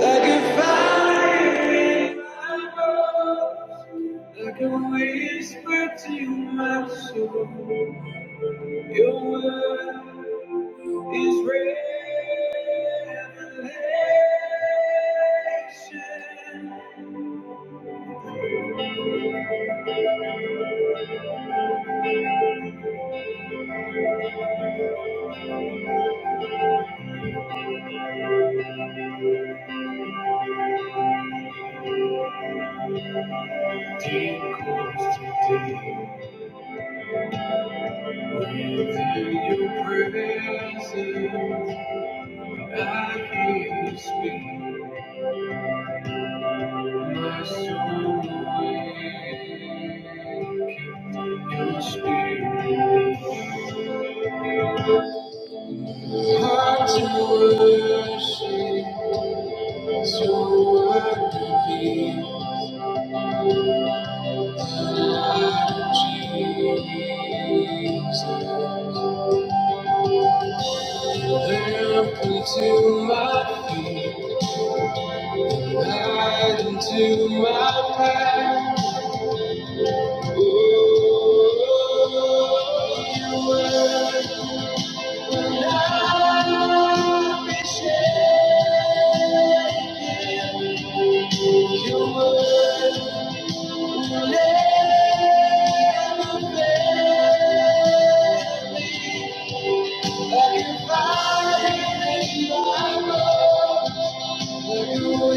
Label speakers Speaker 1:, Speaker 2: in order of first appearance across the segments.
Speaker 1: Like a fire in my bones, like a whisper to my soul. Your word is revelation. Deep calls to deep within your presence. I hear you speak. My soul awaken, your spirit. Heart to worship, so worth revealed. The light of Jesus. Lamp unto my feet, light unto my path. Oh, Your word were fire. You will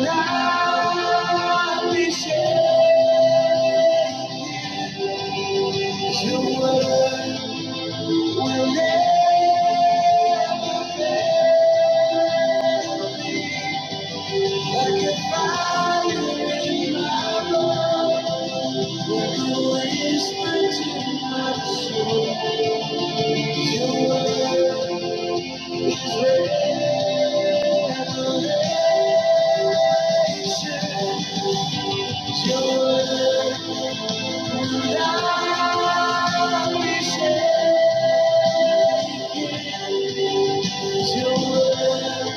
Speaker 1: not be shaken. Your word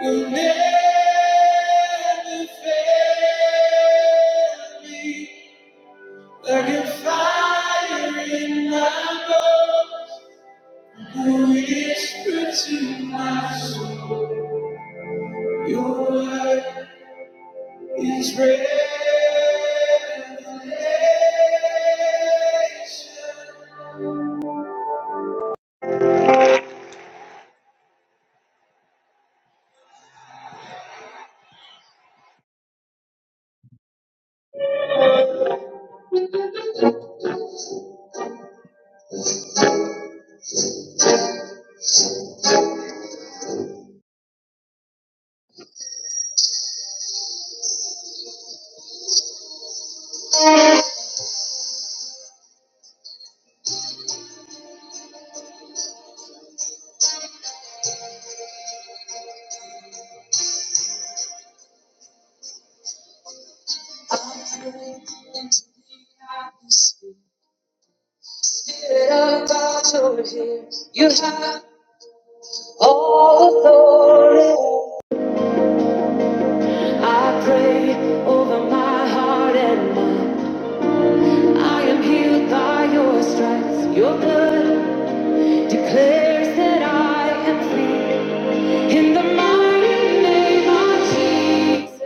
Speaker 1: will never fail me like a fire in my bones. Whisper to my soul, Your word is revelation. I into the Spirit of God's over here. You have all authority. I pray over my heart and mind. I am healed by your stripes. Your blood declares that I am free. In the mighty name of Jesus.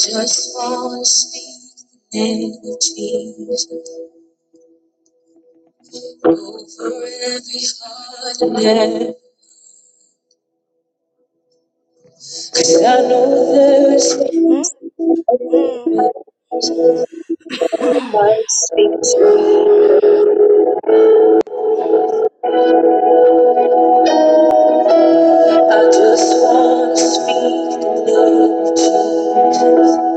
Speaker 1: Just fall asleep Name of Jesus. For every heart and head. I know there's
Speaker 2: Mm-mm.
Speaker 1: I just wanna speak the name Jesus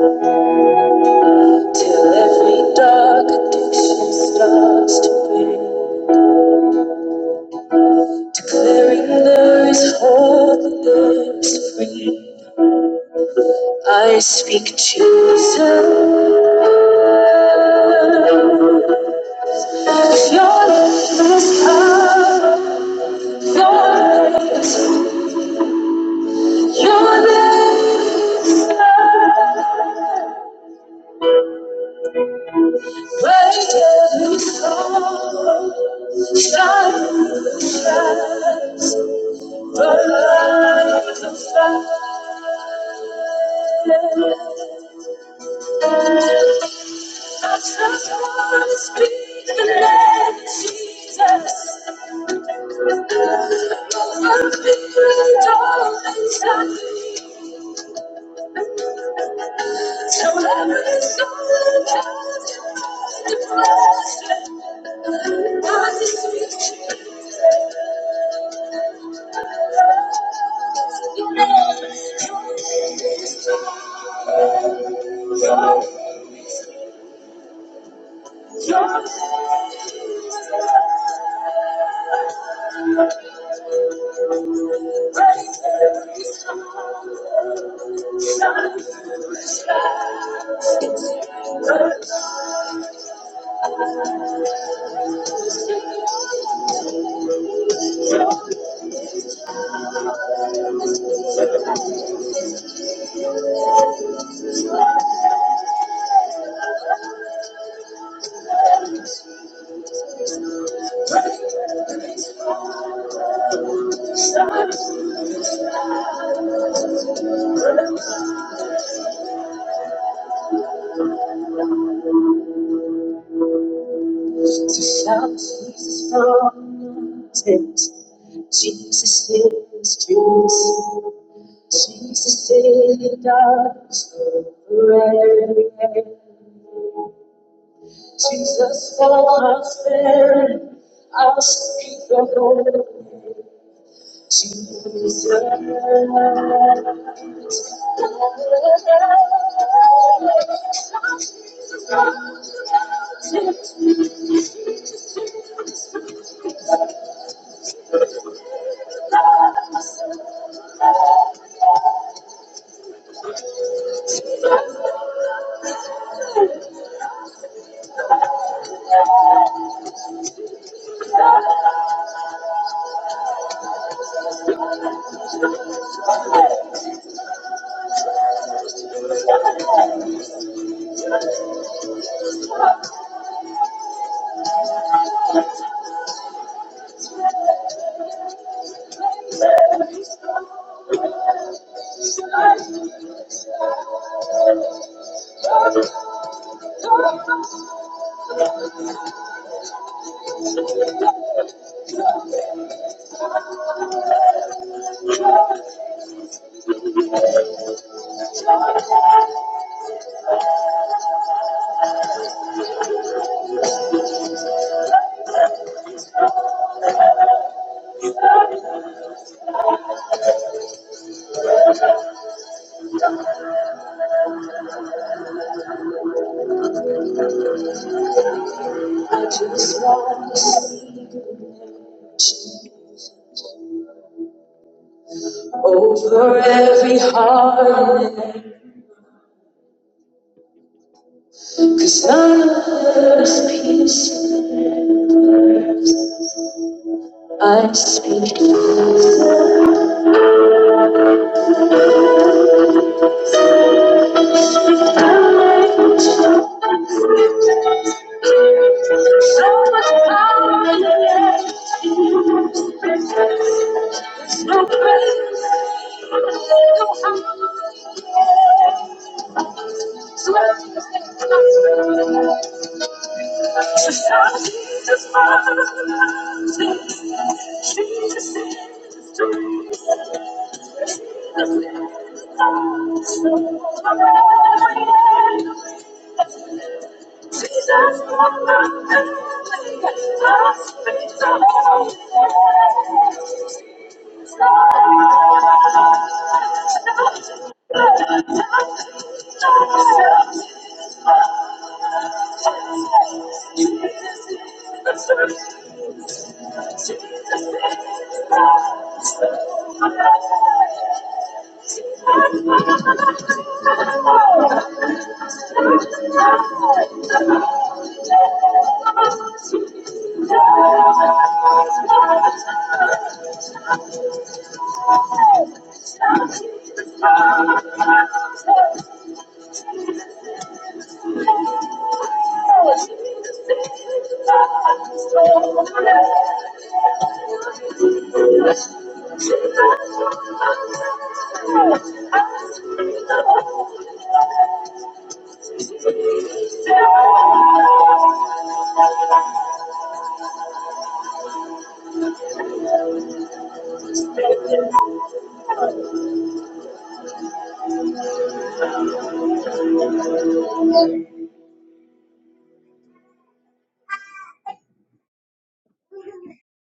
Speaker 1: till every dark addiction starts to break. Declaring there is hope and there is freedom. I speak Jesus. If Your name is power. if Your name is if your name is love. Break every sorrow. Shine. through the shadows. But I I don't just wanna speak the name of Jesus. My feet don't stop. So every soul that comes to bless, I just speak. Sit up, pray. Over every heart and there's peace I speak. So much power in the name of Jesus. There's no place, no harm. So Jesus, Father, Jesus is the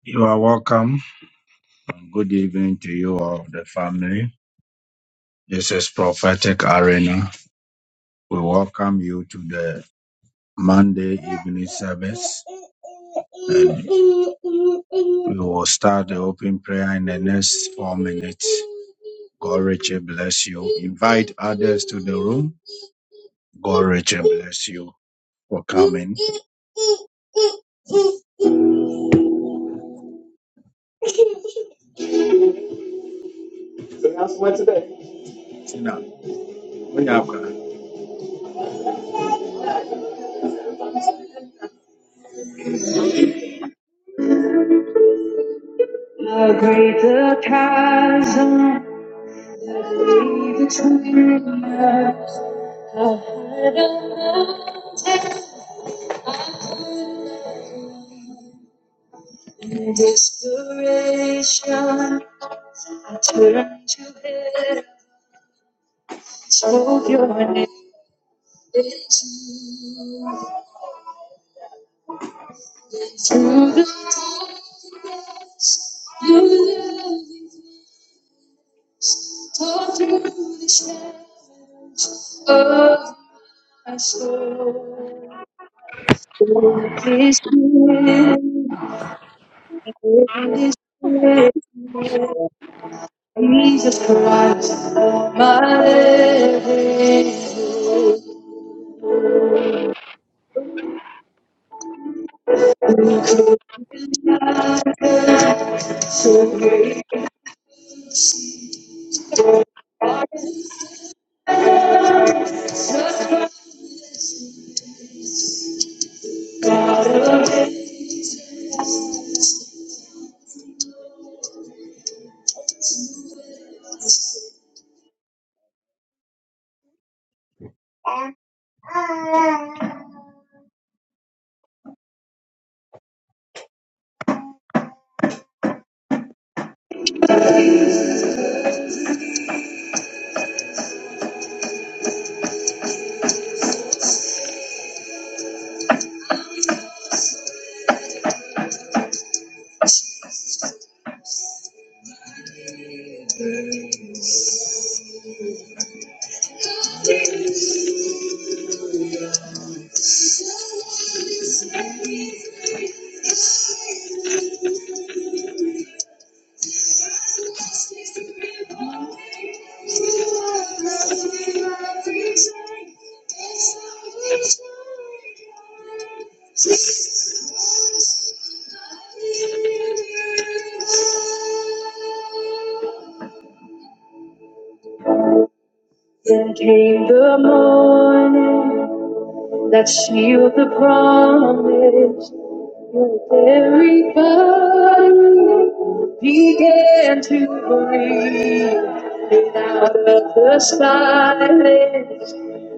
Speaker 1: You are welcome. Good evening to you all, the family. This is Prophetic Arena. We welcome you to the Monday evening service. And we will start the open prayer in the next four minutes. God richly bless you. Invite others to the room. God richly bless you for coming. Tina, when you are Jesus Christ, my living. So then came the morning that sealed the promise. Your very body began to breathe. And out of the silence,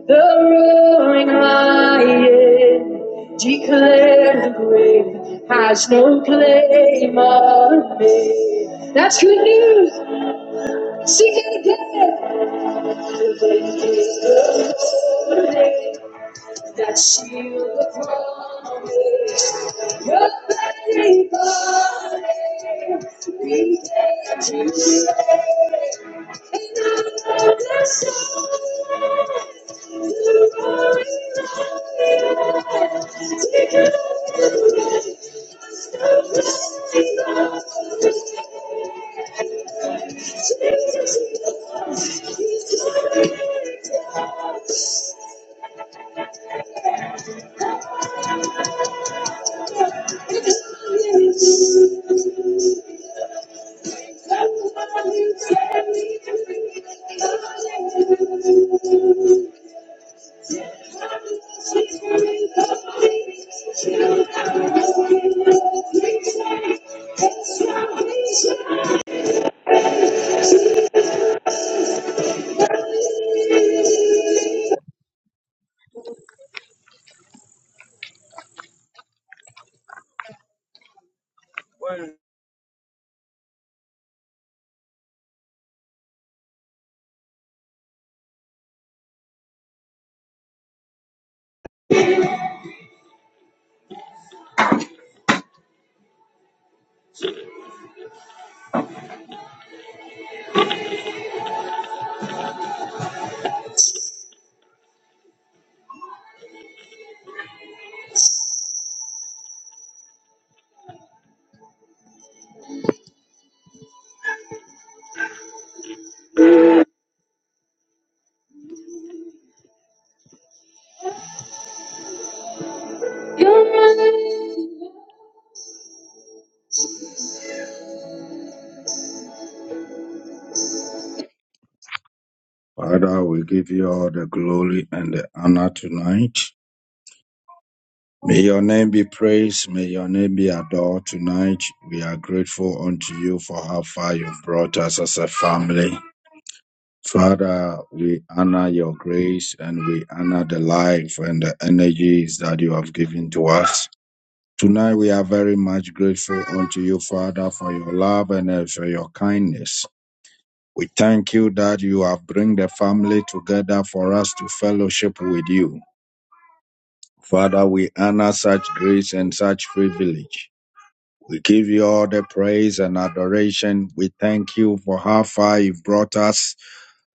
Speaker 1: the roaring lion declared the grave has no claim on me. That's good news. Sing it Father, we give you all the glory and the honor tonight. May your name be praised. May your name be adored tonight. We are grateful unto you for how far you've brought us as a family. Father, we honor your grace and we honor the life and the energies that you have given to us. Tonight, we are very much grateful unto you, Father, for your love and uh, for your kindness. We thank you that you have bring the family together for us to fellowship with you. Father, we honor such grace and such privilege. We give you all the praise and adoration. We thank you for how far you've brought us.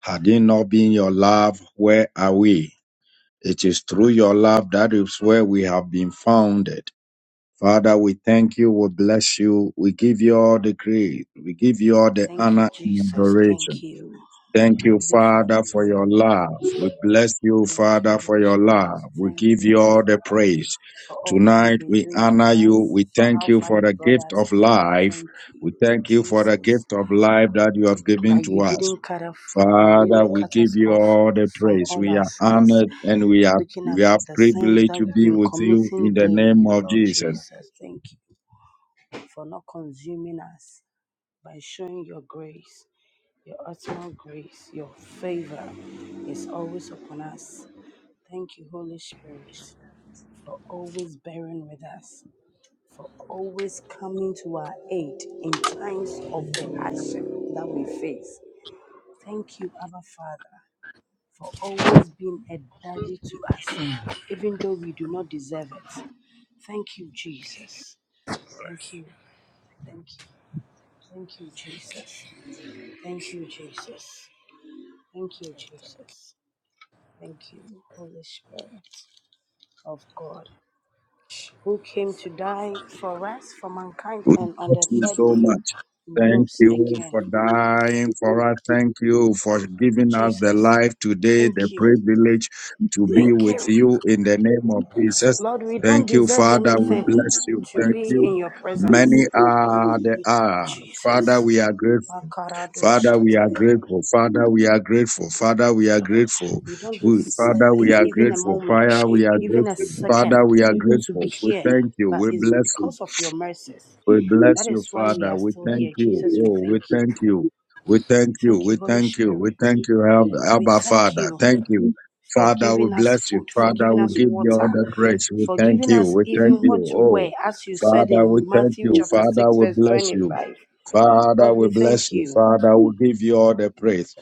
Speaker 1: Had it not been your love, where are we? It is through your love that is where we have been founded. Father, we thank you. We bless you. We give you all the grace. We give you all the
Speaker 2: Thank
Speaker 1: honor
Speaker 2: you,
Speaker 1: and
Speaker 2: Jesus. Thank
Speaker 1: adoration.
Speaker 2: you,
Speaker 1: Thank you,
Speaker 2: Holy Father,
Speaker 1: Father, for
Speaker 2: for your
Speaker 1: your
Speaker 2: love.
Speaker 1: love. We bless you,
Speaker 2: Thank you,
Speaker 1: Father, for
Speaker 2: Holy
Speaker 1: your
Speaker 2: Spirit.
Speaker 1: love. We
Speaker 2: Thank
Speaker 1: give
Speaker 2: you,
Speaker 1: you
Speaker 2: Abba
Speaker 1: all the
Speaker 2: Father,
Speaker 1: praise.
Speaker 2: for all that you've
Speaker 1: Tonight,
Speaker 2: been
Speaker 1: we
Speaker 2: doing
Speaker 1: honor
Speaker 2: for
Speaker 1: you.
Speaker 2: us,
Speaker 1: We
Speaker 2: for
Speaker 1: thank
Speaker 2: how
Speaker 1: you
Speaker 2: far
Speaker 1: for the
Speaker 2: you've brought
Speaker 1: gift
Speaker 2: us.
Speaker 1: of life.
Speaker 2: Thank you,
Speaker 1: We thank you for the
Speaker 2: Jesus,
Speaker 1: gift of life that you have given
Speaker 2: that
Speaker 1: to
Speaker 2: you
Speaker 1: us.
Speaker 2: didn't cut off, you
Speaker 1: Father,
Speaker 2: didn't
Speaker 1: we
Speaker 2: cut
Speaker 1: give
Speaker 2: us
Speaker 1: you
Speaker 2: off
Speaker 1: all the
Speaker 2: from
Speaker 1: praise.
Speaker 2: all
Speaker 1: We
Speaker 2: our
Speaker 1: are
Speaker 2: sins.
Speaker 1: honored and we are
Speaker 2: Looking
Speaker 1: we
Speaker 2: at
Speaker 1: have
Speaker 2: the sins
Speaker 1: privilege
Speaker 2: that
Speaker 1: to
Speaker 2: we've
Speaker 1: be
Speaker 2: been
Speaker 1: with you
Speaker 2: committing
Speaker 1: in the
Speaker 2: daily,
Speaker 1: name of
Speaker 2: Lord
Speaker 1: Jesus.
Speaker 2: Jesus, thank you for not consuming us by showing your grace. Your utmost grace, your favor is always upon us. Thank you, Holy Spirit, for always bearing with us, for always coming to our aid in times of the hardship that we face. Thank you, Abba Father, for always being a daddy to us, even though we do not deserve it. Thank you, Jesus. Thank you. Thank you. Thank you, Jesus. Thank you, Jesus. Thank you, Jesus. Thank you, Holy Spirit of God, who came to die for us, for mankind,
Speaker 1: We
Speaker 2: and on
Speaker 1: thank
Speaker 2: the
Speaker 1: you
Speaker 2: third
Speaker 1: so
Speaker 2: day
Speaker 1: much. Thank
Speaker 2: rose
Speaker 1: you for
Speaker 2: again.
Speaker 1: dying for us. Thank you for giving us the
Speaker 2: Jesus,
Speaker 1: life today, the
Speaker 2: thank you.
Speaker 1: privilege to be
Speaker 2: Thank
Speaker 1: with
Speaker 2: you.
Speaker 1: you in the name of
Speaker 3: Bless you.
Speaker 1: Jesus.
Speaker 2: Lord, we don't
Speaker 1: Thank you,
Speaker 2: deserve
Speaker 1: Father. We
Speaker 2: anything
Speaker 1: bless you.
Speaker 2: to
Speaker 1: Thank
Speaker 3: Praise
Speaker 2: be
Speaker 1: you.
Speaker 2: in your
Speaker 1: Many
Speaker 2: presence.
Speaker 1: are the
Speaker 2: We,
Speaker 1: are.
Speaker 2: Jesus.
Speaker 1: Father, we are grateful.
Speaker 2: Makarado
Speaker 1: Father, we are
Speaker 2: shatayaba.
Speaker 1: grateful. Father, we are grateful. Father, we are
Speaker 2: Lord,
Speaker 1: grateful.
Speaker 2: we don't
Speaker 1: We-
Speaker 2: deserve
Speaker 1: Father,
Speaker 2: it
Speaker 1: we are
Speaker 2: even a
Speaker 1: grateful.
Speaker 2: moment,
Speaker 1: Fire, we are
Speaker 2: even a
Speaker 1: grateful.
Speaker 3: you.
Speaker 1: Father,
Speaker 2: second
Speaker 1: we are
Speaker 2: to
Speaker 1: grateful.
Speaker 2: be
Speaker 1: We
Speaker 2: here,
Speaker 1: thank you.
Speaker 2: but
Speaker 1: We
Speaker 2: it's
Speaker 1: bless you.
Speaker 2: because of your mercies.
Speaker 1: We
Speaker 2: That
Speaker 1: bless you,
Speaker 2: is why we
Speaker 1: Father.
Speaker 2: are
Speaker 1: We
Speaker 2: still
Speaker 1: thank
Speaker 2: here.
Speaker 1: you.
Speaker 2: Jesus, we
Speaker 1: Oh, we
Speaker 2: thank you.
Speaker 1: thank you. We
Speaker 2: We
Speaker 1: thank you.
Speaker 2: thank
Speaker 1: We
Speaker 2: you, Holy
Speaker 1: thank you. We
Speaker 2: Spirit.
Speaker 1: thank you, Ab-
Speaker 2: We
Speaker 1: Abba,
Speaker 2: thank
Speaker 1: Father.
Speaker 2: you
Speaker 1: Thank you.
Speaker 2: for
Speaker 1: Father, we
Speaker 2: giving us
Speaker 1: bless you.
Speaker 2: food, for
Speaker 1: Father,
Speaker 2: giving
Speaker 1: we
Speaker 2: us
Speaker 1: give you all
Speaker 2: water,
Speaker 1: the praise. We
Speaker 2: for
Speaker 1: thank
Speaker 2: giving
Speaker 1: you.
Speaker 2: us
Speaker 1: We thank
Speaker 2: even what
Speaker 1: you.
Speaker 2: to
Speaker 1: Oh,
Speaker 2: wear, as you said
Speaker 1: Father, we
Speaker 2: in
Speaker 1: thank
Speaker 2: Matthew
Speaker 1: you.
Speaker 2: chapter
Speaker 1: Father,
Speaker 2: 6,
Speaker 1: we
Speaker 2: verse
Speaker 1: bless you.
Speaker 2: 25.
Speaker 1: Father,
Speaker 2: Lord,
Speaker 1: we
Speaker 2: we
Speaker 1: bless
Speaker 2: thank
Speaker 1: you.
Speaker 2: you.
Speaker 1: Father, we give you all the praise.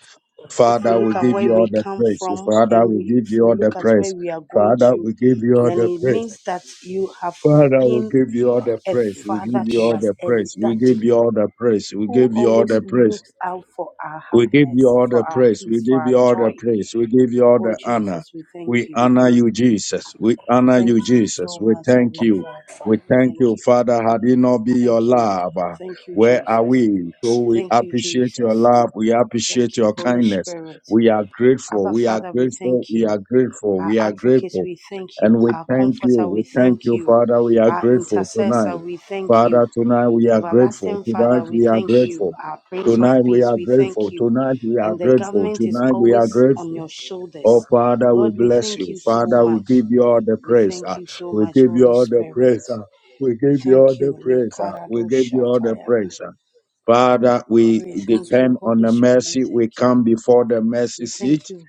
Speaker 2: If we
Speaker 1: Father, we
Speaker 2: look at
Speaker 1: give
Speaker 2: where
Speaker 1: you all
Speaker 2: we
Speaker 1: the
Speaker 2: come
Speaker 1: praise.
Speaker 2: from
Speaker 1: Father,
Speaker 2: and
Speaker 1: we
Speaker 2: we,
Speaker 1: give
Speaker 2: if
Speaker 1: you
Speaker 2: we
Speaker 1: all the
Speaker 2: look at
Speaker 1: praise.
Speaker 2: where we are going
Speaker 1: Father,
Speaker 2: to,
Speaker 1: we give you all
Speaker 2: then
Speaker 3: Glorify
Speaker 1: the
Speaker 2: it
Speaker 1: praise.
Speaker 2: means that you have
Speaker 1: Father, we
Speaker 2: been
Speaker 1: give you all the
Speaker 2: a
Speaker 1: praise. We
Speaker 2: father
Speaker 1: give you
Speaker 2: to
Speaker 1: all
Speaker 2: us,
Speaker 1: the
Speaker 2: a
Speaker 1: praise. We
Speaker 2: daddy
Speaker 1: give you all the praise. We
Speaker 2: who
Speaker 1: give you all
Speaker 2: always
Speaker 1: the praise.
Speaker 2: looks out for our
Speaker 1: We give you
Speaker 2: happiness,
Speaker 1: all the
Speaker 2: for our
Speaker 1: praise. We
Speaker 2: peace, for
Speaker 1: give you
Speaker 2: our
Speaker 1: all the
Speaker 2: joy.
Speaker 1: praise. We give you all
Speaker 2: Oh,
Speaker 1: the honor.
Speaker 2: Jesus, we
Speaker 1: We
Speaker 2: thank you.
Speaker 1: honor you, Jesus. We honor
Speaker 2: Thank
Speaker 1: you,
Speaker 2: you
Speaker 1: Jesus.
Speaker 2: so
Speaker 1: We
Speaker 2: much,
Speaker 1: thank
Speaker 2: Heavenly
Speaker 1: you.
Speaker 2: Father.
Speaker 1: We
Speaker 3: your
Speaker 1: thank
Speaker 2: Thank
Speaker 1: you,
Speaker 2: you.
Speaker 1: Father. Had it not be your
Speaker 2: Thank you.
Speaker 1: love, uh,
Speaker 2: Thank you,
Speaker 1: where are
Speaker 2: Jesus.
Speaker 1: we? So
Speaker 3: children.
Speaker 1: we
Speaker 2: Thank you,
Speaker 1: appreciate your
Speaker 2: Jesus.
Speaker 1: love. We appreciate
Speaker 2: Thank you,
Speaker 1: your
Speaker 2: Holy
Speaker 1: kindness.
Speaker 2: Spirit.
Speaker 1: We are grateful.
Speaker 2: Abba,
Speaker 1: We are
Speaker 2: Father, we
Speaker 1: grateful.
Speaker 2: thank
Speaker 1: We are
Speaker 2: you.
Speaker 1: grateful.
Speaker 2: Our
Speaker 1: We are
Speaker 2: advocate,
Speaker 1: grateful.
Speaker 2: we thank you.
Speaker 1: And we
Speaker 2: Our
Speaker 1: thank you.
Speaker 2: comforter,
Speaker 1: We
Speaker 2: we
Speaker 1: thank
Speaker 2: thank
Speaker 1: you,
Speaker 2: you.
Speaker 1: Father. We are
Speaker 2: Our
Speaker 1: grateful
Speaker 2: intercessor,
Speaker 1: tonight.
Speaker 2: we thank you.
Speaker 1: Father, tonight we are grateful.
Speaker 2: Everlasting
Speaker 3: I
Speaker 2: Father,
Speaker 1: Tonight
Speaker 2: we
Speaker 1: we are
Speaker 2: thank
Speaker 3: wish
Speaker 1: grateful.
Speaker 2: you.
Speaker 3: you
Speaker 2: Our Prince of
Speaker 1: Tonight we
Speaker 3: would
Speaker 2: Peace,
Speaker 1: are
Speaker 2: we thank
Speaker 1: grateful.
Speaker 2: you.
Speaker 1: Tonight we are
Speaker 2: And the
Speaker 1: grateful.
Speaker 2: government is
Speaker 1: Tonight we are
Speaker 2: always on
Speaker 1: grateful.
Speaker 2: your shoulders.
Speaker 1: Oh Father, we
Speaker 2: Lord, we
Speaker 1: bless
Speaker 2: thank
Speaker 1: you.
Speaker 2: you so
Speaker 1: Father, we
Speaker 2: much.
Speaker 1: give you all the
Speaker 2: We
Speaker 1: praise.
Speaker 2: thank
Speaker 1: ah.
Speaker 2: you so
Speaker 1: We
Speaker 2: much,
Speaker 1: give you
Speaker 2: Holy
Speaker 1: all the
Speaker 2: Spirit.
Speaker 1: praise. ah. We
Speaker 2: We
Speaker 1: give you all
Speaker 2: thank
Speaker 1: the
Speaker 2: you.
Speaker 1: praise. ah. We
Speaker 2: Lekarado
Speaker 1: give you all the
Speaker 2: shatayara.
Speaker 1: praise. ah. Father,
Speaker 2: Lord,
Speaker 1: we
Speaker 2: we thank you,
Speaker 1: depend on
Speaker 2: Holy
Speaker 1: the
Speaker 2: Spirit. We
Speaker 1: mercy. We
Speaker 2: thank
Speaker 1: come
Speaker 2: you.
Speaker 1: before the mercy
Speaker 2: We thank
Speaker 1: seat
Speaker 2: you,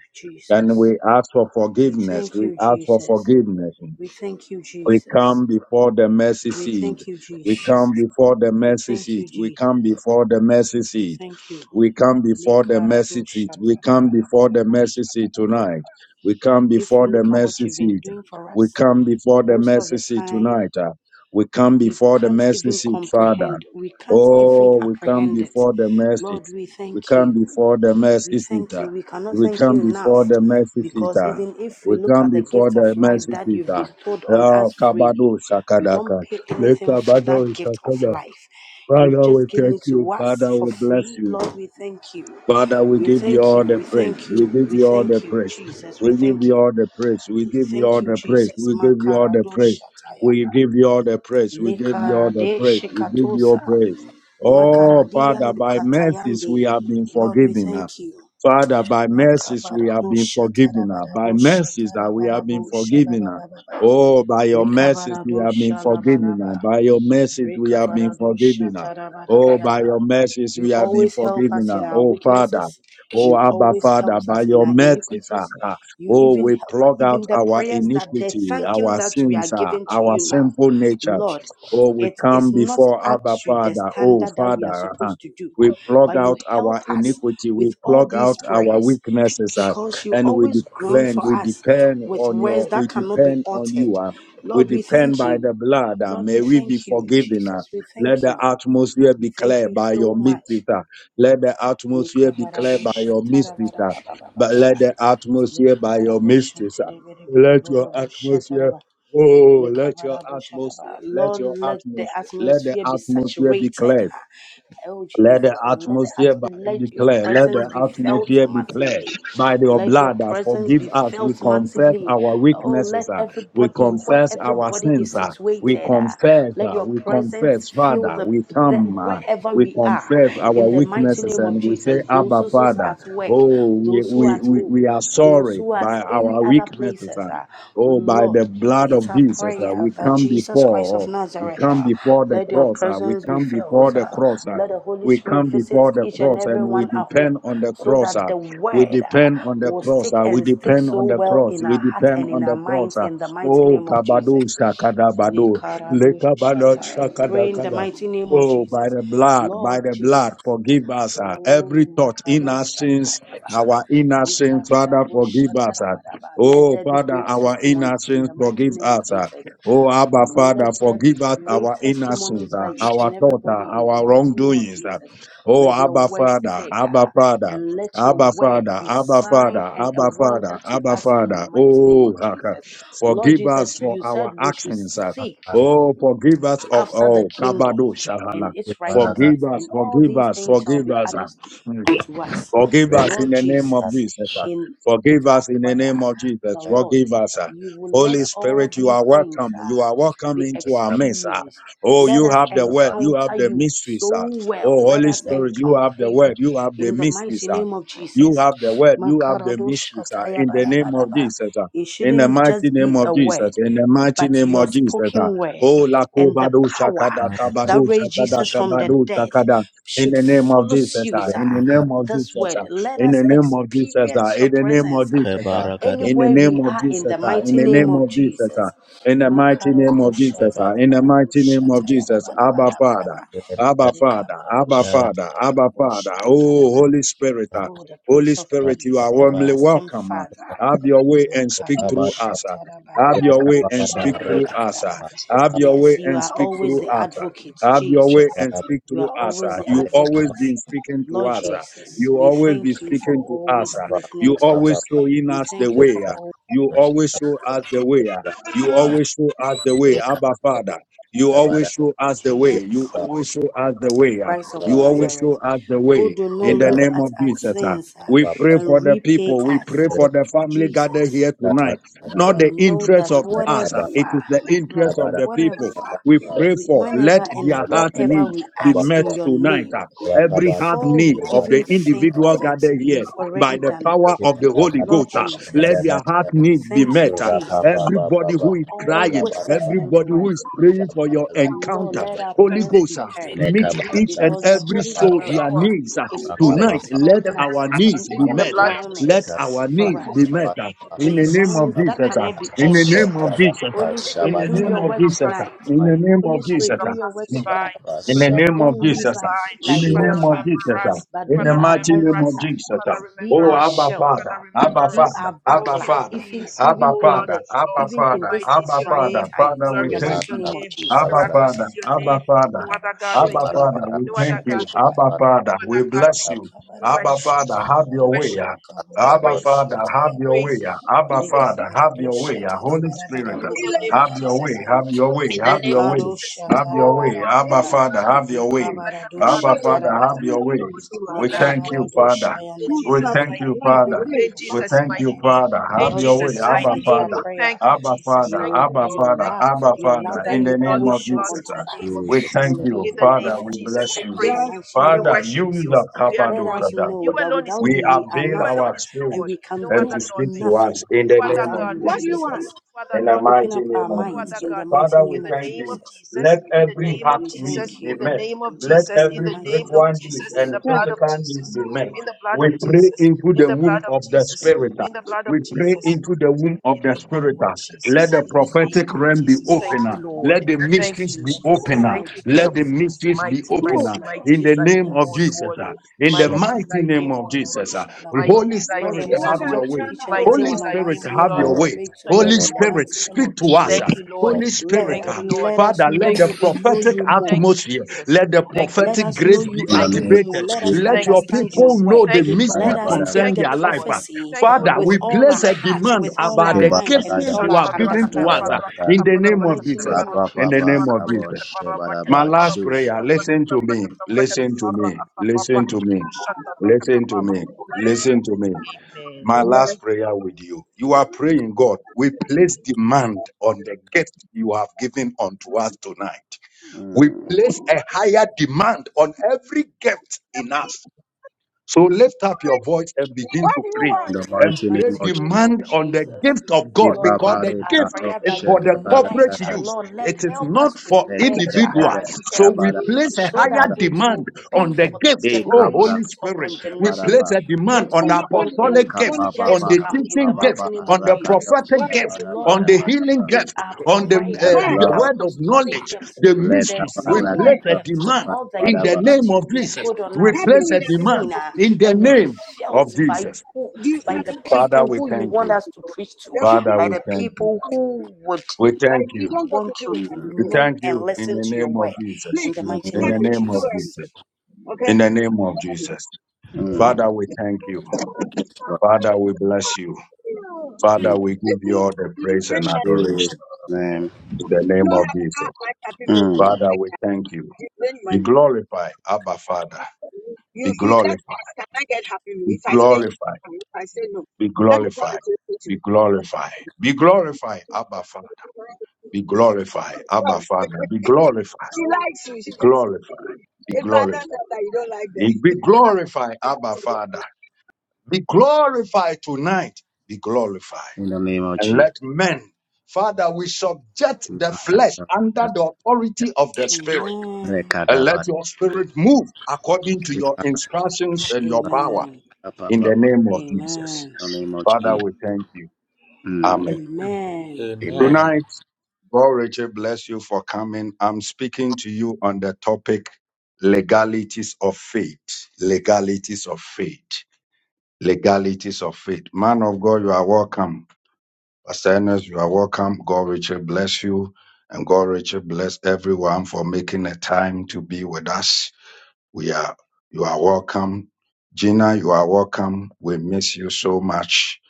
Speaker 1: and
Speaker 2: Jesus.
Speaker 1: we ask for
Speaker 2: We
Speaker 1: forgiveness.
Speaker 2: thank
Speaker 1: We
Speaker 2: you,
Speaker 1: ask for
Speaker 2: Jesus.
Speaker 1: forgiveness.
Speaker 2: We thank you,
Speaker 1: We
Speaker 2: Jesus.
Speaker 1: come before the mercy
Speaker 2: We
Speaker 1: seat.
Speaker 2: thank you,
Speaker 1: We
Speaker 3: refresh
Speaker 2: Jesus.
Speaker 3: you.
Speaker 1: come before the
Speaker 2: We
Speaker 1: mercy
Speaker 2: thank you,
Speaker 1: seat. We come
Speaker 2: Jesus.
Speaker 1: before the mercy
Speaker 2: We
Speaker 1: seat.
Speaker 2: thank you.
Speaker 1: We come before the mercy
Speaker 2: Lekarado
Speaker 1: seat. We come before the
Speaker 2: shatarabarabarabu
Speaker 1: mercy
Speaker 2: shada.
Speaker 1: seat tonight. We come
Speaker 2: If
Speaker 1: before
Speaker 2: you
Speaker 1: the
Speaker 2: look at what
Speaker 1: mercy
Speaker 2: you've been
Speaker 1: seat.
Speaker 2: doing for
Speaker 1: We
Speaker 2: us,
Speaker 1: come before the
Speaker 2: most of
Speaker 1: mercy
Speaker 2: the
Speaker 1: seat
Speaker 2: time
Speaker 1: tonight. uh. We come
Speaker 2: we
Speaker 1: before the
Speaker 2: can't
Speaker 1: mercy
Speaker 2: even
Speaker 1: seat, Father.
Speaker 2: comprehend, we can't even
Speaker 1: Oh, we come
Speaker 2: apprehend it.
Speaker 1: before the mercy.
Speaker 2: Lord, we
Speaker 1: We
Speaker 2: thank
Speaker 1: come
Speaker 2: you.
Speaker 1: before the
Speaker 2: We
Speaker 1: mercy seat.
Speaker 2: thank
Speaker 1: uh.
Speaker 2: you. We cannot
Speaker 1: We
Speaker 2: thank
Speaker 1: come
Speaker 2: you
Speaker 1: before
Speaker 2: enough
Speaker 1: the mercy seat.
Speaker 2: because
Speaker 1: uh.
Speaker 2: even if we
Speaker 1: We
Speaker 2: look
Speaker 1: come
Speaker 2: at the
Speaker 1: before
Speaker 2: gift of
Speaker 1: the
Speaker 2: life
Speaker 1: mercy
Speaker 2: that
Speaker 1: seat.
Speaker 2: you've
Speaker 1: uh.
Speaker 2: bestowed on
Speaker 1: Yeah,
Speaker 2: us freely,
Speaker 1: Kabado
Speaker 2: we don't
Speaker 1: Sakadaka.
Speaker 2: pay
Speaker 1: Le
Speaker 2: anything for
Speaker 1: Kabado
Speaker 2: that gift of
Speaker 1: Sakada.
Speaker 2: life. You've
Speaker 1: Father, we
Speaker 2: just given
Speaker 1: thank
Speaker 2: it
Speaker 1: you.
Speaker 2: to us
Speaker 1: Father,
Speaker 2: for
Speaker 1: we bless
Speaker 2: free.
Speaker 1: you.
Speaker 2: Lord, we thank you.
Speaker 1: Father, we
Speaker 2: We
Speaker 1: give you
Speaker 2: thank
Speaker 1: all
Speaker 2: you.
Speaker 1: the
Speaker 2: We
Speaker 1: praise.
Speaker 2: thank
Speaker 1: We
Speaker 2: you.
Speaker 1: give
Speaker 2: We
Speaker 1: you all the
Speaker 2: thank you,
Speaker 1: praise.
Speaker 2: Jesus. We
Speaker 1: We give
Speaker 2: thank
Speaker 1: you
Speaker 2: you.
Speaker 1: all the praise. We
Speaker 2: We
Speaker 1: give you all
Speaker 2: Thank you,
Speaker 1: the praise.
Speaker 2: Jesus.
Speaker 1: We give you all the praise. We
Speaker 2: Makaradoshatayaba.
Speaker 1: give you all the praise. We give you all the
Speaker 2: Lekarade
Speaker 1: praise. We give you all
Speaker 2: shikatosa.
Speaker 1: praise. Oh, Father, by mercies
Speaker 2: Makaradiandukatayande.
Speaker 1: we have been
Speaker 2: Lord, we
Speaker 1: forgiven. ah.
Speaker 2: thank you.
Speaker 1: Father, by mercies we have been
Speaker 2: Makabaradosha
Speaker 1: forgiven. ah. By
Speaker 2: tarabarabosha
Speaker 1: mercies that we have been
Speaker 2: tarabarabosha
Speaker 1: forgiven. ah.
Speaker 2: labababa.
Speaker 1: Oh, by your mercies we have
Speaker 2: Likabaradosha
Speaker 1: been forgiven.
Speaker 2: labalaba.
Speaker 1: ah. By your mercies we
Speaker 3: Make
Speaker 1: have been
Speaker 2: Rikabaradosha
Speaker 1: forgiven. ah. Oh,
Speaker 3: bless
Speaker 1: by
Speaker 2: tarabarabaraba.
Speaker 1: your mercies
Speaker 2: You
Speaker 1: we have been
Speaker 2: always help
Speaker 1: forgiven.
Speaker 2: us in
Speaker 1: ah.
Speaker 2: our
Speaker 1: Oh, Father.
Speaker 2: weaknesses.
Speaker 1: Oh,
Speaker 2: You
Speaker 3: you.
Speaker 1: Abba,
Speaker 2: always
Speaker 1: Father,
Speaker 2: help
Speaker 1: by
Speaker 2: us in
Speaker 1: your
Speaker 2: our
Speaker 1: mercies. ah,
Speaker 2: iniquities.
Speaker 1: ah.
Speaker 2: You
Speaker 1: Oh,
Speaker 2: even
Speaker 1: we
Speaker 2: help us,
Speaker 1: plug out
Speaker 2: even the
Speaker 1: our
Speaker 2: prayers that the
Speaker 1: iniquity,
Speaker 2: thanking
Speaker 1: our
Speaker 2: that we are
Speaker 1: sins, ah,
Speaker 2: giving to
Speaker 1: our
Speaker 2: you now.
Speaker 1: sinful nature.
Speaker 2: Lord,
Speaker 1: Oh, we
Speaker 2: it is
Speaker 1: come
Speaker 2: not
Speaker 1: before
Speaker 2: up
Speaker 1: Abba,
Speaker 2: to the
Speaker 1: Father. Oh,
Speaker 2: standard that we
Speaker 1: Father.
Speaker 2: are
Speaker 1: ah. ah.
Speaker 2: supposed to do,
Speaker 1: We
Speaker 3: Honor.
Speaker 1: plug
Speaker 2: but you
Speaker 1: out our
Speaker 2: help us
Speaker 1: iniquity. We
Speaker 2: with all
Speaker 1: plug
Speaker 2: these
Speaker 1: out our
Speaker 2: prayers
Speaker 1: weaknesses,
Speaker 3: Thank
Speaker 1: ah,
Speaker 3: you, Lord.
Speaker 2: because you
Speaker 1: and we
Speaker 2: always groan
Speaker 1: depend.
Speaker 2: for
Speaker 1: We
Speaker 2: us
Speaker 1: depend
Speaker 2: with
Speaker 1: on
Speaker 2: words
Speaker 1: your. We
Speaker 2: that cannot be
Speaker 1: depend on you.
Speaker 2: uttered.
Speaker 1: ah. We
Speaker 2: Lord, we
Speaker 1: depend
Speaker 2: thank
Speaker 1: by
Speaker 2: you.
Speaker 1: the blood. ah.
Speaker 2: Lord, we
Speaker 1: May we be
Speaker 2: thank you.
Speaker 1: forgiven. ah.
Speaker 2: Jesus, we thank
Speaker 1: Let the
Speaker 2: you.
Speaker 1: atmosphere
Speaker 2: We
Speaker 1: be
Speaker 2: thank
Speaker 1: clear
Speaker 2: you
Speaker 1: by your
Speaker 2: so much.
Speaker 1: mystery, sir. Let the atmosphere be clear
Speaker 3: Thank
Speaker 1: by
Speaker 3: you
Speaker 2: Likabaradosha
Speaker 3: for
Speaker 1: your mystery,
Speaker 2: tarabara
Speaker 1: sir.
Speaker 3: protection
Speaker 2: baba
Speaker 3: in
Speaker 2: baba
Speaker 1: But
Speaker 2: yaba.
Speaker 1: let
Speaker 3: Jesus'
Speaker 1: the
Speaker 3: mighty
Speaker 1: atmosphere by your
Speaker 2: Likabarabosha
Speaker 1: mystery, sir.
Speaker 2: terebere bere
Speaker 1: Let your
Speaker 2: borobo
Speaker 1: atmosphere,
Speaker 2: shataraba.
Speaker 1: oh, let your
Speaker 2: Lekabaraboshalaba.
Speaker 1: atmosphere, let
Speaker 2: Lord,
Speaker 1: your
Speaker 2: let the
Speaker 1: atmosphere, let the
Speaker 2: atmosphere be
Speaker 1: atmosphere be
Speaker 2: saturated.
Speaker 1: clear
Speaker 2: ah. Oh
Speaker 1: let the
Speaker 2: Jesus, and let the
Speaker 1: atmosphere ba-
Speaker 2: atm-
Speaker 1: be
Speaker 2: let your
Speaker 1: clear. Let
Speaker 2: presence
Speaker 1: the
Speaker 2: be felt
Speaker 1: atmosphere be clear.
Speaker 2: massively.
Speaker 1: By your
Speaker 2: Let your
Speaker 1: blood, uh,
Speaker 2: presence
Speaker 1: forgive
Speaker 2: be
Speaker 1: us. We
Speaker 2: felt
Speaker 1: confess
Speaker 2: massively.
Speaker 1: our
Speaker 2: Oh, let
Speaker 1: weaknesses. uh, We
Speaker 2: everybody where
Speaker 1: confess our
Speaker 2: everybody is
Speaker 1: sins. uh, We
Speaker 2: situated. ah,
Speaker 1: confess.
Speaker 2: Let
Speaker 1: uh,
Speaker 2: your
Speaker 1: We
Speaker 2: presence
Speaker 1: confess,
Speaker 2: fill
Speaker 1: Father.
Speaker 2: the,
Speaker 1: We
Speaker 2: the
Speaker 1: come. uh,
Speaker 2: wherever
Speaker 1: We
Speaker 2: we are.
Speaker 1: confess our
Speaker 2: In the mighty
Speaker 1: weaknesses
Speaker 2: name of
Speaker 1: and we say,
Speaker 2: Jesus, those
Speaker 1: Abba,
Speaker 2: who who's
Speaker 1: Father.
Speaker 2: at work,
Speaker 1: Oh, we,
Speaker 2: those who are
Speaker 1: we,
Speaker 2: at
Speaker 1: we,
Speaker 2: home,
Speaker 1: we are
Speaker 2: those
Speaker 1: sorry
Speaker 2: who are
Speaker 1: by
Speaker 2: at
Speaker 1: our
Speaker 2: any other
Speaker 1: weaknesses.
Speaker 2: places.
Speaker 1: uh,
Speaker 2: ah,
Speaker 1: Oh, by the
Speaker 2: Lord.
Speaker 1: blood
Speaker 2: It's
Speaker 1: of
Speaker 2: our
Speaker 1: Jesus, uh,
Speaker 2: prayer
Speaker 1: we
Speaker 2: that
Speaker 1: come
Speaker 2: Jesus Christ of
Speaker 1: before. We
Speaker 2: Nazareth,
Speaker 1: come
Speaker 2: uh,
Speaker 1: before the
Speaker 2: let your
Speaker 1: cross. uh, We
Speaker 2: presence be
Speaker 1: come before
Speaker 2: felt.
Speaker 1: the
Speaker 2: uh,
Speaker 1: cross. uh,
Speaker 2: let the Holy
Speaker 1: we
Speaker 2: Spirit
Speaker 1: come before
Speaker 2: visit
Speaker 1: the
Speaker 2: each and
Speaker 1: cross and
Speaker 2: every
Speaker 1: we
Speaker 2: one at
Speaker 1: depend
Speaker 2: home
Speaker 1: on the
Speaker 2: so
Speaker 1: cross.
Speaker 2: that
Speaker 1: ah.
Speaker 2: the
Speaker 1: We
Speaker 2: word uh,
Speaker 1: depend on the
Speaker 2: will
Speaker 1: cross.
Speaker 2: stick
Speaker 1: ah. We
Speaker 2: and stick
Speaker 1: depend
Speaker 2: so
Speaker 1: on the
Speaker 2: well
Speaker 1: cross.
Speaker 2: in
Speaker 1: We
Speaker 2: our hearts
Speaker 1: depend
Speaker 2: and in
Speaker 1: on the
Speaker 2: our
Speaker 1: cross.
Speaker 2: minds
Speaker 1: ah.
Speaker 2: in the mighty
Speaker 1: Oh,
Speaker 2: name of
Speaker 1: kabado
Speaker 2: Jesus.
Speaker 1: shakada bado,
Speaker 2: Likarado
Speaker 1: lekabalo
Speaker 2: shata.
Speaker 1: shakada
Speaker 2: Pray in the
Speaker 1: kada.
Speaker 2: mighty name of
Speaker 1: Oh, by
Speaker 2: Jesus.
Speaker 1: the blood, by
Speaker 2: Lord
Speaker 1: the blood,
Speaker 2: Jesus.
Speaker 1: forgive us ah. every
Speaker 2: Oh,
Speaker 1: thought in our
Speaker 2: Makarosa
Speaker 1: sins,
Speaker 3: Protection.
Speaker 2: makarosatayaba,
Speaker 1: our inner sins, Father, forgive us. ah.
Speaker 2: likabaraboshatarabaraba. Let
Speaker 1: Oh,
Speaker 2: there be
Speaker 1: Father,
Speaker 2: great
Speaker 1: our inner
Speaker 2: testimonies in
Speaker 1: sins,
Speaker 2: the mighty
Speaker 1: forgive
Speaker 2: name of
Speaker 1: us. ah.
Speaker 2: Jesus.
Speaker 1: Oh, Abba Father,
Speaker 2: Let there be
Speaker 1: forgive us
Speaker 2: great
Speaker 1: our innocence,
Speaker 2: testimonies
Speaker 1: uh,
Speaker 2: by each
Speaker 1: our
Speaker 2: and
Speaker 1: thought, uh,
Speaker 2: everybody in the
Speaker 1: our
Speaker 2: mighty name of
Speaker 1: wrongdoings. uh.
Speaker 2: Jesus.
Speaker 1: Oh,
Speaker 2: Let your
Speaker 1: Abba
Speaker 2: words
Speaker 1: Father,
Speaker 2: take
Speaker 1: Abba
Speaker 2: her
Speaker 1: Father,
Speaker 2: and let your
Speaker 1: Abba
Speaker 2: word
Speaker 1: Father,
Speaker 2: be
Speaker 1: Abba
Speaker 2: sign
Speaker 1: Father,
Speaker 2: and a
Speaker 1: Abba
Speaker 2: wonder
Speaker 1: Father,
Speaker 2: to
Speaker 1: Abba
Speaker 2: us in the
Speaker 1: Father.
Speaker 2: mighty name
Speaker 1: Oh,
Speaker 2: of
Speaker 1: Haka,
Speaker 2: Jesus. Lord
Speaker 1: forgive us
Speaker 2: Jesus,
Speaker 1: for
Speaker 2: you
Speaker 1: our
Speaker 2: said we should
Speaker 1: actions. uh.
Speaker 2: seek
Speaker 4: Kabara
Speaker 1: Oh, forgive us of
Speaker 2: after the
Speaker 1: all.
Speaker 2: kingdom
Speaker 1: Kabado Shahala.
Speaker 2: and its
Speaker 1: Forgive
Speaker 2: righteousness,
Speaker 1: us,
Speaker 2: and all
Speaker 1: forgive
Speaker 2: these
Speaker 1: us,
Speaker 2: things shall
Speaker 1: forgive
Speaker 2: be
Speaker 1: us.
Speaker 2: added
Speaker 1: uh.
Speaker 2: unto us.
Speaker 1: Forgive us in
Speaker 2: Lord
Speaker 1: the name of
Speaker 2: Jesus,
Speaker 1: Jesus. uh.
Speaker 2: in it's
Speaker 1: Forgive
Speaker 2: our
Speaker 1: us in the
Speaker 2: prayer,
Speaker 1: name of
Speaker 2: the
Speaker 1: Jesus.
Speaker 2: Lord,
Speaker 1: Forgive us. uh.
Speaker 2: you will let
Speaker 1: Holy
Speaker 2: all
Speaker 1: Spirit, you
Speaker 2: these
Speaker 1: are
Speaker 2: things.
Speaker 1: welcome. You
Speaker 2: uh,
Speaker 1: are welcome
Speaker 2: be
Speaker 1: into our midst. uh.
Speaker 2: experienced.
Speaker 1: Oh,
Speaker 3: Bless
Speaker 2: Let
Speaker 1: you
Speaker 2: us
Speaker 1: have the word. You have
Speaker 2: encounter
Speaker 1: the
Speaker 2: you so
Speaker 1: mysteries. uh.
Speaker 2: well.
Speaker 1: Oh,
Speaker 2: Let
Speaker 1: Holy
Speaker 2: us
Speaker 1: Spirit, you
Speaker 2: encounter
Speaker 1: have the
Speaker 2: you
Speaker 1: word. You have the
Speaker 2: in the
Speaker 1: mysteries.
Speaker 2: mighty
Speaker 1: uh.
Speaker 2: name of
Speaker 1: You
Speaker 2: Jesus.
Speaker 1: have the word. You have the
Speaker 2: Makarado
Speaker 1: mysteries. uh.
Speaker 2: shataya
Speaker 1: In the name of
Speaker 2: barabadaba.
Speaker 1: Jesus. uh.
Speaker 2: It
Speaker 1: In the
Speaker 2: shouldn't
Speaker 1: mighty
Speaker 2: just
Speaker 1: name
Speaker 2: be
Speaker 1: of
Speaker 2: a
Speaker 1: Jesus.
Speaker 2: word,
Speaker 1: In the mighty
Speaker 2: but
Speaker 1: name
Speaker 2: your
Speaker 1: of Jesus. uh.
Speaker 2: spoken word
Speaker 1: Oh, la
Speaker 2: and the power that raised Jesus from the dead
Speaker 1: in
Speaker 2: should
Speaker 1: the name of
Speaker 2: follow
Speaker 1: Jesus,
Speaker 2: suit.
Speaker 1: ah. in the
Speaker 2: ah,
Speaker 1: name of
Speaker 2: This
Speaker 1: Jesus,
Speaker 2: word,
Speaker 1: ah.
Speaker 2: let
Speaker 1: in
Speaker 2: us
Speaker 1: the name of Jesus, ah.
Speaker 2: experience your
Speaker 1: in the name of
Speaker 2: presence ah,
Speaker 1: Jesus, ah. in the
Speaker 2: anywhere
Speaker 1: name
Speaker 2: we
Speaker 1: of
Speaker 2: are in
Speaker 1: Jesus,
Speaker 2: the
Speaker 1: ah. in
Speaker 2: mighty
Speaker 1: the
Speaker 2: name
Speaker 1: name
Speaker 2: of
Speaker 1: of Jesus,
Speaker 2: Jesus.
Speaker 1: ah. in the mighty name
Speaker 2: Makarado
Speaker 1: of Jesus, ah.
Speaker 2: shatara
Speaker 1: in the
Speaker 2: barabo
Speaker 1: mighty name of
Speaker 2: shataya
Speaker 1: Jesus,
Speaker 2: babala
Speaker 1: Abba
Speaker 2: bala
Speaker 1: Father,
Speaker 2: baraba.
Speaker 1: Abba Father,
Speaker 2: Lekabarado
Speaker 1: Abba Father,
Speaker 2: shatara
Speaker 1: Abba
Speaker 2: barabo
Speaker 1: Father,
Speaker 2: shala bala
Speaker 1: oh
Speaker 2: ba.
Speaker 1: Holy Spirit, ah.
Speaker 2: Oh, the
Speaker 1: Holy
Speaker 2: Prince of
Speaker 1: Spirit, you
Speaker 2: Peace,
Speaker 1: are warmly
Speaker 2: everlasting
Speaker 1: welcome. ah.
Speaker 2: Father.
Speaker 1: Have your way and speak
Speaker 2: Makado
Speaker 1: through us. ah.
Speaker 2: shatara
Speaker 1: Have your way
Speaker 2: barabarabo
Speaker 1: and speak through
Speaker 2: shadadada
Speaker 1: us.
Speaker 2: bara
Speaker 1: ah.
Speaker 2: ba.
Speaker 1: Have your way
Speaker 2: Yes, you
Speaker 1: and
Speaker 2: are
Speaker 1: speak
Speaker 2: always
Speaker 1: through
Speaker 2: the
Speaker 1: us. ah.
Speaker 2: advocate,
Speaker 1: Have your way
Speaker 2: Jesus.
Speaker 1: and speak
Speaker 2: You
Speaker 1: through
Speaker 2: are
Speaker 1: us.
Speaker 2: always
Speaker 1: ah.
Speaker 2: the
Speaker 1: You always
Speaker 2: advocate.
Speaker 1: been
Speaker 5: Thank you,
Speaker 1: speaking to
Speaker 2: Lord
Speaker 1: us.
Speaker 5: Jesus.
Speaker 1: ah.
Speaker 5: Thank you,
Speaker 2: Jesus,
Speaker 1: You
Speaker 2: we
Speaker 5: Lord.
Speaker 1: always be
Speaker 2: thank you for
Speaker 1: speaking to us.
Speaker 2: always
Speaker 5: Thank
Speaker 1: ah.
Speaker 5: you, Jesus.
Speaker 1: You
Speaker 2: listening to
Speaker 5: Lord, we
Speaker 1: always
Speaker 2: us.
Speaker 1: showing
Speaker 2: We
Speaker 1: us the
Speaker 2: thank you for
Speaker 1: way. ah.
Speaker 2: all
Speaker 1: You
Speaker 5: praise
Speaker 1: always
Speaker 5: you,
Speaker 1: show us the way. ah.
Speaker 5: Lord
Speaker 1: You always show us
Speaker 4: Yes,
Speaker 1: the way, Abba Father. You
Speaker 5: Jesus. Come,
Speaker 4: Lord.
Speaker 1: always show us the
Speaker 5: let
Speaker 1: way.
Speaker 4: Yes,
Speaker 5: us
Speaker 1: You
Speaker 2: Jesus,
Speaker 1: always show us the
Speaker 5: pray.
Speaker 1: way. ah.
Speaker 2: Christ of
Speaker 1: You
Speaker 4: Lord. Yes,
Speaker 1: always show
Speaker 2: Nazareth.
Speaker 1: us the
Speaker 2: who
Speaker 1: way.
Speaker 2: do not
Speaker 5: Let
Speaker 1: In the
Speaker 5: us
Speaker 2: look
Speaker 4: Lord.
Speaker 1: name
Speaker 2: at
Speaker 1: of
Speaker 2: our
Speaker 1: Jesus.
Speaker 5: praise you,
Speaker 1: ah.
Speaker 2: sins uh,
Speaker 5: Lord Jesus.
Speaker 1: We
Speaker 5: Let us
Speaker 1: pray for
Speaker 2: and
Speaker 1: the
Speaker 5: praise
Speaker 2: repay
Speaker 1: people. We
Speaker 5: you,
Speaker 2: us.
Speaker 1: pray
Speaker 5: Jesus.
Speaker 1: for the family
Speaker 5: Lord
Speaker 1: gathered
Speaker 2: Jesus,
Speaker 1: here tonight not
Speaker 5: Jesus.
Speaker 2: we
Speaker 1: the
Speaker 2: know
Speaker 1: interest
Speaker 2: that
Speaker 1: of us.
Speaker 2: whatever,
Speaker 1: ah. It is the interest
Speaker 2: Lord,
Speaker 1: of the
Speaker 2: whatever,
Speaker 1: people. We pray
Speaker 5: Jesus,
Speaker 2: we,
Speaker 5: Lord,
Speaker 1: for let
Speaker 2: whenever
Speaker 5: name,
Speaker 2: and
Speaker 1: their heart
Speaker 2: whatever
Speaker 1: need
Speaker 2: we
Speaker 5: great
Speaker 1: be
Speaker 2: ask
Speaker 1: met
Speaker 2: in
Speaker 5: name.
Speaker 2: your
Speaker 1: tonight.
Speaker 5: Thank
Speaker 2: name,
Speaker 1: ah.
Speaker 5: you, Jesus, for the
Speaker 1: Every heart
Speaker 5: blessing.
Speaker 2: before
Speaker 1: need
Speaker 2: we
Speaker 1: of the
Speaker 2: even think
Speaker 1: individual
Speaker 2: of
Speaker 5: Let
Speaker 2: it,
Speaker 5: us
Speaker 1: gathered
Speaker 5: be
Speaker 1: here
Speaker 2: you've
Speaker 5: full of
Speaker 1: by
Speaker 2: already
Speaker 5: faith.
Speaker 1: the
Speaker 2: done it.
Speaker 1: power
Speaker 5: Let
Speaker 1: of the
Speaker 5: us be
Speaker 1: Holy
Speaker 2: Lord
Speaker 1: Ghost. ah.
Speaker 5: full of
Speaker 2: Jesus,
Speaker 1: Let
Speaker 5: faith.
Speaker 1: their heart
Speaker 2: we
Speaker 1: need be
Speaker 2: thank you,
Speaker 1: met. ah.
Speaker 2: Jesus,
Speaker 1: Everybody who
Speaker 2: for
Speaker 1: is crying,
Speaker 2: always listening
Speaker 1: everybody
Speaker 2: to
Speaker 1: who is
Speaker 2: us.
Speaker 1: praying for
Speaker 5: by
Speaker 1: your
Speaker 5: the power
Speaker 2: Lord,
Speaker 1: encounter,
Speaker 2: let our
Speaker 1: Holy
Speaker 2: prayers
Speaker 5: manifested
Speaker 1: Ghost,
Speaker 2: be
Speaker 1: ah,
Speaker 3: you.
Speaker 2: heard
Speaker 5: in the
Speaker 1: meet
Speaker 5: name of
Speaker 1: each and
Speaker 2: because
Speaker 5: Jesus,
Speaker 2: the
Speaker 1: every
Speaker 2: Holy
Speaker 5: by the
Speaker 1: soul
Speaker 2: Spirit
Speaker 1: their
Speaker 5: power
Speaker 1: needs. ah.
Speaker 2: is
Speaker 5: manifested
Speaker 1: Tonight,
Speaker 2: always
Speaker 5: in
Speaker 1: let
Speaker 5: the
Speaker 2: helping
Speaker 1: our
Speaker 2: us
Speaker 1: needs
Speaker 2: and
Speaker 4: Rakabara,
Speaker 1: be
Speaker 5: in
Speaker 2: even
Speaker 5: the
Speaker 1: met.
Speaker 5: blood
Speaker 1: ah.
Speaker 5: of
Speaker 2: grounding
Speaker 4: Jesus.
Speaker 1: Let our
Speaker 5: Jesus,
Speaker 2: for
Speaker 1: needs
Speaker 2: us
Speaker 1: be
Speaker 5: in the
Speaker 1: met. ah.
Speaker 5: name of
Speaker 1: In the
Speaker 2: with
Speaker 1: name
Speaker 5: Jesus,
Speaker 1: of
Speaker 2: groundings
Speaker 5: in
Speaker 2: that
Speaker 5: the
Speaker 1: Jesus. ah.
Speaker 5: name
Speaker 2: cannot
Speaker 5: of
Speaker 2: be
Speaker 1: In the
Speaker 2: altered.
Speaker 1: name
Speaker 5: Jesus,
Speaker 1: of
Speaker 5: in the
Speaker 1: Jesus. ah.
Speaker 2: Holy
Speaker 1: In
Speaker 3: my
Speaker 2: Spirit,
Speaker 1: the
Speaker 5: that
Speaker 2: do
Speaker 1: name
Speaker 5: Father
Speaker 2: your
Speaker 5: do
Speaker 1: of
Speaker 2: work
Speaker 5: not
Speaker 1: Jesus.
Speaker 5: pass
Speaker 1: ah.
Speaker 5: us
Speaker 2: tonight.
Speaker 1: In
Speaker 5: by,
Speaker 1: the name of
Speaker 2: Holy
Speaker 5: Father do
Speaker 2: Spirit,
Speaker 1: Jesus.
Speaker 2: do
Speaker 5: not
Speaker 1: ah.
Speaker 5: pass
Speaker 2: your work
Speaker 5: us
Speaker 1: Hmm.
Speaker 5: by,
Speaker 2: tonight.
Speaker 1: In the
Speaker 5: Father do
Speaker 1: name
Speaker 5: not
Speaker 1: of
Speaker 2: Don't
Speaker 5: pass
Speaker 2: leave
Speaker 5: us
Speaker 1: Jesus. ah.
Speaker 5: by,
Speaker 2: us
Speaker 1: In
Speaker 2: like
Speaker 1: the
Speaker 5: Father
Speaker 1: name of
Speaker 5: remember
Speaker 2: orphans,
Speaker 1: Jesus.
Speaker 5: us,
Speaker 1: ah.
Speaker 2: but
Speaker 1: In the
Speaker 2: be
Speaker 5: Father
Speaker 2: our
Speaker 1: mighty
Speaker 5: remember
Speaker 1: name
Speaker 5: us,
Speaker 1: of
Speaker 2: comforter,
Speaker 1: Jesus. ah.
Speaker 5: Father
Speaker 2: be
Speaker 5: remember
Speaker 1: Oh,
Speaker 2: our
Speaker 5: us,
Speaker 1: Abba
Speaker 2: shield,
Speaker 1: Father,
Speaker 5: Father remember
Speaker 1: Abba
Speaker 2: be
Speaker 5: us,
Speaker 1: Father,
Speaker 2: our
Speaker 5: O
Speaker 1: Abba
Speaker 2: buckler,
Speaker 5: King of
Speaker 1: Father,
Speaker 2: even
Speaker 5: Kings, O
Speaker 1: Abba
Speaker 2: even in
Speaker 5: Lord
Speaker 1: Father,
Speaker 2: the
Speaker 5: of
Speaker 1: Abba
Speaker 5: Lords,
Speaker 2: even in
Speaker 1: Father,
Speaker 2: these
Speaker 5: mighty is
Speaker 1: Abba
Speaker 5: your
Speaker 2: trying
Speaker 5: name,
Speaker 1: Father, Father,
Speaker 2: times,
Speaker 1: we
Speaker 2: in the
Speaker 5: glorious
Speaker 1: thank
Speaker 5: is
Speaker 2: mighty
Speaker 5: your
Speaker 1: you.
Speaker 2: name of
Speaker 5: name,
Speaker 1: Abba
Speaker 2: Jesus.
Speaker 5: miraculous
Speaker 1: Father,
Speaker 5: is your
Speaker 1: Abba
Speaker 5: name, no
Speaker 1: Father,
Speaker 5: other God but
Speaker 1: Abba
Speaker 5: you,
Speaker 1: Father, we
Speaker 5: no
Speaker 1: thank
Speaker 5: other God
Speaker 1: you.
Speaker 5: but
Speaker 1: Abba
Speaker 5: you, no
Speaker 1: Father, we
Speaker 5: other God
Speaker 1: bless
Speaker 5: but you,
Speaker 1: you.
Speaker 5: we
Speaker 2: Lekabarado
Speaker 1: Abba
Speaker 5: worship
Speaker 1: Father,
Speaker 5: you,
Speaker 1: have
Speaker 5: we
Speaker 2: shatarabara
Speaker 1: your way.
Speaker 5: worship
Speaker 2: bola
Speaker 1: ah.
Speaker 5: you, we
Speaker 1: Abba
Speaker 2: kaborodo
Speaker 5: praise you,
Speaker 1: Father,
Speaker 5: we
Speaker 1: have
Speaker 2: shatayaba.
Speaker 1: your
Speaker 5: praise
Speaker 1: way.
Speaker 5: you,
Speaker 1: ah.
Speaker 5: we
Speaker 1: Abba
Speaker 5: praise
Speaker 1: Father,
Speaker 5: you
Speaker 1: have
Speaker 2: Lekabarado
Speaker 5: in
Speaker 1: your
Speaker 5: the
Speaker 1: way.
Speaker 5: name
Speaker 1: ah.
Speaker 5: of
Speaker 1: Holy
Speaker 2: shatarabara
Speaker 5: Jesus
Speaker 2: bara
Speaker 1: Spirit, ah,
Speaker 5: in the name
Speaker 2: bokara
Speaker 1: have
Speaker 5: of
Speaker 1: your
Speaker 2: bara
Speaker 1: way,
Speaker 5: Jesus.
Speaker 2: ba.
Speaker 1: have your way,
Speaker 5: In the
Speaker 1: have
Speaker 5: name
Speaker 1: your
Speaker 5: of
Speaker 1: way.
Speaker 2: Lekaro
Speaker 5: Jesus.
Speaker 1: Have your
Speaker 5: Oh,
Speaker 1: way.
Speaker 2: shatarabara bara
Speaker 1: Abba,
Speaker 5: bountiful
Speaker 2: ba.
Speaker 1: Father,
Speaker 5: Father.
Speaker 1: have your
Speaker 5: Oh,
Speaker 1: way.
Speaker 5: blessed
Speaker 2: Lekabarado
Speaker 1: Abba,
Speaker 5: Father.
Speaker 1: Father,
Speaker 2: shatarabara
Speaker 1: have
Speaker 5: Blessed
Speaker 2: ba.
Speaker 1: your
Speaker 5: Holy
Speaker 1: way.
Speaker 5: Ghost.
Speaker 1: We
Speaker 5: Blessed
Speaker 1: thank
Speaker 5: Holy
Speaker 1: you,
Speaker 5: Ghost.
Speaker 1: Father.
Speaker 5: In
Speaker 1: We
Speaker 3: dear.
Speaker 5: Jesus'
Speaker 1: thank
Speaker 5: mighty
Speaker 1: you,
Speaker 5: name.
Speaker 1: Father.
Speaker 5: In
Speaker 1: We
Speaker 5: Jesus'
Speaker 1: thank
Speaker 5: mighty
Speaker 1: you,
Speaker 5: name.
Speaker 1: Father.
Speaker 5: In
Speaker 1: Have
Speaker 2: Lord
Speaker 1: your way,
Speaker 5: Jesus'
Speaker 2: Jesus,
Speaker 5: mighty
Speaker 1: Abba,
Speaker 2: it's
Speaker 5: name.
Speaker 2: our
Speaker 1: Father.
Speaker 2: prayer
Speaker 5: Thank you,
Speaker 1: Abba,
Speaker 2: that
Speaker 5: Jesus.
Speaker 1: Father,
Speaker 2: your
Speaker 5: Thank you,
Speaker 1: Abba,
Speaker 5: Lord.
Speaker 2: your
Speaker 1: Father,
Speaker 5: Thank you,
Speaker 2: love,
Speaker 1: Abba,
Speaker 5: King of
Speaker 2: your
Speaker 5: Kings.
Speaker 2: love
Speaker 1: Father,
Speaker 2: that
Speaker 1: in
Speaker 5: Thank
Speaker 2: you
Speaker 1: the
Speaker 5: you, Lord
Speaker 1: name
Speaker 2: always
Speaker 5: of
Speaker 1: of
Speaker 2: show
Speaker 5: Lords,
Speaker 1: Jesus.
Speaker 5: in
Speaker 2: unto
Speaker 5: the name
Speaker 2: us,
Speaker 5: of
Speaker 1: We
Speaker 5: Jesus.
Speaker 2: will
Speaker 1: thank
Speaker 2: be
Speaker 1: you,
Speaker 5: In the
Speaker 2: will be
Speaker 5: name
Speaker 1: Father.
Speaker 5: of
Speaker 1: We
Speaker 2: felt
Speaker 5: Jesus,
Speaker 1: bless
Speaker 5: we
Speaker 3: Thank
Speaker 1: you.
Speaker 2: in
Speaker 3: you.
Speaker 2: the
Speaker 5: praise
Speaker 6: Yes,
Speaker 5: you.
Speaker 2: mighty
Speaker 5: We
Speaker 2: name of
Speaker 1: Father,
Speaker 5: worship
Speaker 1: use
Speaker 5: you.
Speaker 1: the
Speaker 2: Jesus.
Speaker 3: We
Speaker 5: We
Speaker 2: Let
Speaker 5: adore
Speaker 2: us
Speaker 5: you.
Speaker 1: Kabadukada.
Speaker 5: You
Speaker 2: know that
Speaker 5: alone is
Speaker 2: without
Speaker 1: We
Speaker 2: you
Speaker 5: King.
Speaker 2: we are
Speaker 1: avail
Speaker 5: You
Speaker 2: nothing,
Speaker 5: alone
Speaker 1: our
Speaker 5: is
Speaker 2: and
Speaker 5: Lord.
Speaker 1: spirit
Speaker 2: we
Speaker 5: No
Speaker 2: can
Speaker 1: and to
Speaker 5: other
Speaker 2: do
Speaker 3: bless
Speaker 5: Lord
Speaker 1: speak
Speaker 5: but
Speaker 1: to
Speaker 5: you.
Speaker 1: us
Speaker 2: nothing
Speaker 1: in the
Speaker 5: No other
Speaker 1: name
Speaker 2: without
Speaker 1: of
Speaker 5: God
Speaker 2: you,
Speaker 5: but
Speaker 6: what do you
Speaker 5: you.
Speaker 1: Jesus.
Speaker 6: want?
Speaker 2: Jesus.
Speaker 5: No other
Speaker 1: In the
Speaker 5: Lord but
Speaker 2: Open
Speaker 1: mighty
Speaker 2: up
Speaker 5: you.
Speaker 2: our
Speaker 1: name of
Speaker 5: No
Speaker 2: minds
Speaker 5: other
Speaker 1: Jesus.
Speaker 2: in
Speaker 5: God
Speaker 2: the
Speaker 5: but you.
Speaker 2: mighty
Speaker 1: Father, we
Speaker 5: In
Speaker 2: name
Speaker 5: the
Speaker 2: of
Speaker 1: thank
Speaker 5: name
Speaker 1: you.
Speaker 5: of
Speaker 2: Jesus.
Speaker 5: Jesus,
Speaker 1: Let
Speaker 5: in the
Speaker 1: every
Speaker 2: Lord,
Speaker 5: name
Speaker 1: heart
Speaker 5: of
Speaker 2: we
Speaker 5: Jesus,
Speaker 1: need
Speaker 2: thank
Speaker 1: be
Speaker 5: in
Speaker 2: you
Speaker 5: the
Speaker 1: met.
Speaker 5: name of
Speaker 1: Let
Speaker 5: Jesus,
Speaker 2: in
Speaker 5: in
Speaker 2: the
Speaker 1: every
Speaker 5: the
Speaker 2: mighty
Speaker 5: name
Speaker 2: name
Speaker 5: of
Speaker 1: spiritual
Speaker 2: of
Speaker 1: need
Speaker 5: Jesus,
Speaker 2: Jesus.
Speaker 5: in the
Speaker 1: and
Speaker 6: Yeah.
Speaker 5: blood of
Speaker 1: physical need
Speaker 5: Jesus,
Speaker 1: be met.
Speaker 5: in the blood
Speaker 1: We
Speaker 5: of
Speaker 1: pray
Speaker 5: Jesus,
Speaker 1: into
Speaker 5: in
Speaker 1: the
Speaker 5: the
Speaker 1: womb
Speaker 5: blood of
Speaker 1: of the
Speaker 5: Jesus,
Speaker 1: Spirit.
Speaker 5: in the blood
Speaker 1: We
Speaker 5: of
Speaker 1: pray
Speaker 5: Jesus,
Speaker 1: into the womb of
Speaker 5: in
Speaker 1: the
Speaker 5: the
Speaker 1: Spirit.
Speaker 5: name
Speaker 1: ah.
Speaker 5: of
Speaker 1: Let
Speaker 5: Jesus,
Speaker 1: the
Speaker 5: in the
Speaker 2: Jesus,
Speaker 5: name
Speaker 1: prophetic
Speaker 5: of
Speaker 1: realm be
Speaker 5: Jesus. Thank you,
Speaker 1: opener. Let
Speaker 5: Lord.
Speaker 1: the
Speaker 2: Kabarabo-shatarabarabu. yes,
Speaker 5: Thank
Speaker 1: mysteries
Speaker 5: you,
Speaker 2: in
Speaker 1: be
Speaker 2: the mighty
Speaker 5: Jesus.
Speaker 2: name
Speaker 1: opener.
Speaker 2: of
Speaker 5: Thank you, King
Speaker 1: Let
Speaker 5: of
Speaker 1: the
Speaker 2: Jesus.
Speaker 5: Kings.
Speaker 1: mysteries be
Speaker 5: Mighty,
Speaker 6: Who?
Speaker 2: Yes,
Speaker 1: opener.
Speaker 5: mighty,
Speaker 2: Lord.
Speaker 5: mighty
Speaker 1: In the
Speaker 5: is thy
Speaker 1: name
Speaker 5: name,
Speaker 1: of
Speaker 5: O
Speaker 2: Yes.
Speaker 1: Jesus.
Speaker 5: Lord.
Speaker 1: ah. In the
Speaker 5: Mighty is
Speaker 1: mighty
Speaker 5: thy
Speaker 1: name
Speaker 5: name,
Speaker 1: of
Speaker 5: O Lord.
Speaker 1: Jesus. ah.
Speaker 5: Mighty
Speaker 1: Holy
Speaker 2: Lekabarabo-shalabaraba.
Speaker 5: is thy
Speaker 2: Lord
Speaker 1: Spirit,
Speaker 5: name, O
Speaker 2: Jesus,
Speaker 1: have
Speaker 6: Ilana
Speaker 5: Lord.
Speaker 1: your
Speaker 2: talk to
Speaker 1: way.
Speaker 6: Nana
Speaker 2: each and
Speaker 6: over
Speaker 5: Mighty
Speaker 2: every
Speaker 1: Holy
Speaker 5: is
Speaker 2: one
Speaker 6: there.
Speaker 2: of
Speaker 5: thy
Speaker 1: Spirit,
Speaker 2: us
Speaker 5: name,
Speaker 2: here
Speaker 5: O
Speaker 1: have
Speaker 5: Lord.
Speaker 2: on
Speaker 1: your
Speaker 2: the
Speaker 4: Lord,
Speaker 1: way.
Speaker 2: page today
Speaker 5: Thank you,
Speaker 1: Holy
Speaker 4: Lord,
Speaker 2: in the
Speaker 5: Lord.
Speaker 1: Spirit,
Speaker 2: mighty name
Speaker 1: speak
Speaker 2: of
Speaker 1: speak to
Speaker 4: Jesus,
Speaker 1: us. uh,
Speaker 5: Thank
Speaker 2: Jesus.
Speaker 5: you, Lord.
Speaker 1: Holy
Speaker 4: Christ of
Speaker 2: Let,
Speaker 1: Spirit,
Speaker 5: Thank
Speaker 4: Nazareth.
Speaker 5: you,
Speaker 1: uh,
Speaker 5: Lord.
Speaker 2: let us
Speaker 1: Father,
Speaker 2: know
Speaker 1: let
Speaker 5: Thank
Speaker 1: the
Speaker 5: you,
Speaker 2: you and know
Speaker 5: Jesus.
Speaker 1: prophetic
Speaker 2: you more.
Speaker 5: Thank you,
Speaker 1: atmosphere,
Speaker 5: Jesus.
Speaker 1: let the
Speaker 5: Thank you,
Speaker 2: Let
Speaker 1: prophetic
Speaker 2: us know
Speaker 5: Jesus.
Speaker 1: grace be
Speaker 2: you
Speaker 4: In the
Speaker 2: and
Speaker 5: Thank
Speaker 2: know
Speaker 5: you,
Speaker 4: name
Speaker 2: you more.
Speaker 1: activated.
Speaker 4: of
Speaker 2: Let
Speaker 5: Jesus.
Speaker 2: us
Speaker 1: Let
Speaker 4: Jesus.
Speaker 5: Thank
Speaker 1: your
Speaker 5: you,
Speaker 2: understand your
Speaker 1: people
Speaker 5: Jesus.
Speaker 1: know
Speaker 2: word.
Speaker 1: the
Speaker 5: Thank
Speaker 4: Ke
Speaker 5: you,
Speaker 4: bara
Speaker 2: Let
Speaker 1: mysteries
Speaker 5: Lord.
Speaker 2: us
Speaker 4: bara
Speaker 2: take
Speaker 4: bara
Speaker 1: concern
Speaker 5: Thank
Speaker 2: the
Speaker 5: you,
Speaker 1: their life.
Speaker 5: Lord.
Speaker 1: uh.
Speaker 2: prophecy
Speaker 5: Thank
Speaker 4: bara.
Speaker 5: you,
Speaker 1: Father,
Speaker 2: with
Speaker 1: we
Speaker 5: Lord.
Speaker 2: all
Speaker 1: place
Speaker 2: our
Speaker 1: a
Speaker 5: Thank you,
Speaker 2: heart,
Speaker 1: demand
Speaker 2: with
Speaker 5: Jesus.
Speaker 2: all
Speaker 1: about
Speaker 2: our
Speaker 4: Ke
Speaker 5: Thank
Speaker 1: the
Speaker 5: you,
Speaker 2: mind,
Speaker 4: bara
Speaker 2: and
Speaker 5: Jesus.
Speaker 2: with
Speaker 4: gada,
Speaker 1: giftings
Speaker 2: all
Speaker 1: you
Speaker 2: our
Speaker 5: Shanta
Speaker 1: have given
Speaker 4: shaba
Speaker 1: to
Speaker 5: rahata
Speaker 4: gada
Speaker 2: understanding.
Speaker 1: us uh,
Speaker 4: bara bara.
Speaker 1: in
Speaker 5: barakata
Speaker 1: the
Speaker 2: In the
Speaker 1: name of
Speaker 2: mighty
Speaker 5: barakata
Speaker 1: Jesus.
Speaker 2: name of
Speaker 1: In the
Speaker 5: barakata
Speaker 1: name
Speaker 2: Jesus.
Speaker 1: of Jesus.
Speaker 5: barakata barakata
Speaker 1: My
Speaker 5: barakata
Speaker 4: Ra-ba-ba-ba-ka-ba-she-ba-da-ba.
Speaker 1: last
Speaker 4: Jesus.
Speaker 1: prayer, listen
Speaker 5: barakata
Speaker 1: to me,
Speaker 5: barakata barakata
Speaker 1: listen to me,
Speaker 5: sarahata baba.
Speaker 1: listen to me,
Speaker 5: Ushanta rakata
Speaker 1: listen to
Speaker 5: baba.
Speaker 1: me,
Speaker 5: Thank you,
Speaker 1: listen to
Speaker 5: Lord.
Speaker 1: me. My
Speaker 5: Amen.
Speaker 6: Yes.
Speaker 1: last prayer with you. You are praying, God, we place demand on the gift you have given unto us tonight. We
Speaker 4: Mm.
Speaker 1: place a higher demand on every gift in us. So lift up your voice and begin
Speaker 6: What
Speaker 1: to
Speaker 6: do you
Speaker 1: pray.
Speaker 4: In
Speaker 2: Lord,
Speaker 6: want?
Speaker 4: the
Speaker 2: in the
Speaker 1: And
Speaker 4: mighty
Speaker 1: pray
Speaker 4: name
Speaker 2: mighty
Speaker 4: of
Speaker 2: name
Speaker 4: Jesus.
Speaker 2: of
Speaker 1: demand on the
Speaker 2: Jesus.
Speaker 1: gift of God
Speaker 2: Lord,
Speaker 1: because
Speaker 2: it's
Speaker 1: the
Speaker 2: our
Speaker 1: gift
Speaker 2: prayer
Speaker 1: is
Speaker 2: that
Speaker 1: for
Speaker 2: you
Speaker 1: the corporate
Speaker 2: nurture.
Speaker 4: Iba-ba-re-ka-do-she-ga-ba-da-ga-da.
Speaker 1: use.
Speaker 2: Lord, let
Speaker 1: It is
Speaker 2: help us
Speaker 1: not
Speaker 2: to
Speaker 1: for
Speaker 2: nurture
Speaker 1: individual.
Speaker 2: our
Speaker 4: Leke-de-de-de.
Speaker 1: So
Speaker 2: gift
Speaker 1: we
Speaker 4: Sha-ba-da-ba.
Speaker 1: place a
Speaker 2: so that
Speaker 1: higher
Speaker 4: She-ba-da-ba.
Speaker 2: it
Speaker 1: demand
Speaker 2: will be
Speaker 1: on the
Speaker 2: for
Speaker 1: gift, oh Holy
Speaker 2: generations
Speaker 4: Ika-bra-ga-do.
Speaker 1: Spirit.
Speaker 2: upon
Speaker 1: We
Speaker 2: generations
Speaker 1: place
Speaker 4: Sha-ba-da-ba.
Speaker 1: a demand
Speaker 2: yet
Speaker 1: on
Speaker 6: We
Speaker 1: the
Speaker 6: not one
Speaker 2: unborn
Speaker 6: is one.
Speaker 2: and
Speaker 1: apostolic
Speaker 6: One
Speaker 1: gift,
Speaker 6: is
Speaker 2: yet
Speaker 1: on
Speaker 2: to
Speaker 4: Leka-ba-ba-ba.
Speaker 1: the
Speaker 6: effective.
Speaker 2: come. In
Speaker 1: teaching
Speaker 2: the
Speaker 4: Re-ba-ba-ba.
Speaker 1: gift,
Speaker 2: mighty name
Speaker 1: on
Speaker 2: of
Speaker 1: the
Speaker 4: Ra-ka-do.
Speaker 2: Jesus.
Speaker 6: One
Speaker 1: prophetic
Speaker 6: is
Speaker 1: gift,
Speaker 6: effective.
Speaker 1: on
Speaker 2: Lord,
Speaker 1: the
Speaker 2: ah,
Speaker 1: healing
Speaker 4: Sha-ba-da-ba-da-ba-da-ba.
Speaker 2: it's
Speaker 1: gift,
Speaker 2: our
Speaker 1: on the,
Speaker 2: prayer
Speaker 4: Yes,
Speaker 1: uh,
Speaker 2: that
Speaker 6: One.
Speaker 2: the
Speaker 1: the
Speaker 4: Lord.
Speaker 1: word of
Speaker 2: apostolic
Speaker 1: knowledge,
Speaker 2: gifts,
Speaker 1: the
Speaker 2: the
Speaker 1: mysteries. We
Speaker 6: From
Speaker 2: singing
Speaker 6: where?
Speaker 1: place a
Speaker 4: Leka-ba-ra-ga-do.
Speaker 2: gifts,
Speaker 1: demand
Speaker 2: all the
Speaker 1: in the
Speaker 2: gifts
Speaker 4: Sha-ba-da-ba-da-ba.
Speaker 2: that
Speaker 1: name of
Speaker 2: you
Speaker 1: Jesus.
Speaker 2: bestowed on
Speaker 1: We
Speaker 2: us
Speaker 6: Helping
Speaker 2: will
Speaker 1: place
Speaker 6: you
Speaker 1: a
Speaker 2: be
Speaker 6: that
Speaker 2: seen
Speaker 1: demand
Speaker 2: ah,
Speaker 1: in the
Speaker 2: and will be
Speaker 1: name of
Speaker 2: felt by
Speaker 1: Jesus.
Speaker 2: who,
Speaker 6: Do you
Speaker 3: I
Speaker 2: by
Speaker 4: Mm,
Speaker 6: have
Speaker 2: the
Speaker 3: bless
Speaker 6: you watched how
Speaker 1: Father,
Speaker 2: people
Speaker 6: to
Speaker 1: we
Speaker 2: who
Speaker 6: do
Speaker 2: you
Speaker 6: it?
Speaker 1: thank
Speaker 2: want
Speaker 1: you.
Speaker 2: us to preach to,
Speaker 6: The
Speaker 3: you.
Speaker 6: cooking
Speaker 1: Father,
Speaker 6: is
Speaker 2: by
Speaker 1: we
Speaker 2: the
Speaker 1: thank you.
Speaker 2: people who
Speaker 6: effective.
Speaker 2: would
Speaker 1: We
Speaker 6: Right?
Speaker 1: thank
Speaker 6: You
Speaker 1: you.
Speaker 6: don't go
Speaker 2: want
Speaker 6: cooking
Speaker 2: to
Speaker 6: with
Speaker 4: mm.
Speaker 1: We
Speaker 6: people.
Speaker 2: know
Speaker 1: thank
Speaker 2: and
Speaker 1: you in
Speaker 2: listen
Speaker 1: the
Speaker 2: to your
Speaker 1: name of
Speaker 2: word.
Speaker 1: Jesus.
Speaker 2: In
Speaker 6: Please
Speaker 2: the
Speaker 4: In the name
Speaker 2: mighty
Speaker 1: In
Speaker 6: stop
Speaker 4: of
Speaker 2: name
Speaker 1: the
Speaker 2: of
Speaker 6: it
Speaker 1: name
Speaker 4: Jesus.
Speaker 6: too
Speaker 1: of
Speaker 6: early.
Speaker 2: Jesus.
Speaker 1: Jesus.
Speaker 6: Okay?
Speaker 1: In the name of Jesus.
Speaker 4: Mm.
Speaker 1: Father, we thank you.
Speaker 4: Yes, Lord.
Speaker 1: Father, we bless you. Father,
Speaker 4: Mm.
Speaker 1: we
Speaker 6: If
Speaker 1: give you all
Speaker 6: you
Speaker 1: the
Speaker 6: would you
Speaker 1: praise
Speaker 6: bring
Speaker 1: and
Speaker 6: my
Speaker 4: Jesus'
Speaker 1: adoration
Speaker 4: name.
Speaker 1: in the
Speaker 6: You
Speaker 1: name
Speaker 6: don't have
Speaker 1: of
Speaker 6: to
Speaker 1: Jesus.
Speaker 6: act like happy meal
Speaker 4: Mm.
Speaker 1: Father, we
Speaker 6: contract.
Speaker 1: thank you.
Speaker 6: You bring
Speaker 1: Be
Speaker 6: money.
Speaker 1: glorified, Abba Father.
Speaker 6: You
Speaker 1: Be
Speaker 6: you just
Speaker 1: glorified.
Speaker 6: ask, can I get happy meal?
Speaker 1: Be
Speaker 6: If I say yes,
Speaker 1: glorified.
Speaker 6: fine. if I say no,
Speaker 1: Be
Speaker 6: let me call the
Speaker 1: glorified.
Speaker 6: police to
Speaker 1: Be
Speaker 6: you.
Speaker 1: glorified. Be glorified, Abba Father. Be glorified.
Speaker 6: Well,
Speaker 1: Abba Father,
Speaker 6: she
Speaker 1: be glorified.
Speaker 6: likes you.
Speaker 1: Be
Speaker 6: She just
Speaker 1: glorified. Be
Speaker 6: it bothers
Speaker 1: glorified.
Speaker 6: her that you don't like the
Speaker 1: Be glorified, Abba Father. Be glorified tonight. Be glorified.
Speaker 4: In the name of
Speaker 1: And
Speaker 4: Jesus.
Speaker 1: let men, Father, we subject the flesh under the authority of the Spirit.
Speaker 2: Amen.
Speaker 1: And let
Speaker 4: Rekadabad.
Speaker 1: your Spirit move according to your instructions and your
Speaker 4: Ibarashibabababa.
Speaker 1: power
Speaker 2: Amen.
Speaker 1: in the name of Jesus.
Speaker 2: Amen.
Speaker 4: In the name of
Speaker 1: Father,
Speaker 4: Jesus.
Speaker 1: we thank you.
Speaker 4: Mm.
Speaker 1: Amen.
Speaker 2: Amen.
Speaker 4: Amen.
Speaker 1: Tonight, God, Richard, bless you for coming. I'm speaking to you on the topic legalities of faith. Legalities of faith. Legalities of faith. Man of God, you are welcome. Pastor Ernest, you are welcome. God, Richard, bless you. And God, Richard, bless everyone for making a time to be with us. We are, you are welcome. Gina, you are welcome. We miss you so much.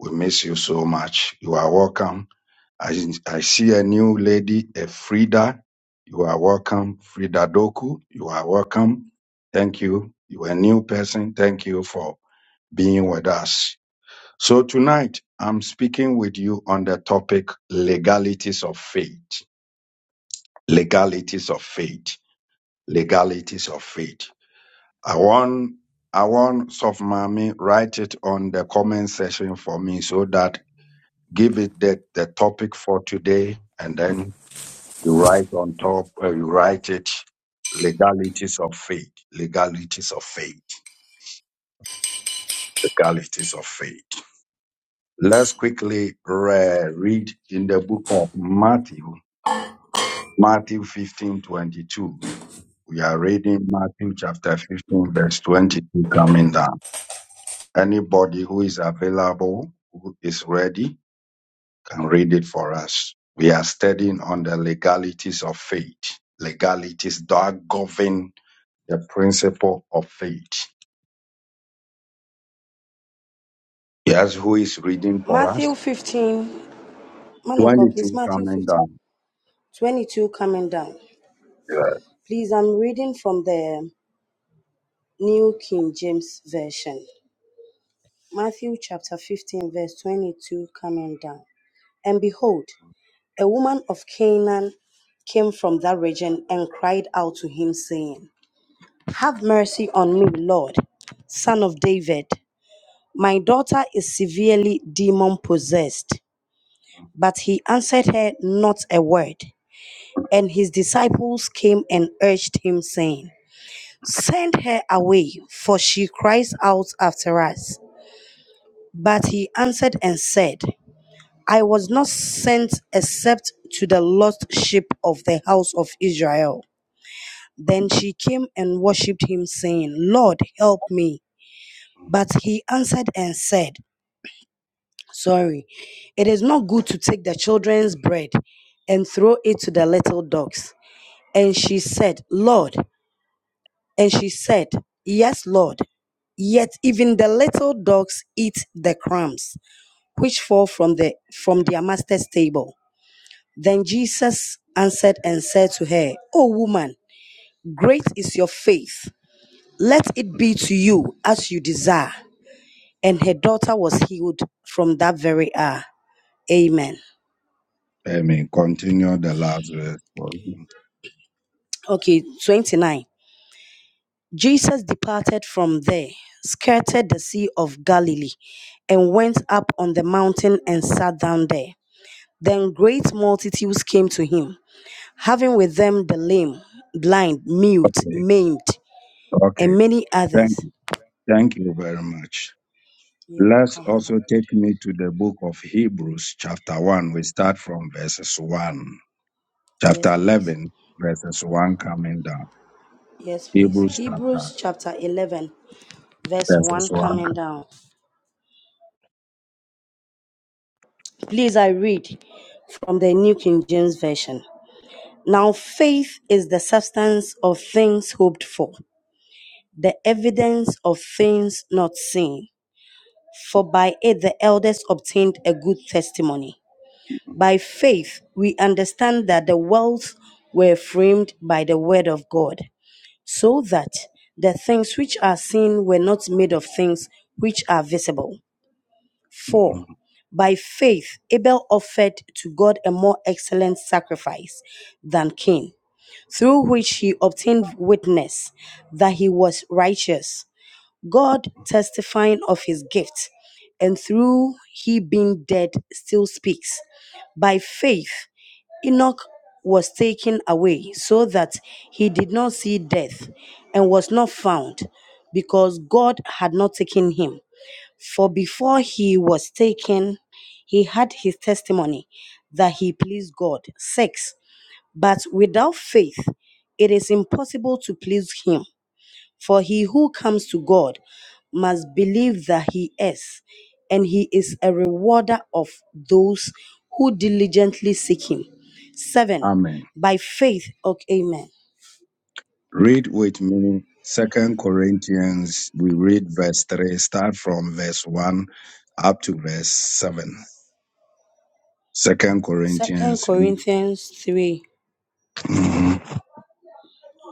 Speaker 1: We miss you so much. You are welcome. I, I see a new lady, a Frida. You are welcome, Frida Doku. You are welcome. Thank you. You are a new person. Thank you for being with us. So tonight, I'm speaking with you on the topic legalities of faith. Legalities of faith. Legalities of faith. I want, I want Soft Mommy write it on the comment section for me so that give it the, the topic for today and then You write on top, uh, you write it, legalities of faith, legalities of faith, legalities of faith. Let's quickly re- read in the book of Matthew, Matthew 15:22. We are reading Matthew chapter 15, verse 22 coming down. Anybody who is available, who is ready, can read it for us. We are studying on the legalities of faith, legalities that govern the principle of faith. Yes, who is reading for
Speaker 2: Matthew
Speaker 1: us?
Speaker 2: 15. Man of God, please.
Speaker 1: 22
Speaker 2: Matthew
Speaker 1: coming
Speaker 2: 15.
Speaker 1: down.
Speaker 2: 22 coming down. Please, I'm reading from the New King James Version. Matthew chapter 15, verse 22 coming down. And behold, a woman of Canaan came from that region and cried out to him, saying, Have mercy on me, Lord, son of David. My daughter is severely demon possessed. But he answered her not a word. And his disciples came and urged him, saying, Send her away, for she cries out after us. But he answered and said, I was not sent except to the lost sheep of the house of Israel. Then she came and worshipped him, saying, Lord, help me. But he answered and said, Sorry, it is not good to take the children's bread and throw it to the little dogs. And she said, Lord, And she said, Yes, Lord. Yet even the little dogs eat the crumbs which fall from the from their master's table. Then Jesus answered and said to her, O woman, great is your faith. Let it be to you as you desire. And her daughter was healed from that very hour. Amen.
Speaker 1: Amen. continue the last verse. for you.
Speaker 2: Okay, 29. Jesus departed from there, skirted the Sea of Galilee, and went up on the mountain and sat down there. Then great multitudes came to him, having with them the lame, blind, mute,
Speaker 1: Okay.
Speaker 2: maimed,
Speaker 1: Okay.
Speaker 2: and many others.
Speaker 1: Thank you. Thank you very much.
Speaker 2: You're
Speaker 1: Let's
Speaker 2: welcome, man of God.
Speaker 1: also take me to the book of Hebrews, chapter 1. We start from verses 1.
Speaker 2: Yes,
Speaker 1: Chapter
Speaker 2: please.
Speaker 1: 11, verses 1 coming down.
Speaker 2: Yes, please.
Speaker 1: Hebrews chapter,
Speaker 2: Hebrews chapter 11, verse
Speaker 1: verses
Speaker 2: 1
Speaker 1: 1.
Speaker 2: coming down. Please, I read from the New King James Version. Now, faith is the substance of things hoped for, the evidence of things not seen. For by it the elders obtained a good testimony. By faith, we understand that the worlds were framed by the word of God, so that the things which are seen were not made of things which are visible. 4.
Speaker 1: Mhm.
Speaker 2: By faith, Abel offered to God a more excellent sacrifice than Cain, through which he obtained witness that he was righteous, God testifying of his gift, and through he being dead still speaks. By faith, Enoch was taken away so that he did not see death and was not found because God had not taken him. For before he was taken, he had his testimony that he pleased God. 6. But without faith, it is impossible to please him. For he who comes to God must believe that he is, and he is a rewarder of those who diligently seek him. 7.
Speaker 1: Amen.
Speaker 2: By faith, okay, amen.
Speaker 1: Read with me Second Corinthians. We read verse three, start from verse one up to verse seven. Second
Speaker 2: Second
Speaker 1: Corinthians. read-
Speaker 2: Corinthians 3,
Speaker 1: Mhm.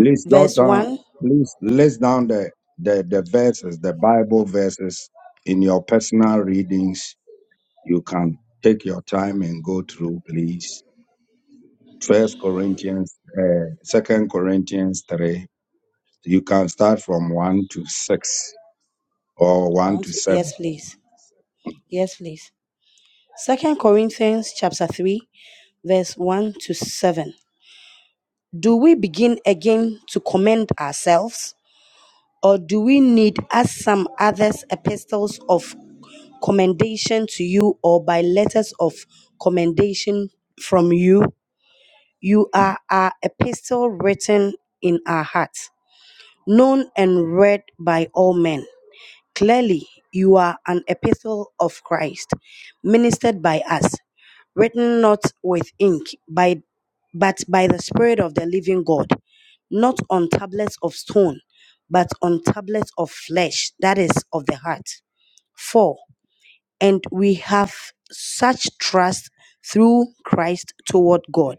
Speaker 1: Please jot
Speaker 2: verse
Speaker 1: down.
Speaker 2: 1.
Speaker 1: Please list down the, the the verses, the Bible verses in your personal readings. You can take your time and go through, please. First Corinthians, uh, Second Corinthians three. You can start from one to six or one
Speaker 2: One
Speaker 1: to
Speaker 2: to- Yes,
Speaker 1: seven.
Speaker 2: please. Yes, please. Second Corinthians chapter 3, verse 1 to 7. Do we begin again to commend ourselves? Or do we need, as some others, epistles of commendation to you or by letters of commendation from you. You are our epistle written in our hearts, known and read by all men. Clearly, you are an epistle of Christ, ministered by us, written not with ink, by, but by the Spirit of the living God, not on tablets of stone, but on tablets of flesh, that is, of the heart. 4 and we have such trust through Christ toward God.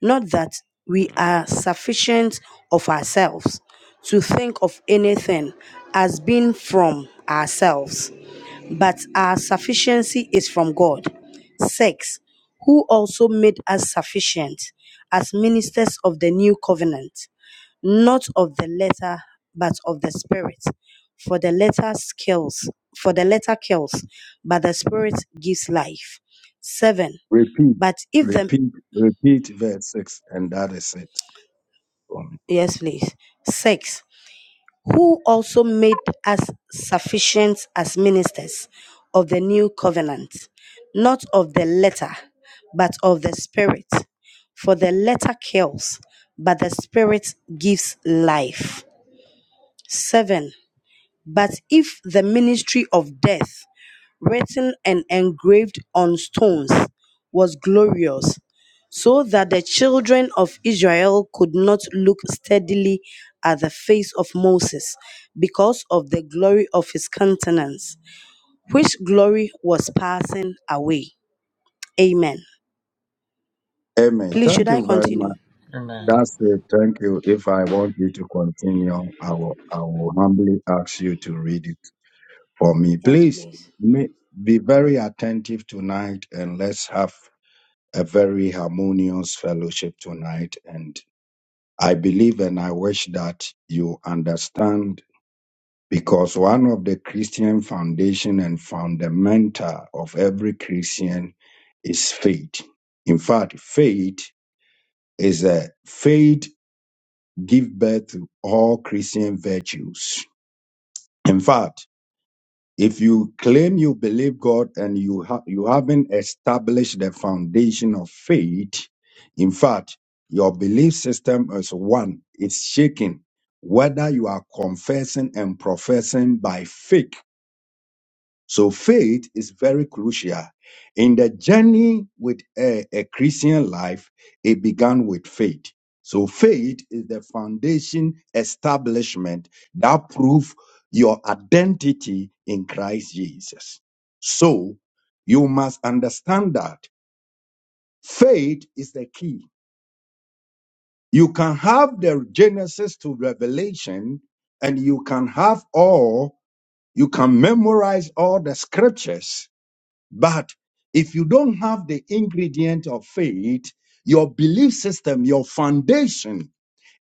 Speaker 2: Not that we are sufficient of ourselves to think of anything as being from ourselves, but our sufficiency is from God. 6. Who also made us sufficient as ministers of the new covenant, not of the letter, but of the spirit. For the letter kills, for the letter kills, but the spirit gives life. Seven.
Speaker 1: Repeat.
Speaker 2: But if the
Speaker 1: Repeat, repeat verse 6, and that is it.
Speaker 2: yes, please. Six. Who also made us sufficient as ministers of the new covenant, not of the letter, but of the spirit. For the letter kills, but the spirit gives life. Seven. But if the ministry of death, written and engraved on stones, was glorious, so that the children of Israel could not look steadily at the face of Moses because of the glory of his countenance, which glory was passing away. Amen.
Speaker 1: Amen.
Speaker 2: Please,
Speaker 1: Thank
Speaker 2: should I
Speaker 1: you very
Speaker 2: continue?
Speaker 1: much.
Speaker 3: Amen.
Speaker 1: That's it. Thank you. If I want you to continue, I will, I will humbly ask you to read it for me.
Speaker 2: Yes,
Speaker 1: Please
Speaker 2: please.
Speaker 1: ma- be very attentive tonight and let's have a very harmonious fellowship tonight. And I believe and I wish that you understand Because one of the Christian foundation and fundamental of every Christian is faith. In fact, faith is a faith give birth to all Christian virtues. In fact, if you claim you believe God and you ha- you haven't established the foundation of faith, in fact, your belief system is one. It's shaken. Whether you are confessing and professing by faith So faith is very crucial. In the journey with a, a Christian life, it began with faith. So faith is the foundation establishment that prove your identity in Christ Jesus. So you must understand that faith is the key. You can have the Genesis to Revelation and you can have all, you can memorize all the scriptures But if you don't have the ingredient of faith, your belief system, your foundation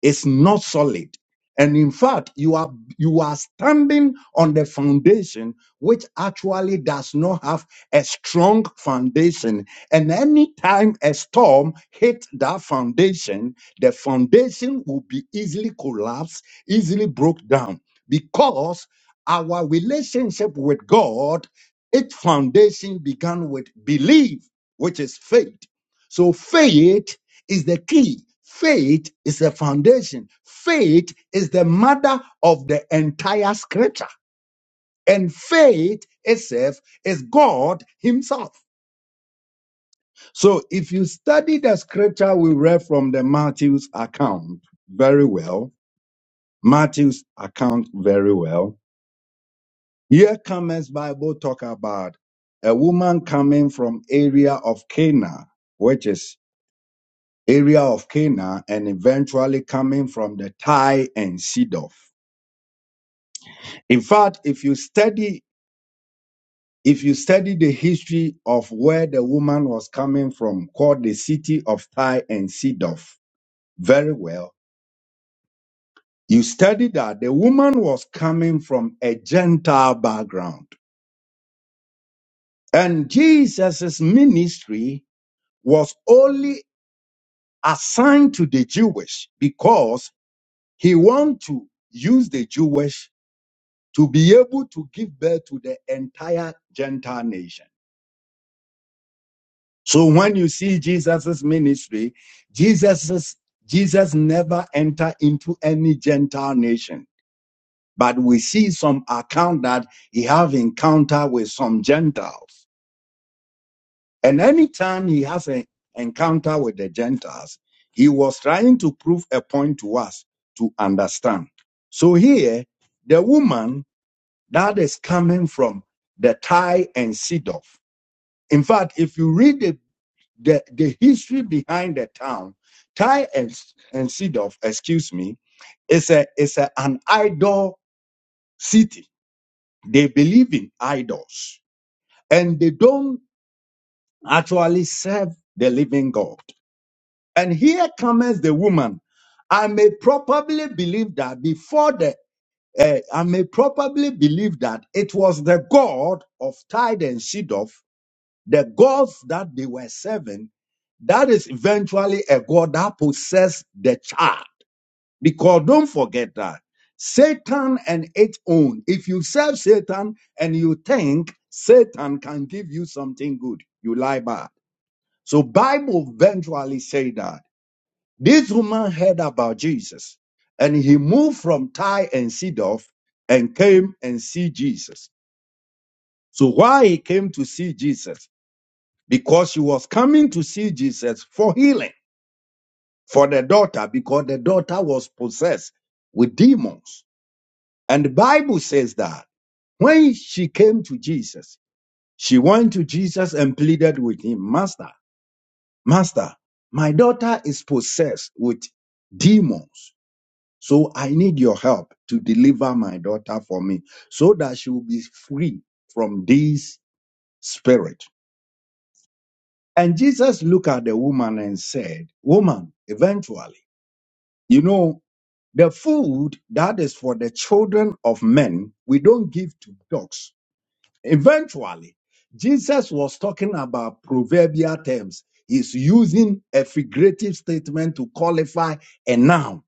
Speaker 1: it's not solid. And in fact, you are you are standing on the foundation which actually does not have a strong foundation. And anytime a storm hits that foundation, the foundation will be easily collapsed, easily broke down. Because our relationship with God, its foundation began with belief, which is faith. So faith is the key. Faith is the foundation. Faith is the mother of the entire scripture. And faith itself is God Himself. So if you study the scripture we read from the Matthew's account very well, Matthew's account very well, here comes Bible talk about a woman coming from area of Cana, which is. area of Cana and eventually coming from the Thai and Sidon. In fact, if you study if you study the history of where the woman was coming from, called the city of Thai and Sidon, very well, you study that the woman was coming from a Gentile background. And Jesus' ministry was only assigned to the Jewish because he wanted to use the Jewish to be able to give birth to the entire Gentile nation. So when you see Jesus's ministry, Jesus's, Jesus never entered into any Gentile nation. But we see some account that he have encounter with some Gentiles. And anytime he has an encounter with the Gentiles, he was trying to prove a point to us to understand. So here, the woman that is coming from the Thai and Sidon. In fact, if you read the, the, the history behind the town, Ty and, and Sidon, excuse me, is a is a, an idol city. They believe in idols and they don't actually serve the living God. And here comes the woman. I may probably believe that before the uh, I may probably believe that it was the God of Tide and Shidov, the gods that they were serving That is eventually a God that possessed the child. Because don't forget that Satan and its own, if you serve Satan and you think Satan can give you something good, you lie bad. So Bible eventually say that this woman heard about Jesus and he moved from Tyre and Sidon and came and see Jesus. So why he came to see Jesus? Because she was coming to see Jesus for healing. for the daughter because the daughter was possessed with demons. And the Bible says that when she came to Jesus, she went to Jesus and pleaded with him, Master, Master, my daughter is possessed with demons. So I need your help to deliver my daughter for me so that she will be free from this spirit. And Jesus looked at the woman and said, Woman, eventually, you know The food that is for the children of men, we don't give to dogs. Eventually, Jesus was talking about proverbial terms. He's using a figurative statement to qualify a noun.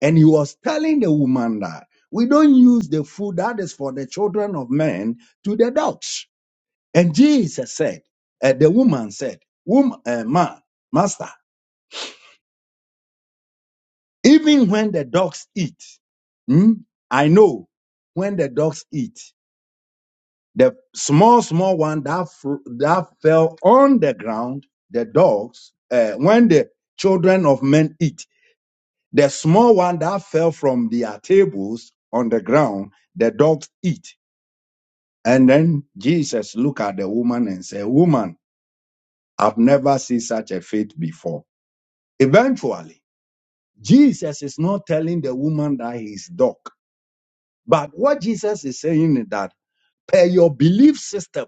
Speaker 1: And he was telling the woman that we don't use the food that is for the children of men to the dogs. And Jesus said, uh, the woman said, Wom- uh, man, master, Even when the dogs eat, hmm, I know when the dogs eat, the small, small one that, fr- that fell on the ground, the dogs, uh, when the children of men eat, the small one that fell from their tables on the ground, the dogs eat. And then Jesus looked at the woman and said, Woman, I've never seen such a faith before. Eventually, Jesus is not telling the woman that he's dog. But what Jesus is saying is that per your belief system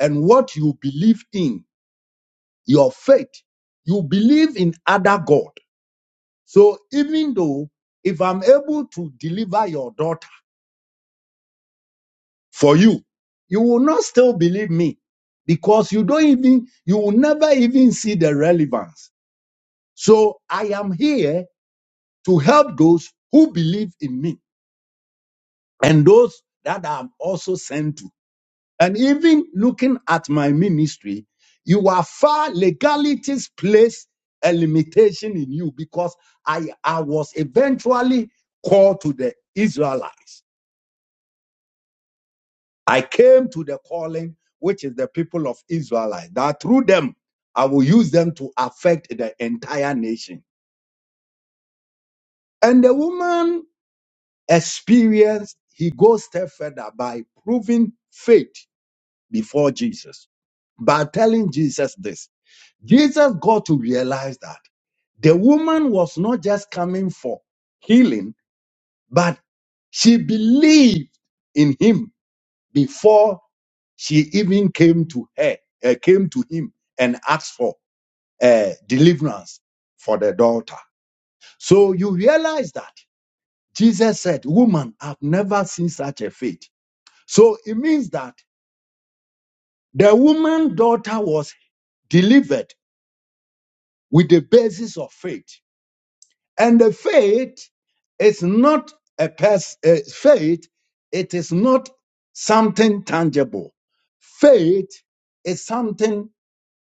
Speaker 1: and what you believe in, your faith, you believe in other God. So even though if I'm able to deliver your daughter for you, you will not still believe me because you don't even, you will never even see the relevance. So I am here to help those who believe in me and those that I'm also sent to. And even looking at my ministry, you are far legalities place a limitation in you because I, I was eventually called to the Israelites. I came to the calling, which is the people of Israelites, that through them I will use them to affect the entire nation. And the woman experienced, he goes step further by proving faith before Jesus, by telling Jesus this. Jesus got to realize that the woman was not just coming for healing, but she believed in him before she even came to her, uh, came to him and asked for uh, deliverance for the daughter. So you realize that Jesus said, Woman, I've never seen such a faith. So it means that the woman daughter was delivered with the basis of faith. And the faith is not a pers- uh, faith, it is not something tangible. Faith is something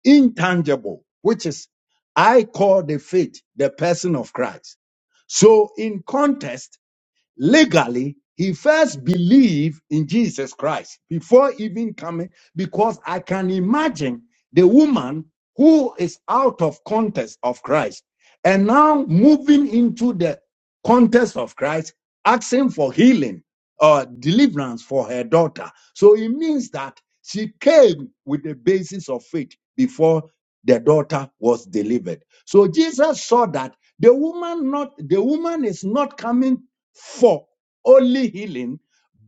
Speaker 1: intangible, which is I call the faith the person of Christ. So in context, legally he first believed in jesus christ before even coming because i can imagine the woman who is out of context of christ and now moving into the context of christ asking for healing uh, deliverance for her daughter. So it means that she came with the basis of faith before the daughter was delivered. So Jesus saw that the woman not the woman is not coming for only healing,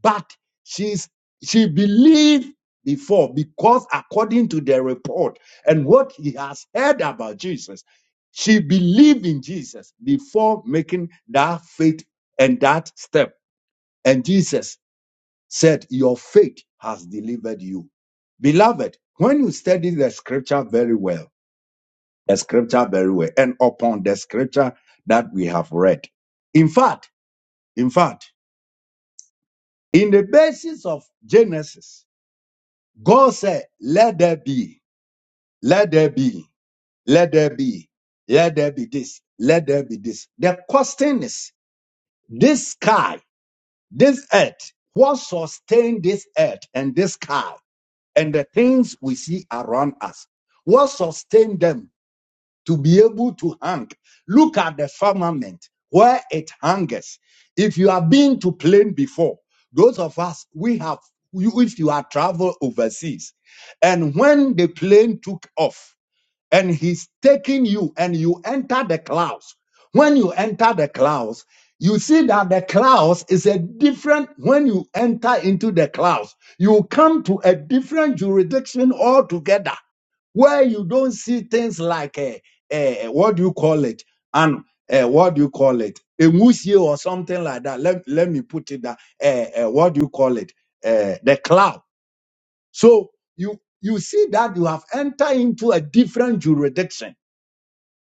Speaker 1: but she's she believed before because according to the report and what he has heard about Jesus, she believed in Jesus before making that faith and that step. And Jesus said, Your faith has delivered you. Beloved, when you study the scripture very well, the scripture very well, and upon the scripture that we have read. In fact, in fact, in the basis of Genesis, God said, Let there be, let there be, let there be, let there be this, let there be this. The question is, this sky, this earth, what sustained this earth and this sky? and the things we see around us. What sustained them to be able to hang? Look at the firmament where it hangers. If you have been to plane before, those of us we have. you- If you have traveled overseas, and when the plane took off, and he's taking you and you enter the clouds. When you enter the clouds, you see that the clouds is a different when you enter into the clouds. You come to a different jurisdiction altogether where you don't see things like a, a what do you call it and uh, what do you call it a museo or something like that let, let me put it that uh, what do you call it uh, the cloud so you you see that you have entered into a different jurisdiction,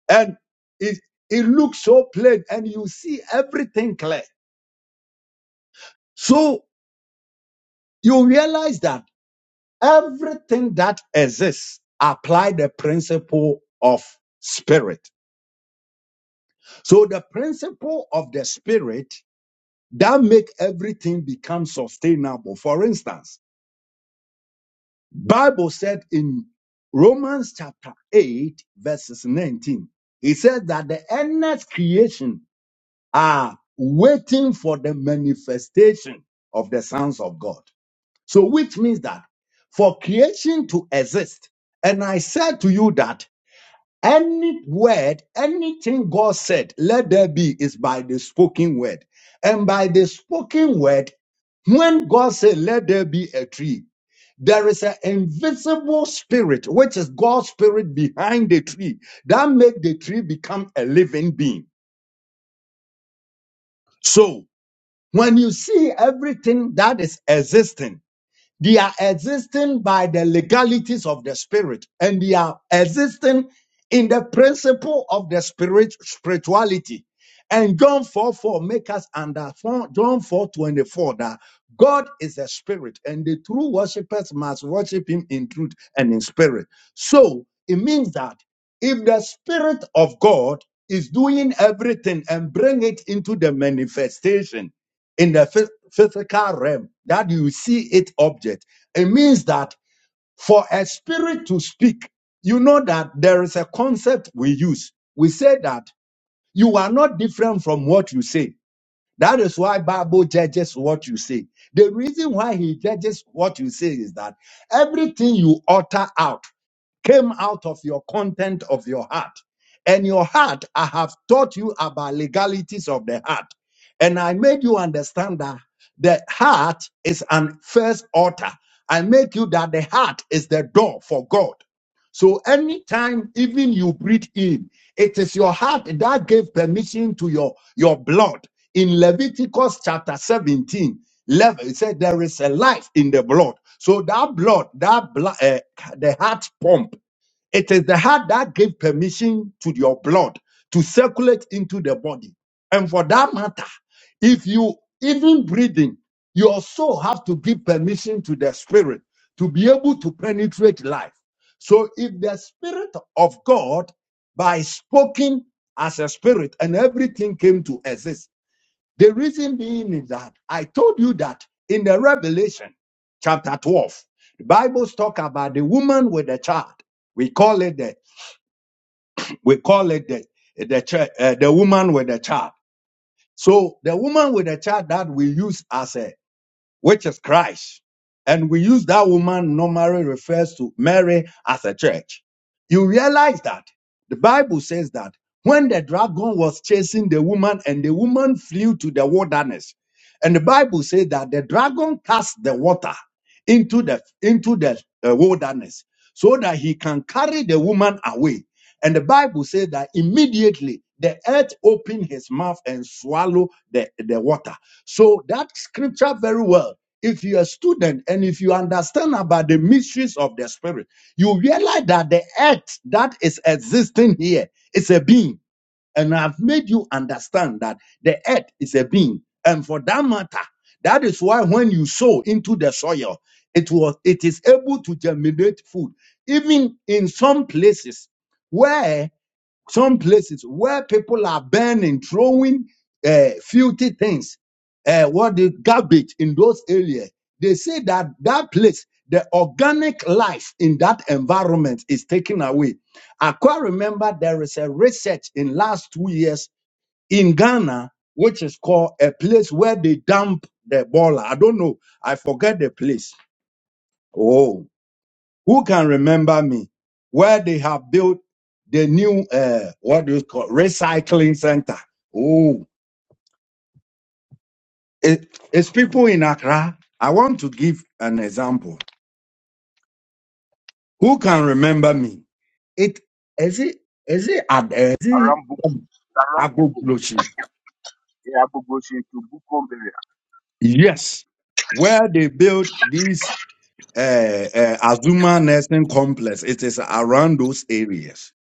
Speaker 1: and it it looks so plain, and you see everything clear. So you realize that everything that exists apply the principle of spirit. So the principle of the spirit that make everything become sustainable. For instance Bible said in Romans chapter 8 verses 19, it says that the earnest creation are waiting for the manifestation of the sons of God. So which means that for creation to exist, and I said to you that any word, anything God said, let there be, is by the spoken word. And by the spoken word, when God said, let there be a tree, there is an invisible spirit, which is God's spirit behind the tree, that make the tree become a living being. So when you see everything that is existing. They are existing by the legalities of the spirit and they are existing in the principle of the spirit spirituality. And John 4 4 make us under John 4 24 that God is a spirit and the true worshippers must worship him in truth and in spirit. So it means that if the spirit of God is doing everything and bring it into the manifestation in the phys- physical realm that you see it object it means that for a spirit to speak you know that there is a concept we use we say that you are not different from what you say that is why Bible judges what you say. The reason why he judges what you say is that everything you utter out came out of your content of your heart. And your heart, I have taught you about legalities of the heart. And I made you understand that the heart is an first altar. I make you that the heart is the door for God. So anytime even you breathe in, it is your heart that gave permission to your, your blood. In Leviticus chapter 17, 11, it said there is a life in the blood. So that blood, that blood, uh, the heart pump, it is the heart that gave permission to your blood to circulate into the body. And for that matter, if you even breathing, you also have to give permission to the spirit to be able to penetrate life. So if the Spirit of God, by spoken as a spirit, and everything came to exist, the reason being is that I told you that in the Revelation chapter 12, the Bible's talk about the woman with the child. We call it the we call it the the, chi- uh, the woman with the child. So the woman with the child that we use as a which is Christ. And we use that woman normally refers to Mary as a church. You realize that the Bible says that when the dragon was chasing the woman and the woman flew to the wilderness, and the Bible says that the dragon cast the water into the into the uh, wilderness so that he can carry the woman away. And the Bible says that immediately the earth opened his mouth and swallowed the, the water. So that scripture very well. If you're a student and if you understand about the mysteries of the spirit, you realize that the earth that is existing here is a being. And I've made you understand that the earth is a being. And for that matter, that is why when you sow into the soil, it was it is able to germinate food. Even in some places where some places where people are burning, throwing uh, filthy things, uh, what the garbage in those areas, they say that that place, the organic life in that environment is taken away. I quite remember there is a research in last two years in Ghana, which is called a place where they dump the baller. I don't know. I forget the place. Oh. Who can remember me? Where they have built the new uh, what do you call recycling center? Oh, it, it's people in Accra. I want to give an example. Who can remember me? It is it is it Ad- is it
Speaker 7: around book, around Bukom.
Speaker 1: Agogloshi?
Speaker 7: Yeah, Bogoshin to Bukom area.
Speaker 1: Yes, where they built this uh, uh, Azuma Nursing Complex. It is around those areas,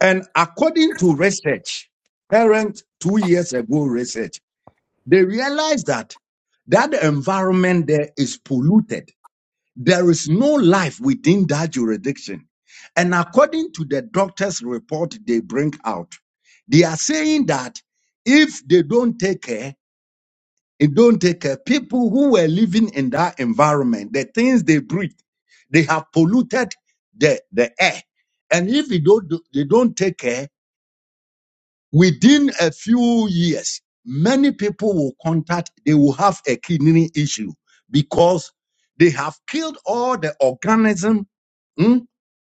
Speaker 1: and according to research, parent two years ago research. They realize that that environment there is polluted. There is no life within that jurisdiction. And according to the doctor's report they bring out, they are saying that if they don't take care, and don't take care, people who were living in that environment, the things they breathe, they have polluted the, the air. And if they don't, do- they don't take care, within a few years, many people will contact, they will have a kidney issue because they have killed all the organism. hmm,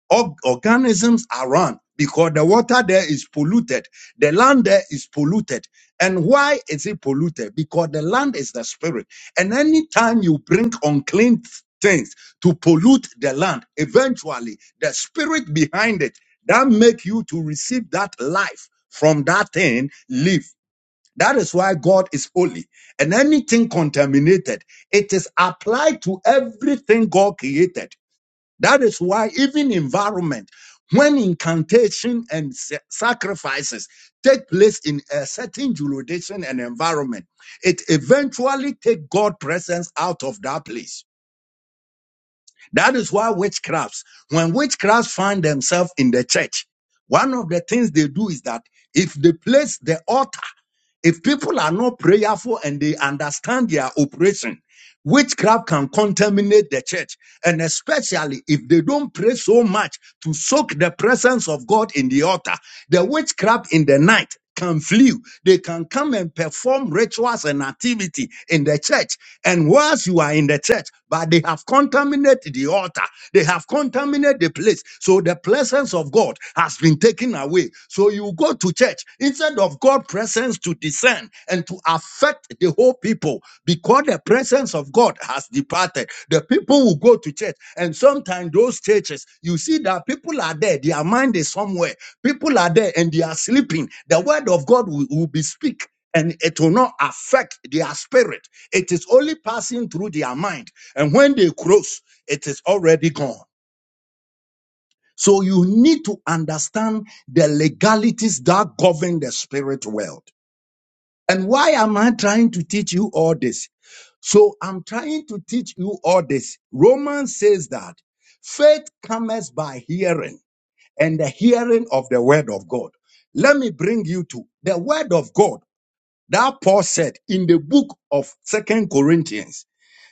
Speaker 1: Org- organisms are run because the water there is polluted. The land there is polluted. And why is it polluted? Because the land is the spirit. And anytime you bring unclean things to pollute the land, eventually the spirit behind it that make you to receive that life from that thing live. That is why God is holy. And anything contaminated, it is applied to everything God created. That is why even environment, when incantation and sa- sacrifices take place in a certain jurisdiction and environment, it eventually take God presence out of that place. That is why witchcrafts, when witchcrafts find themselves in the church, one of the things they do is that if they place the altar if people are not prayerful and they understand their operation, witchcraft can contaminate the church. And especially if they don't pray so much to soak the presence of God in the altar, the witchcraft in the night can flee. They can come and perform rituals and activity in the church. And whilst you are in the church, but they have contaminated the altar, they have contaminated the place. So the presence of God has been taken taken away. So you go to church instead of God's presence to descend and to affect the whole people because the presence of God has departed. The people will go to church, and sometimes those churches, you see that people are there, their mind is somewhere. People are there and they are sleeping. The word of God will, will be speak. And it will not affect their spirit. It is only passing through their mind. And when they close, it is already gone. So you need to understand the legalities that govern the spirit world. And why am I trying to teach you all this? So I'm trying to teach you all this. Romans says that faith comes by hearing and the hearing of the word of God. Let me bring you to the word of God that Paul said in the book of Second Corinthians.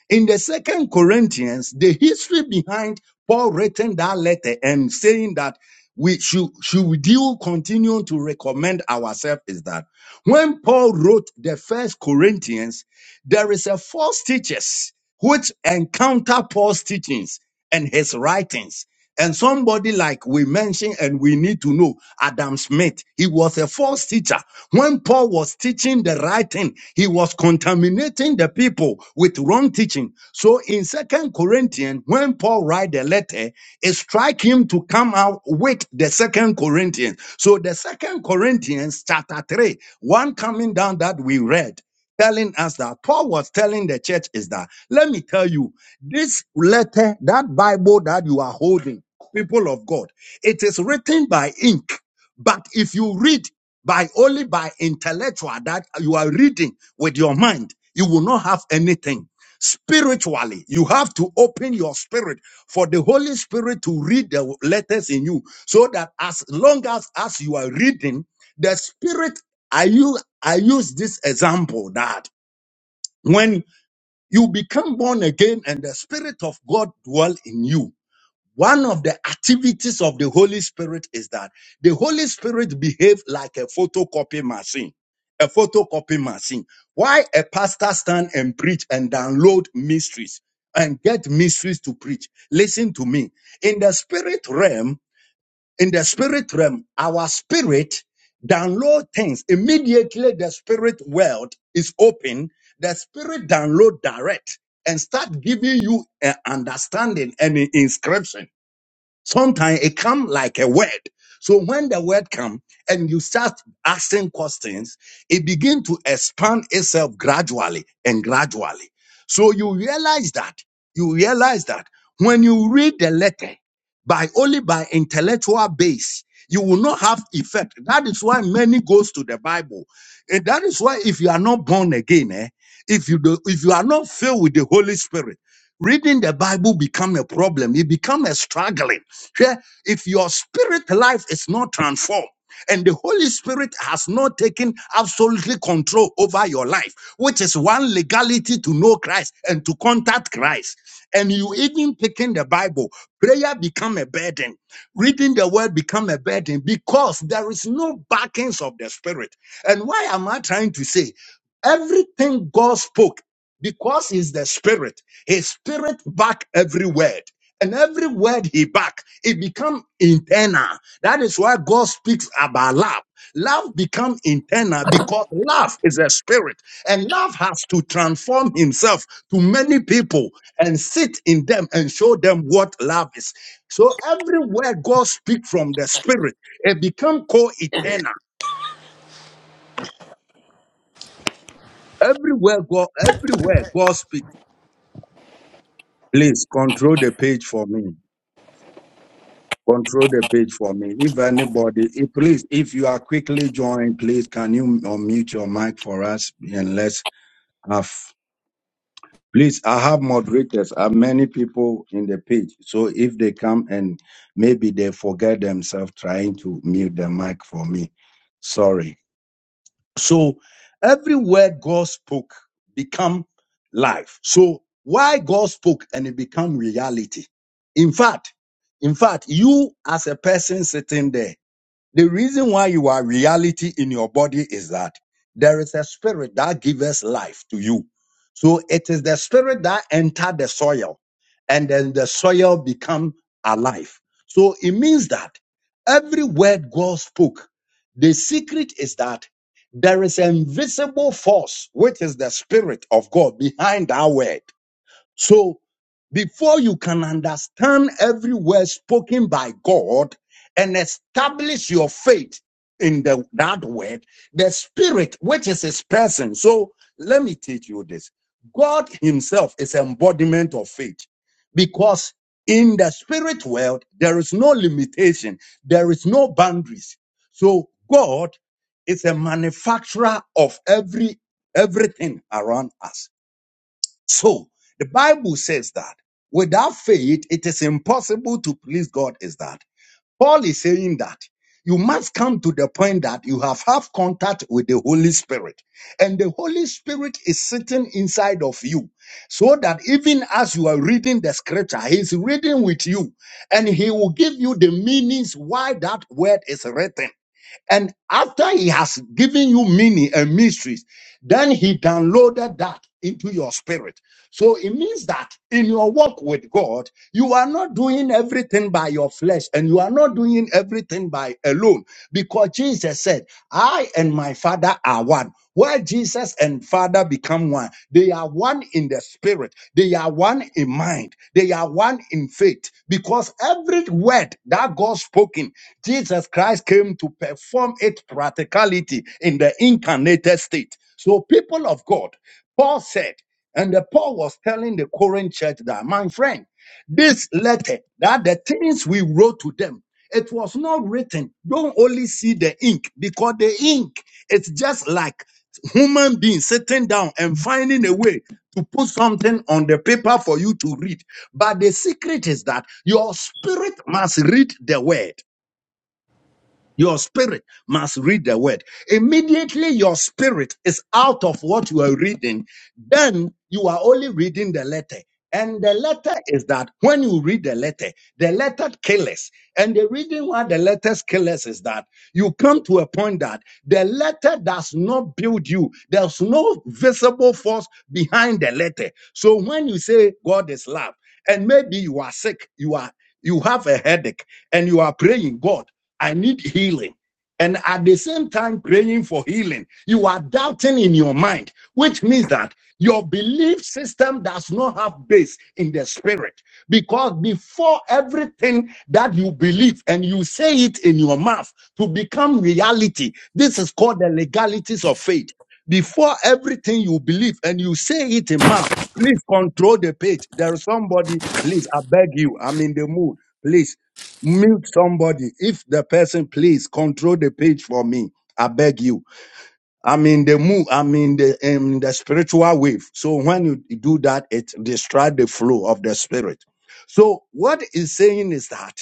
Speaker 1: In the second Corinthians, the history behind Paul writing that letter and saying that we should, should we do continue to recommend ourselves is that when Paul wrote the first Corinthians, there is a false teachers which encounter Paul's teachings and his writings. And somebody like we mentioned, and we need to know Adam Smith, he was a false teacher. When Paul was teaching the right thing, he was contaminating the people with wrong teaching. So in Second Corinthians, when Paul write the letter, it strike him to come out with the Second Corinthians. So the Second Corinthians chapter three, one coming down that we read telling us that Paul was telling the church is that let me tell you this letter that Bible that you are holding people of God it is written by ink but if you read by only by intellectual that you are reading with your mind you will not have anything spiritually you have to open your spirit for the holy spirit to read the letters in you so that as long as as you are reading the spirit I use I use this example that when you become born again and the Spirit of God dwell in you, one of the activities of the Holy Spirit is that the Holy Spirit behave like a photocopy machine. A photocopy machine. Why a pastor stand and preach and download mysteries and get mysteries to preach? Listen to me. In the spirit realm, in the spirit realm, our spirit download things. Immediately the spirit world is open. The spirit download direct and start giving you an understanding and an inscription Sometimes it come like a word. So when the word come and you start asking questions, it begin to expand itself gradually and gradually. So you realize that you realize that when you read the letter by only by intellectual base, you will not have effect. That is why many goes to the Bible, and that is why if you are not born again, eh, if you do, if you are not filled with the Holy Spirit reading the bible become a problem it become a struggling Hwɛ, if your spirit life is not transformed and the holy spirit has not taken absolutely control over your life which is one legality to know christ and to contact christ and you even picking the bible prayer become a burden reading the word become a burden because there is no backings of the spirit and why am i trying to say everything god spoke because he's the spirit his spirit back every word and every word he back it become internal that is why god speaks about love love become internal because love is a spirit and love has to transform himself to many people and sit in them and show them what love is so everywhere god speak from the spirit it become co-eternal everywhere god everywhere god speak please control the page for me Control the page for me. If anybody, if, please, if you are quickly joined, please can you unmute your mic for us and let's have. Please, I have moderators. I have many people in the page. So if they come and maybe they forget themselves trying to mute the mic for me, sorry. So every word God spoke become life. So why God spoke and it become reality. In fact, in fact, you as a person sitting there. The reason why you are reality in your body is that there is a spirit that gives life to you. So it is the spirit that enter the soil and then the soil become alive. So it means that every word God spoke, the secret is that there is an invisible force, which is the spirit of God behind that word. So before you can understand every word spoken by God and establish your faith in the, that word, the spirit, which is his person. So let me teach you this. God himself is embodiment of faith because in the spirit world, there is no limitation. There is no boundaries. So God is a manufacturer of every, everything around us. So the Bible says that without faith, it is impossible to please God. Is that Paul is saying that you must come to the point that you have have contact with the Holy Spirit and the Holy Spirit is sitting inside of you so that even as you are reading the scripture, he's reading with you and he will give you the meanings why that word is written. And after he has given you meaning and mysteries, then he downloaded that into your spirit. So it means that in your walk with God, you are not doing everything by your flesh and you are not doing everything by alone because Jesus said, I and my Father are one. Where Jesus and Father become one, they are one in in the spirit. They are one in mind. They are one in faith because every word that God spoken, Jesus Christ came to perform its practicality in the incarnated state. So, people of God, Paul said, and the Paul was telling the Corinth church that, my friend. This letter, that the things we wrote to them, it was not written. Don't only see the ink because the ink, it's just like human being sitting down and finding a way to put something on the paper for you to read. But the secret is that your spirit must read the word. Your spirit must read the word. Immediately your spirit is out of what you are reading, then you are only reading the letter. And the letter is that when you read the letter, the letter kills. And the reason why the letter kills is that you come to a point that the letter does not build you. There's no visible force behind the letter. So when you say God is love, and maybe you are sick, you are. You have a headache and you are praying, God, I need healing. And at the same time, praying for healing, you are doubting in your mind, which means that your belief system does not have base in the spirit. Because before everything that you believe and you say it in your mouth to become reality, this is called the legalities of faith. Before everything you believe and you say it in mouth, please control the page. There is somebody, please, I beg you, I'm in the mood. Please mute somebody. If the person, please control the page for me. I beg you. I'm in the mood. I'm in the in the spiritual wave. So when you do that, it distracts the flow of the spirit. So what is saying is that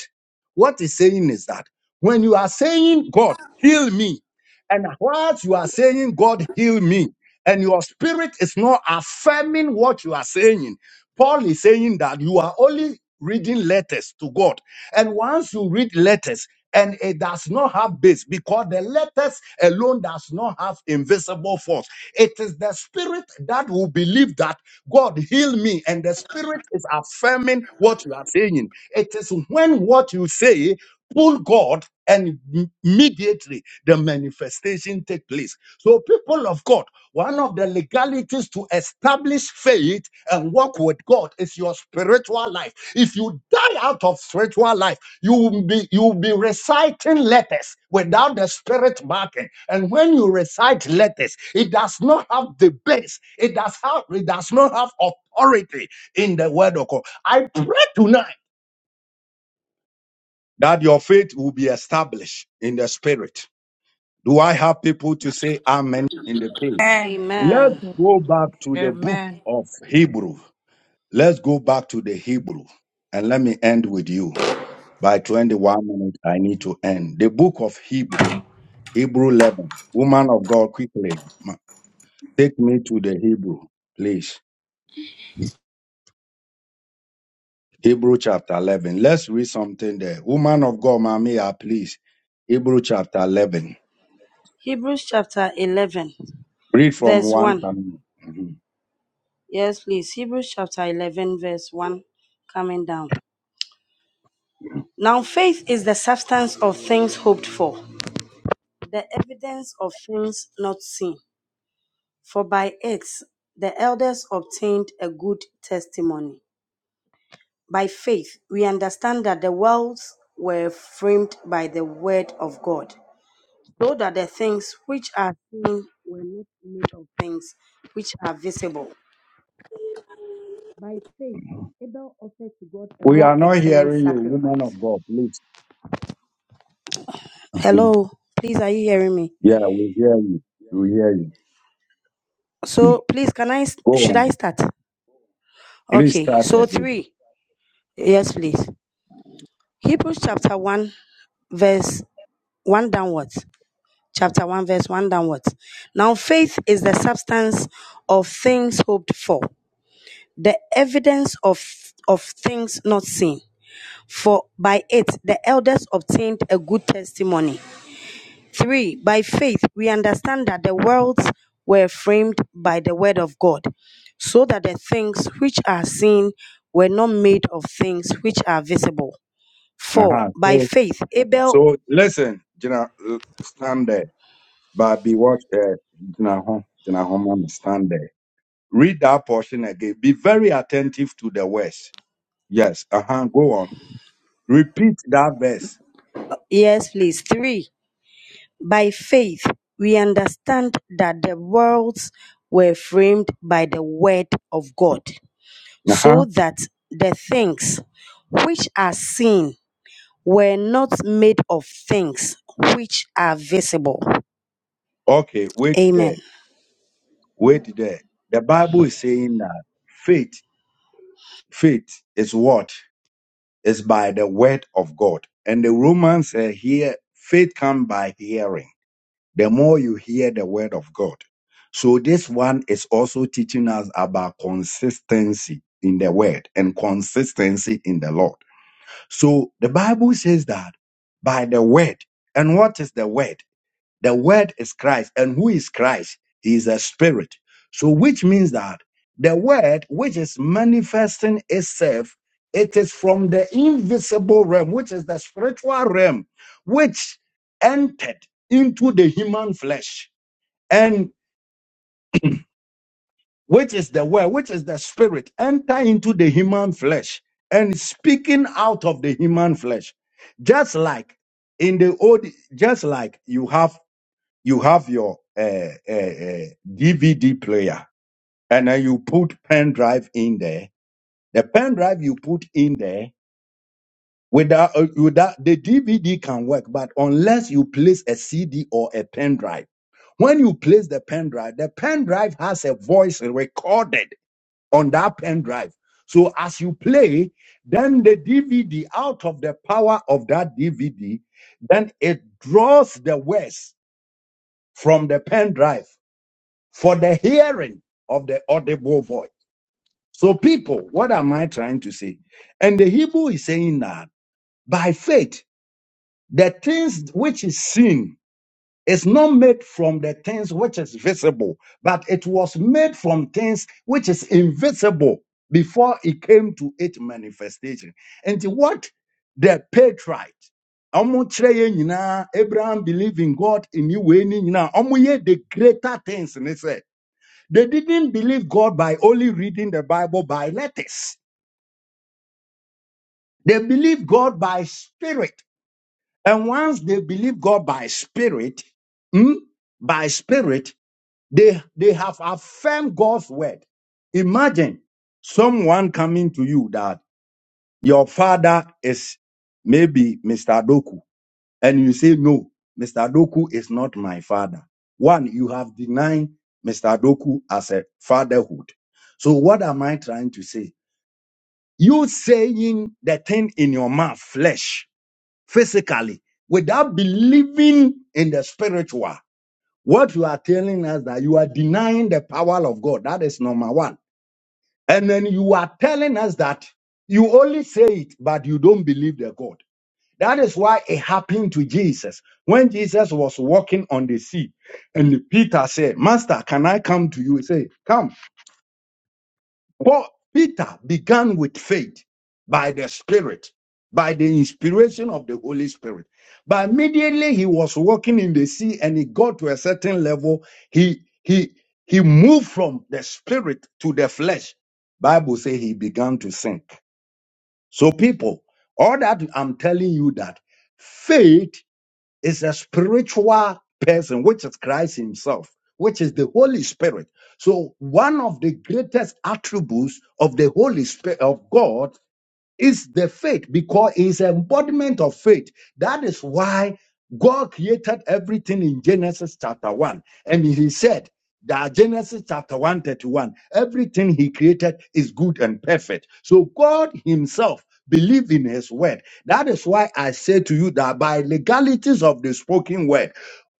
Speaker 1: what is saying is that when you are saying God heal me, and whilst you are saying God heal me and your spirit is not affirming what you are saying. Paul is saying that you are only reading letters to God. And once you read letters, and it does not have base because the letters alone does not have invisible force. It is the spirit that will believe that God heal me, and the spirit is affirming what you are saying. It is when what you say pull God and immediately the manifestation take place. So people of God, one of the legalities to establish faith and walk with God is your spiritual life. If you die out of spiritual life, you will be you will be reciting letters without the spirit marking. And when you recite letters, it does not have the base. It does have it does not have authority in the word of God. I pray tonight that your faith will be established in the spirit. Do I have people to say amen in the page?
Speaker 8: Amen.
Speaker 1: Let's
Speaker 2: Amen.
Speaker 1: go back to the book
Speaker 9: Amen.
Speaker 1: of Hebrew. Let's go back to the Hebrew. And let me end with you. By 21 minutes, I need to end. The book of Hebrew, Hebrew 11. Woman of God, quickly, ma- take me to the Hebrew, please. Hebrew chapter 11. Let's read something there. Woman of God, Mamiya, please. Hebrew chapter 11.
Speaker 2: Hebrews chapter 11,
Speaker 1: Read from
Speaker 2: verse
Speaker 1: one
Speaker 2: 1.
Speaker 1: coming. Mm-hmm.
Speaker 2: Yes, please. Hebrews chapter 11, verse 1, coming down. Now, faith is the substance of things hoped for, the evidence of things not seen. For by it the elders obtained a good testimony. By faith, we understand that the worlds were framed by the word of God, so that the things which are seen were not made of things which are visible. By faith, Abel offered to God a
Speaker 1: We
Speaker 2: more
Speaker 1: are not
Speaker 2: excellent
Speaker 1: hearing you, woman
Speaker 2: sacrifice
Speaker 1: of God. Please. Mhm.
Speaker 2: Hello, please, are you hearing me?
Speaker 1: Yeah, we hear you. We hear you. Mhm.
Speaker 2: So, please, can I,
Speaker 1: Go
Speaker 2: should I
Speaker 1: on.
Speaker 2: start?
Speaker 1: Please
Speaker 2: Okay,
Speaker 1: start
Speaker 2: so
Speaker 1: again.
Speaker 2: three. Yes, please. Hebrews chapter 1, verse 1 downwards. Chapter 1, verse 1 downwards. Now, faith is the substance of things hoped for, the evidence of, of things not seen. For by it the elders obtained a good testimony. Three, by faith, we understand that the worlds were framed by the word of God, so that the things which are seen were not made of things which are visible. Four,
Speaker 1: Uh-huh.
Speaker 2: by
Speaker 1: So,
Speaker 2: faith, Abel,
Speaker 1: so listen, you know, uh, stand there. But be watch there. You know, hum- you know, hum, hum, stand there. Read that portion again. Be very attentive to the words. Yes. Uh huh. Go on. Repeat that verse.
Speaker 2: yes, please. Three, by faith, we understand that the worlds were framed by the word of God,
Speaker 1: Uh-huh.
Speaker 2: so that the things which are seen were not made of things which are visible.
Speaker 1: Okay. Wait
Speaker 2: Amen.
Speaker 1: there. Wait there. The Bible is saying that faith, faith is what? Is by the word of God. And the Romans say here, faith comes by hearing. The more you hear the word of God. So this one is also teaching us about consistency in the word and consistency in the Lord. So the Bible says that by the word. And what is the word? The word is Christ. And who is Christ? He is a spirit. So, which means that the word which is manifesting itself, it is from the invisible realm, which is the spiritual realm, which entered into the human flesh. And which is the word, which is the spirit, enter into the human flesh and speaking out of the human flesh. Just like in the old, just like you have you have your uh, uh, uh, DVD player, and then you put pen drive in there. The pen drive you put in there without uh, without the DVD can work, but unless you place a CD or a pen drive, when you place the pen drive, the pen drive has a voice recorded on that pen drive. So as you play, then the DVD out of the power of that DVD, then it draws the words from the pen drive for the hearing of the audible voice. So, people, what am I trying to say? And the Hebrew is saying that by faith, the things which is seen is not made from the things which is visible, but it was made from things which is invisible before it came to its manifestation. And what the patriarch, ɔmo kyerɛ yɛn nyinaa, Abraham believed in God in you, the greater things. They didn't believe God by only reading the Bible by letters. They believed God by spirit. And once they believe God by spirit, hmm, by spirit, they, they have affirmed God's word. Imagine someone coming to you that your father is maybe Mr. Doku, and you say, No, Mr. Doku is not my father. One, you have denied Mr. Doku as a fatherhood. So, what am I trying to say? You saying the thing in your mouth, flesh, physically, without believing in the spiritual. What you are telling us that you are denying the power of God. That is number one. And then you are telling us that you only say it, but you don't believe the God. That is why it happened to Jesus. When Jesus was walking on the sea, and Peter said, Master, can I come to you? He said, Come. Paul, Peter began with faith by the Spirit, by the inspiration of the Holy Spirit. But immediately he was walking in the sea and he got to a certain level. He, he, he moved from the spirit to the flesh. Bible says he began to sink. So people, all that I'm telling you that faith is a spiritual person, which is Christ Himself, which is the Holy Spirit. So, one of the greatest attributes of the Holy Spirit of God it's the faith because it's embodiment of faith. That is why God created everything in Genesis chapter 1. And he said that Genesis chapter 131, everything he created is good and perfect. So God himself believed in his word. That is why I say to you that by legalities of the spoken word,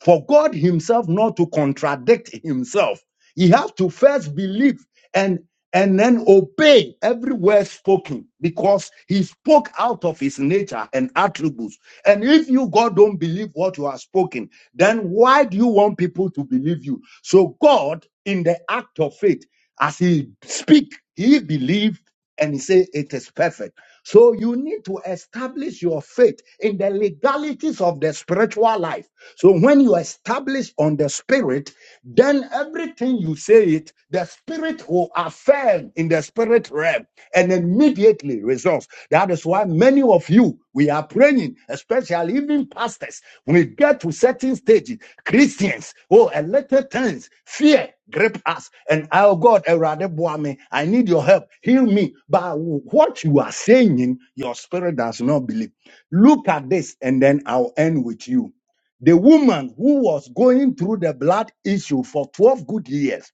Speaker 1: for God himself not to contradict himself, he has to first believe and and then obey every word spoken because he spoke out of his nature and attributes and if you god don't believe what you are spoken then why do you want people to believe you so god in the act of faith as he speak he believed and he said it is perfect. So you need to establish your faith in the legalities of the spiritual life. So when you establish on the spirit, then everything you say it, the spirit will affirm in the spirit realm and immediately results. That is why many of you we are praying, especially even pastors. we get to certain stages, Christians, oh, a little things, fear grip us and oh God, Erade Boame, I need your help. Heal me. But what you are saying, your spirit does not believe. Look at this, and then I'll end with you. The woman who was going through the blood issue for 12 good years,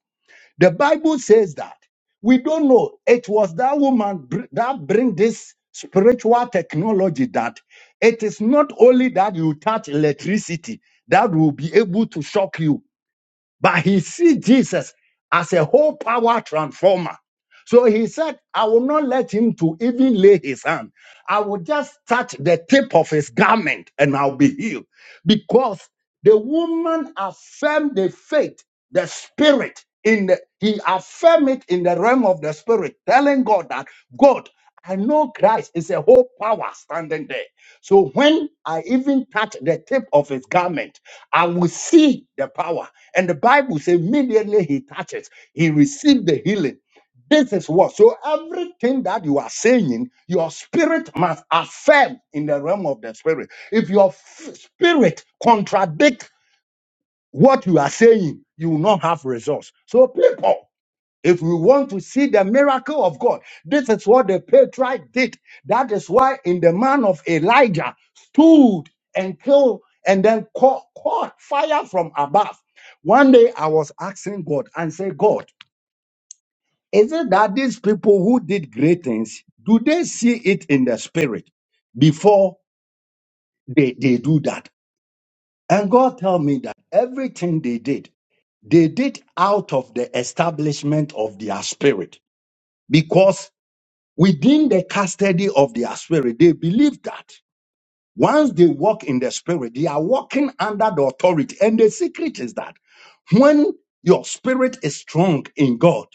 Speaker 1: the Bible says that we don't know. It was that woman br- that bring this spiritual technology that it is not only that you touch electricity that will be able to shock you but he see Jesus as a whole power transformer. So he said, I will not let him to even lay his hand. I will just touch the tip of his garment and I'll be healed. Because the woman affirmed the faith, the spirit in the he affirmed it in the realm of the spirit, telling God that God, I know Christ is a whole power standing there. So when I even touch the tip of his garment, I will see the power. And the Bible says immediately he touches, he received the healing. This is what. So everything that you are saying, your spirit must affirm in the realm of the spirit. If your f- spirit contradict what you are saying, you will not have results. So people if we want to see the miracle of God, this is what the patriarch did. That is why in the man of Elijah stood and killed and then caught, caught fire from above. One day I was asking God and said, God, is it that these people who did great things, do they see it in the spirit before they, they do that? And God tell me that everything they did, they did out of the establishment of their spirit because. within the custody of their spirit. They believe that once they walk in the spirit, they are walking under the authority. And the secret is that when your spirit is strong in God,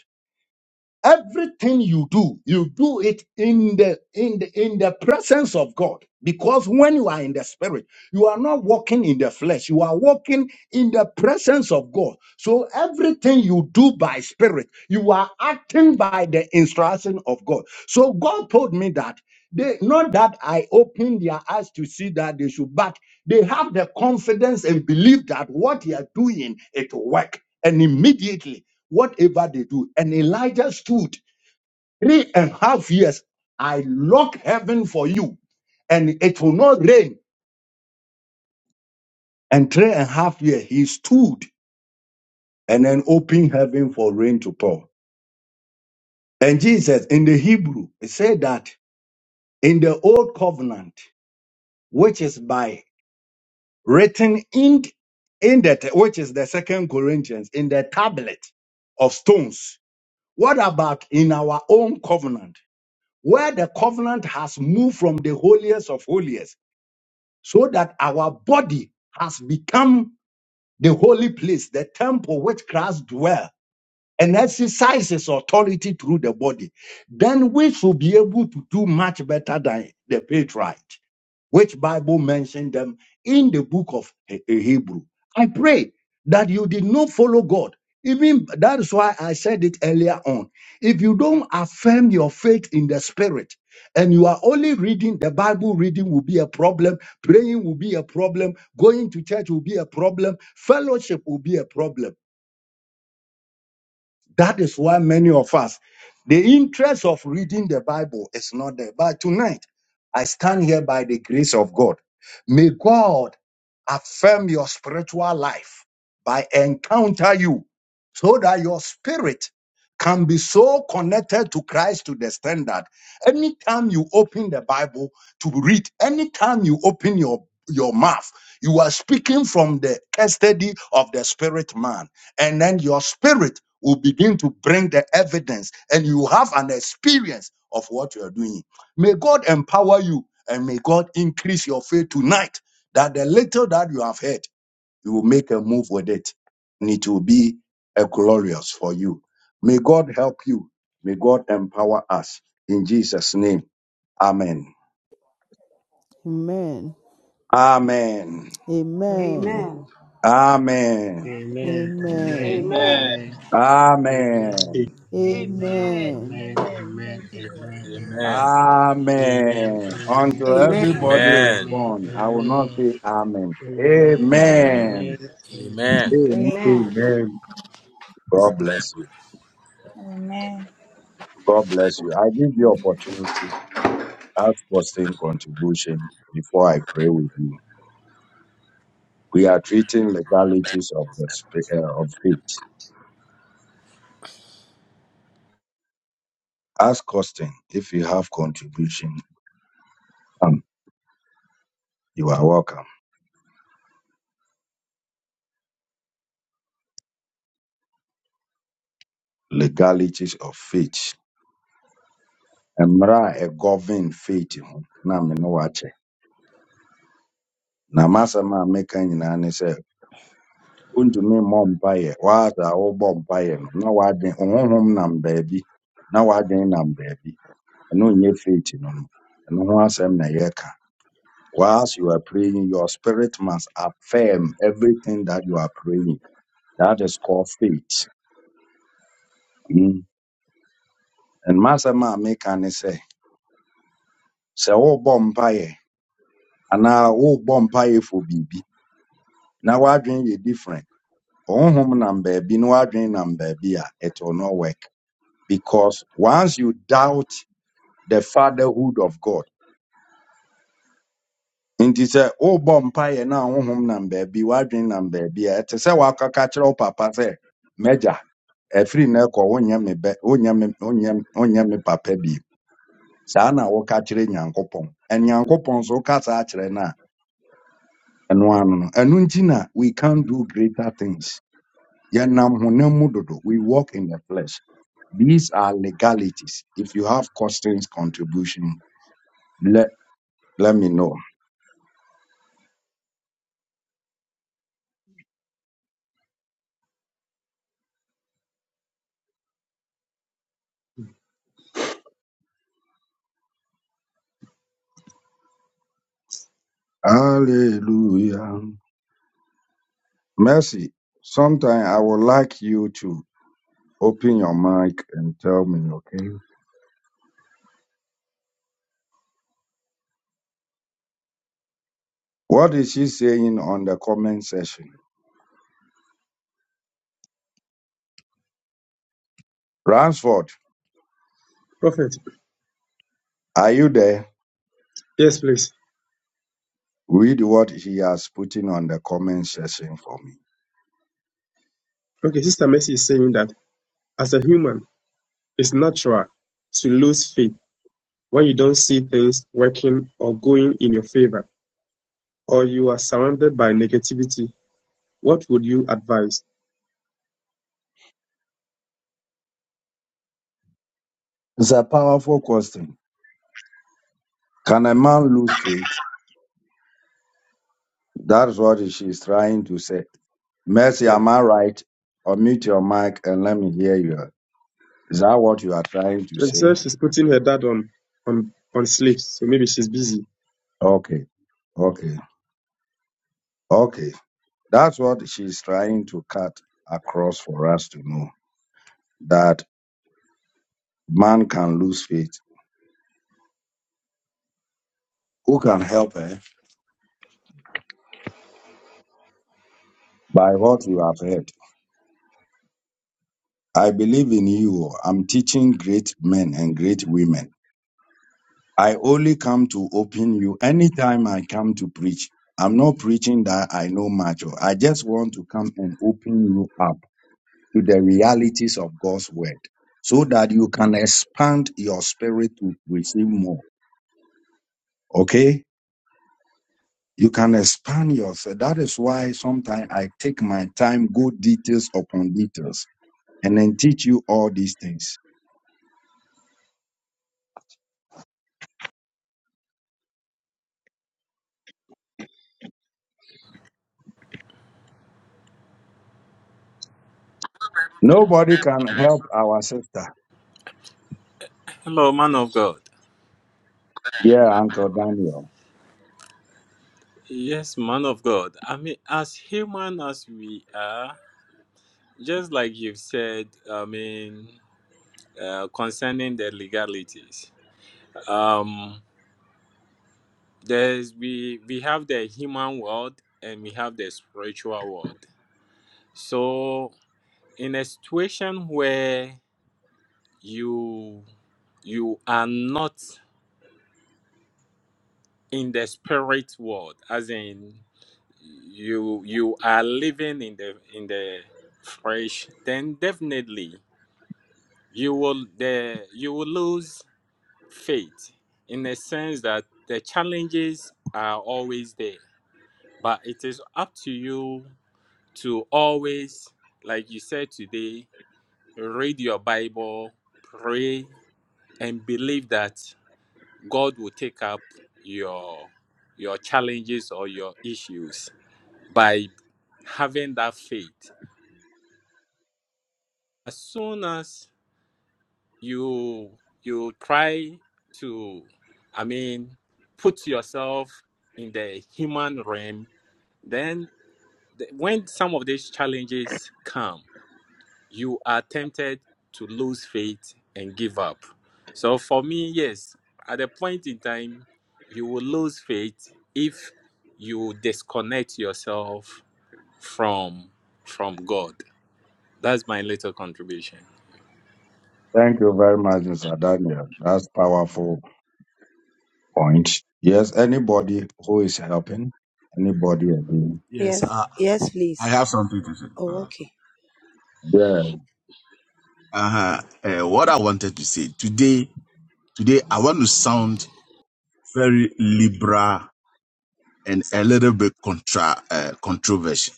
Speaker 1: everything you do you do it in the in the in the presence of god because when you are in the spirit you are not walking in the flesh you are walking in the presence of god so everything you do by spirit you are acting by the instruction of god so god told me that they not that I open their eyes to see that they should, but they have the confidence and belief that what they are doing it will work. And immediately, whatever they do, and Elijah stood three and a half years. I lock heaven for you, and it will not rain. And three and a half years he stood and then opened heaven for rain to pour. And Jesus in the Hebrew it said that in the old covenant, which is by written in in the which is the second corinthians in the tablet of stones what about in our own covenant where the covenant has moved from the holiest of holiest so that our body has become the holy place the temple which christ dwells and exercises authority through the body then we should be able to do much better than the patriarch which Bible mentioned them in the book of He- uh, Hebrew. I pray that you did not follow God. Even that is why I said it earlier on. If you don't affirm your faith in the spirit and you are only reading the Bible, reading will be a problem, praying will be a problem, going to church will be a problem, fellowship will be a problem. That is why many of us, the interest of reading the Bible is not there. But tonight, I stand here by the grace of God. May God affirm your spiritual life by encounter you so that your spirit can be so connected to Christ to the standard. Anytime you open the Bible to read, anytime you open your, your mouth, you are speaking from the custody of the spirit man and then your spirit will begin to bring the evidence and you have an experience of what you are doing. May God empower you and may God increase your faith tonight that the little that you have heard, you will make a move with it and it will be a glorious for you. May God help you. May God empower us. In Jesus' name, amen.
Speaker 10: Amen.
Speaker 1: Amen.
Speaker 11: Amen.
Speaker 10: Amen.
Speaker 2: Amen.
Speaker 1: Amen.
Speaker 12: Amen.
Speaker 11: Amen.
Speaker 12: Amen.
Speaker 10: Amen.
Speaker 13: Amen.
Speaker 2: Amen.
Speaker 12: Amen.
Speaker 1: Amen.
Speaker 12: Amen. Amen. Amen.
Speaker 5: Amen.
Speaker 10: Amen.
Speaker 12: Amen.
Speaker 5: Amen.
Speaker 12: Amen.
Speaker 5: Thank you,
Speaker 3: Amen.
Speaker 12: Amen.
Speaker 5: Lord. Amen.
Speaker 3: Amen.
Speaker 12: Amen. Amen. Amen.
Speaker 1: Amen. Until
Speaker 2: Amen.
Speaker 14: Amen.
Speaker 1: everybody
Speaker 12: Amen.
Speaker 3: Amen.
Speaker 12: Amen.
Speaker 1: respond. I will not say amen.
Speaker 12: Amen.
Speaker 11: Amen.
Speaker 1: Amen.
Speaker 12: Amen. Amen.
Speaker 3: Amen.
Speaker 13: Amen.
Speaker 8: Amen.
Speaker 14: Amen.
Speaker 1: God bless you. God bless you. I give you
Speaker 8: Amen.
Speaker 1: opportunity. Ask for same contribution before I pray with you. We are treating legalities of the sp- uh, of faith. Ask costing if you have contribution. Come, you are welcome. Legalities of faith. Emra a govern faith. Na me no wache. Na masama meka nyina wontumi mmɔ mpaeɛ waada a wobɔ mpaeɛ no na waden honhom nam baabi na waden nam baabi ɛno nyɛ faith no no ɛno ho asɛm na yɛka whilst you are praying your spirit must affirm everything that you are praying that is called faith mm. and masɛm a meka ne sɛ sɛ wobɔ mpaeɛ anaa wobɔ mpaeɛ fo biribi na wadwen yɛ different honhom nam baabi na wadwen nam baabi a it will not work because once you doubt the fatherhood of God. Nti sɛ wobɔ mpaeɛ na honhom nam baabi wadwen nam baabi a ɛte sɛ wakɔka kyerɛ wo papa sɛ magya ɛfiri na ɛkɔ wonyɛ me bɛ wonyɛ me wonyɛ wonyɛ me papa bi saa na woka kyerɛ nyankopɔn ɛne nyankopɔn so woka saa kyerɛ no a ɛno ano no ɛno nti na we can do greater things yɛnam honam mu dodo we walk in the flesh these are legalities if you have questions contribution let know hallelujah Mercy, sometime I would like you to open your mic and tell me, okay? What is she saying on the comment section? Ransford,
Speaker 14: Prophet,
Speaker 1: are you there?
Speaker 14: yes, please.
Speaker 1: Read what he has put in on the comment section for me.
Speaker 14: Okay, Sister Mercy is saying that as a human, it's natural to lose faith when you don't see things working or going in your favor, or you are surrounded by negativity. What would you advise?
Speaker 1: It's a powerful question. Can a man lose faith? That's what she's trying to say. Mercy,
Speaker 14: Yeah.
Speaker 1: am I right? Unmute your mic and let me hear you. Is that what you are trying to
Speaker 14: She
Speaker 1: say?
Speaker 14: said she's putting her dad on on on sleep, so maybe she's busy.
Speaker 1: Okay, okay, okay. That's what she's trying to cut across for us to know that man can lose faith. Who can help her? By what you have heard. I believe in you. oh. I'm teaching great men and great women. I only come to open you anytime I come to preach. I'm not preaching that I know much. or- I just want to come and open you up to the realities of God's word so that you can expand your spirit to receive more. Okay? You can expand yourself. That is why sometimes I take my time, go details upon details, and then teach you all these things. Nobody can help our sister.
Speaker 3: Hello, man of God.
Speaker 1: Yeah, Uncle Daniel.
Speaker 3: Yes, man of God. I mean, as human as we are, just like you've said, I mean, uh, concerning the legalities, um, there's we we have the human world and we have the spiritual world. So, in a situation where you you are not in the spirit world as in you you are living in the in the flesh then definitely you will the you will lose faith in the sense that the challenges are always there but it is up to you to always like you said today read your bible pray and believe that god will take up your your challenges or your issues by having that faith as soon as you you try to i mean put yourself in the human realm then the, when some of these challenges come you are tempted to lose faith and give up so for me yes at a point in time you will lose faith if you disconnect yourself from from god That's my little contribution.
Speaker 1: Thank you very much, Mr. Daniel. That's powerful point. Yes, anybody who is helping, anybody again.
Speaker 7: Yes,
Speaker 2: Yes,
Speaker 7: uh,
Speaker 2: yes,
Speaker 7: I
Speaker 2: please.
Speaker 7: have something to say.
Speaker 2: Oh,
Speaker 7: Uh,
Speaker 2: okay.
Speaker 1: Yeah.
Speaker 7: uh-huh. Uh, what I wanted to say today, today I want to sound very liberal and a little bit contra uh, controversial.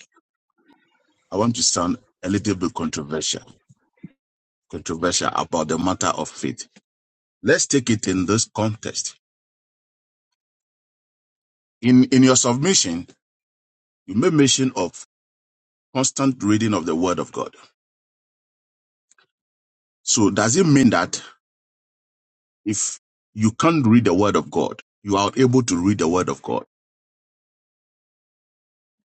Speaker 7: I want to sound a little bit controversial, controversial about the matter of faith. Let's take it in this context. In in your submission, you made mention of constant reading of the Word of God. So does it mean that? If you can't read the word of God, you are able to read the word of God.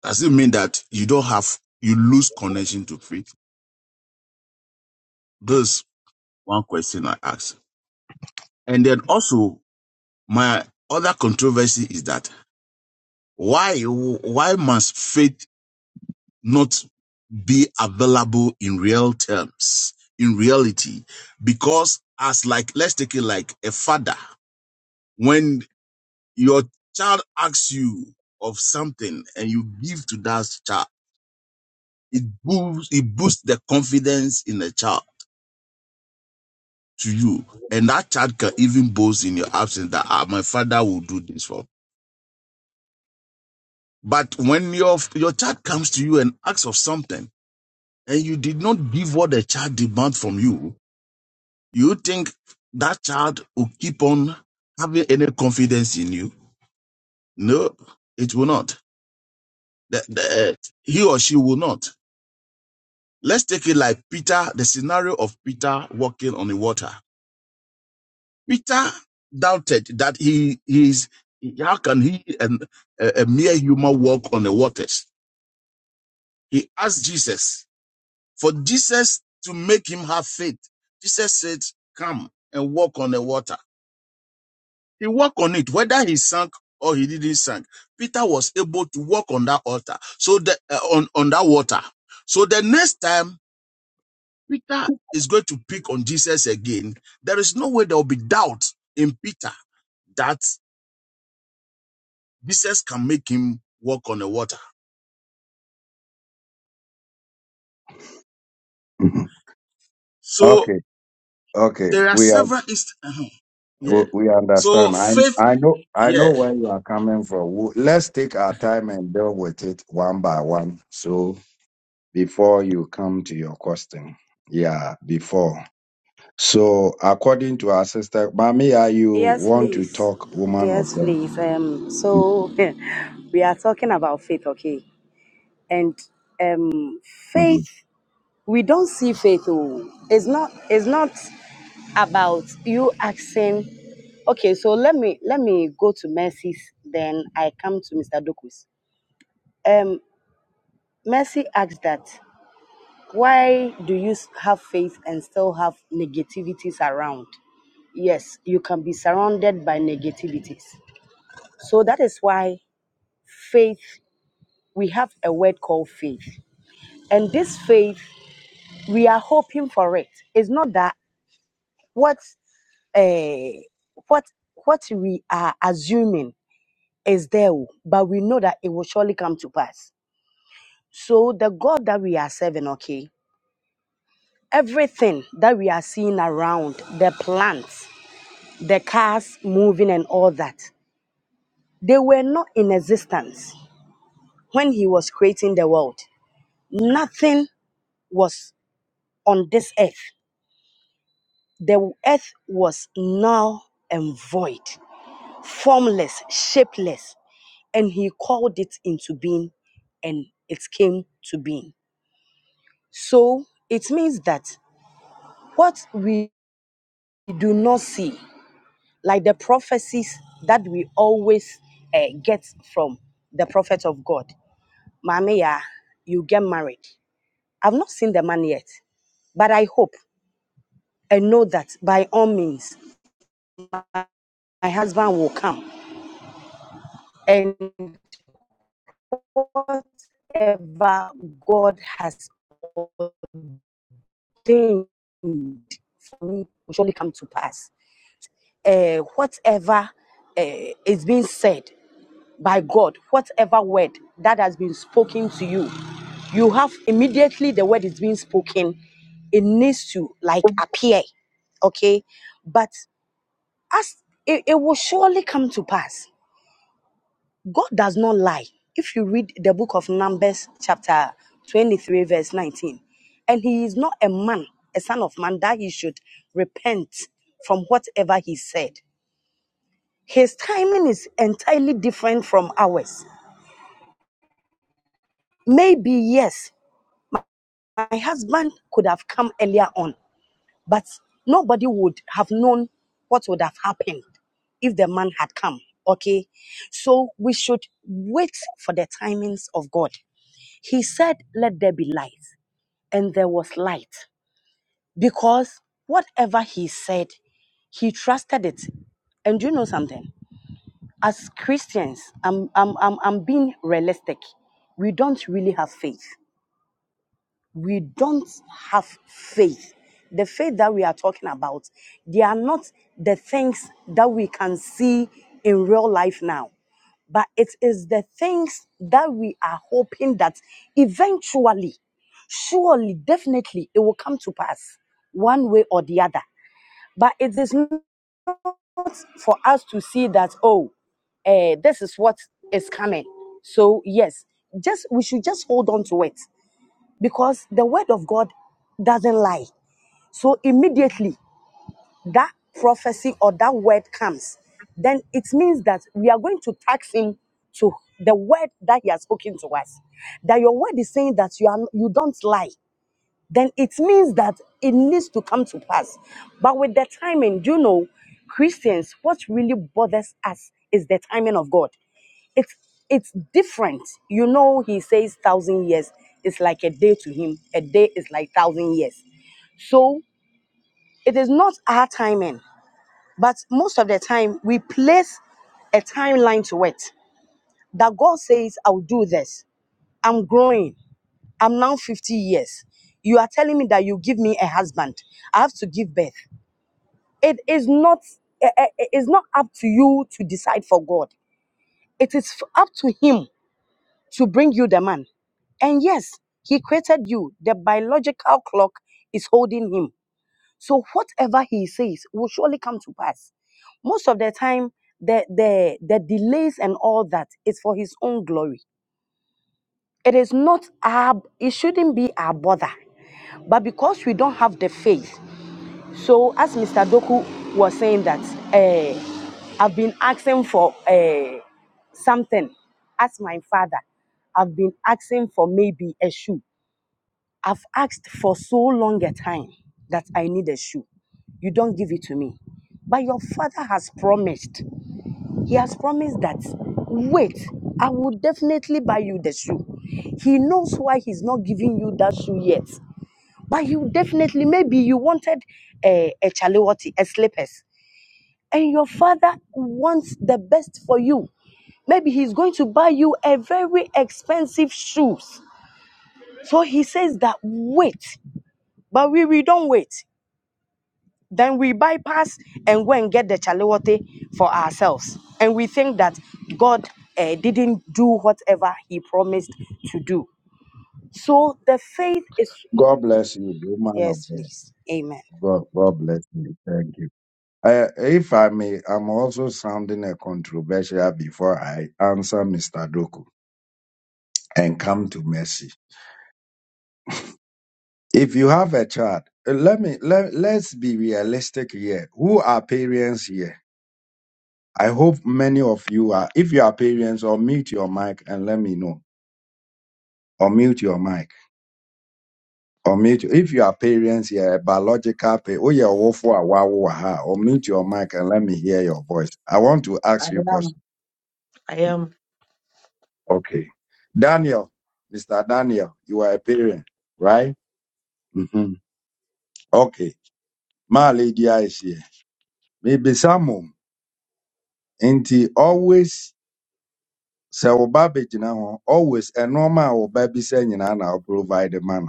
Speaker 7: Does it mean that you don't have, you lose connection to faith? This one question I ask. And then also, my other controversy is that why, why must faith not be available in real terms, in reality? Because as like, let's take it like a father, when your child asks you of something and you give to that child, it boosts it boosts the confidence in the child to you and that child can even boast in your absence that ah, my father will do this for me." but when your your child comes to you and asks of something and you did not give what the child demands from you you think that child will keep on having any confidence in you no it will not the, the, he or she will not let's take it like peter the scenario of peter walking on the water Peter doubted that he is how can he and a, a mere human walk on the waters? He asked Jesus for Jesus to make him have faith. Jesus said, "Come and walk on the water." He walked on it, whether he sank or he didn't sink. Peter was able to walk on that altar, so the uh, on on that water. So the next time Peter is going to pick on Jesus again, there is no way there will be doubt in Peter that. Jesus can make him walk on the water.
Speaker 1: Mhm.
Speaker 7: So
Speaker 1: okay. Okay.
Speaker 7: there are
Speaker 1: We are
Speaker 7: several inst- uh-huh. Yeah.
Speaker 1: we we
Speaker 7: So
Speaker 1: understand. I
Speaker 7: faith,
Speaker 1: I know I
Speaker 7: yeah.
Speaker 1: know where you are coming from. W- Let's take our time and deal with it one by one. So before you come to your question. Yeah, before. So according to our sister, Mamiya, you
Speaker 2: Yes,
Speaker 1: want to
Speaker 2: please.
Speaker 1: talk, woman of
Speaker 2: Yes,
Speaker 1: God.
Speaker 2: please. Um, so we are talking about faith, okay? And um,
Speaker 1: Mhm.
Speaker 2: faith, we don't see faith. Oh, it's not. It's not about you asking. Okay, so let me let me go to Mercy's. Then I come to Mr. Dokus. Um, Mercy asked that. Why do you have faith and still have negativities around? Yes, you can be surrounded by negativities. So that is why faith, we have a word called faith. And this faith, we are hoping for it. It's not that what uh, what what we are assuming is there, oh, but we know that it will surely come to pass. So the God that we are serving, okay, everything that we are seeing around the plants the cars moving and all that, they were not in existence when he was creating the world. Nothing was on this earth. The earth was null and void, formless, shapeless, and he called it into being and it came to being. So it means that what we do not see, like the prophecies that we always eh, get from the prophet of God, Mommy, yeah, you get married. I've not seen the man yet, but I hope and know that by all means, my husband will come. And whatever God has planned for me will surely come to pass. Eh, whatever eh, is being said by God, whatever word that has been spoken to you, you have immediately the word is being spoken, it needs to like appear okay but As it, it will surely come to pass. God does not lie. If you read the book of Numbers, chapter 23, verse 19, and he is not a man, a son of man, that he should repent from whatever he said. His timing is entirely different from ours. Maybe, yes, my husband could have come earlier on But nobody would have known what would have happened if the man had come. Okay. So we should wait for the timings of God. He said, Let there be light. And there was light. Because whatever he said, he trusted it. And do you know something? As Christians, I'm, I'm, I'm, I'm being realistic. We don't really have faith we don't have faith. The faith that we are talking about, they are not the things that we can see in real life now, but it is the things that we are hoping that eventually, surely, definitely, it will come to pass one way or the other. But it is not for us to see that, oh, eh, this is what is coming. So, yes, just we should just hold on to it because the word of God doesn't lie. So immediately that prophecy or that word comes, then it means that we are going to tax him to the word that he has spoken to us. That your word is saying that you are you don't lie then it means that it needs to come to pass. But with the timing, you know, Christians, what really bothers us is the timing of God. It's it's different. You know, he says thousand years is like a day to him. A day is like thousand years. So it is not our timing, but most of the time we place a timeline to it. That God says, I'll do this. I'm growing. I'm now 50 years. You are telling me that you give me a husband. I have to give birth. It is not eh, eh, eh, it's not up to you to decide for God. It is f- up to him to bring you the man. And yes, he created you. The biological clock is holding him. So whatever he says will surely come to pass. Most of the time, the the the delays and all that is for his own glory. It is not our it shouldn't be our bother. But because we don't have the faith, so as Mr. Doku was saying that, eh, I've been asking for eh, something as my father. I've been asking for maybe a shoe. I've asked for so long a time that I need a shoe. You don't give it to me. But your father has promised. He has promised that, wait, I will definitely buy you the shoe. He knows why he's not giving you that shoe yet. But you definitely, maybe you wanted a, a chaliwati, a slippers, and your father wants the best for you. Maybe he's going to buy you a very expensive shoes. So he says that wait, but we, we don't wait. Then we bypass and go and get the chaliwati for ourselves. And we think that God eh, didn't do whatever he promised to do. So the faith is,
Speaker 1: God bless you, woman of
Speaker 2: yes,
Speaker 1: God.
Speaker 2: please. Amen.
Speaker 1: God, God bless you. Thank you. Uh, if I may, I'm also sounding a controversial before I answer Mr. Doku and come to mercy. If you have a child, uh, let me let, let's be realistic here. Who are parents here? I hope many of you are, if you are parents, or mute your mic and let me know. Or mute your mic. Or mute, if you are parents, yeah, biological, pa- oh yeah, wofu a wa wo wɔ ha. or mute your mic and let me hear your voice. I want to
Speaker 15: I
Speaker 1: ask you a
Speaker 15: am.
Speaker 1: question.
Speaker 15: I am.
Speaker 1: Okay. Daniel, Mr. Daniel, you are a parent, right? hmm Okay. My lady is here. Maybe some, and always, sɛ wo ba bɛgyina hɔ always a normal ba bi sɛ nyinaa na provide ma no.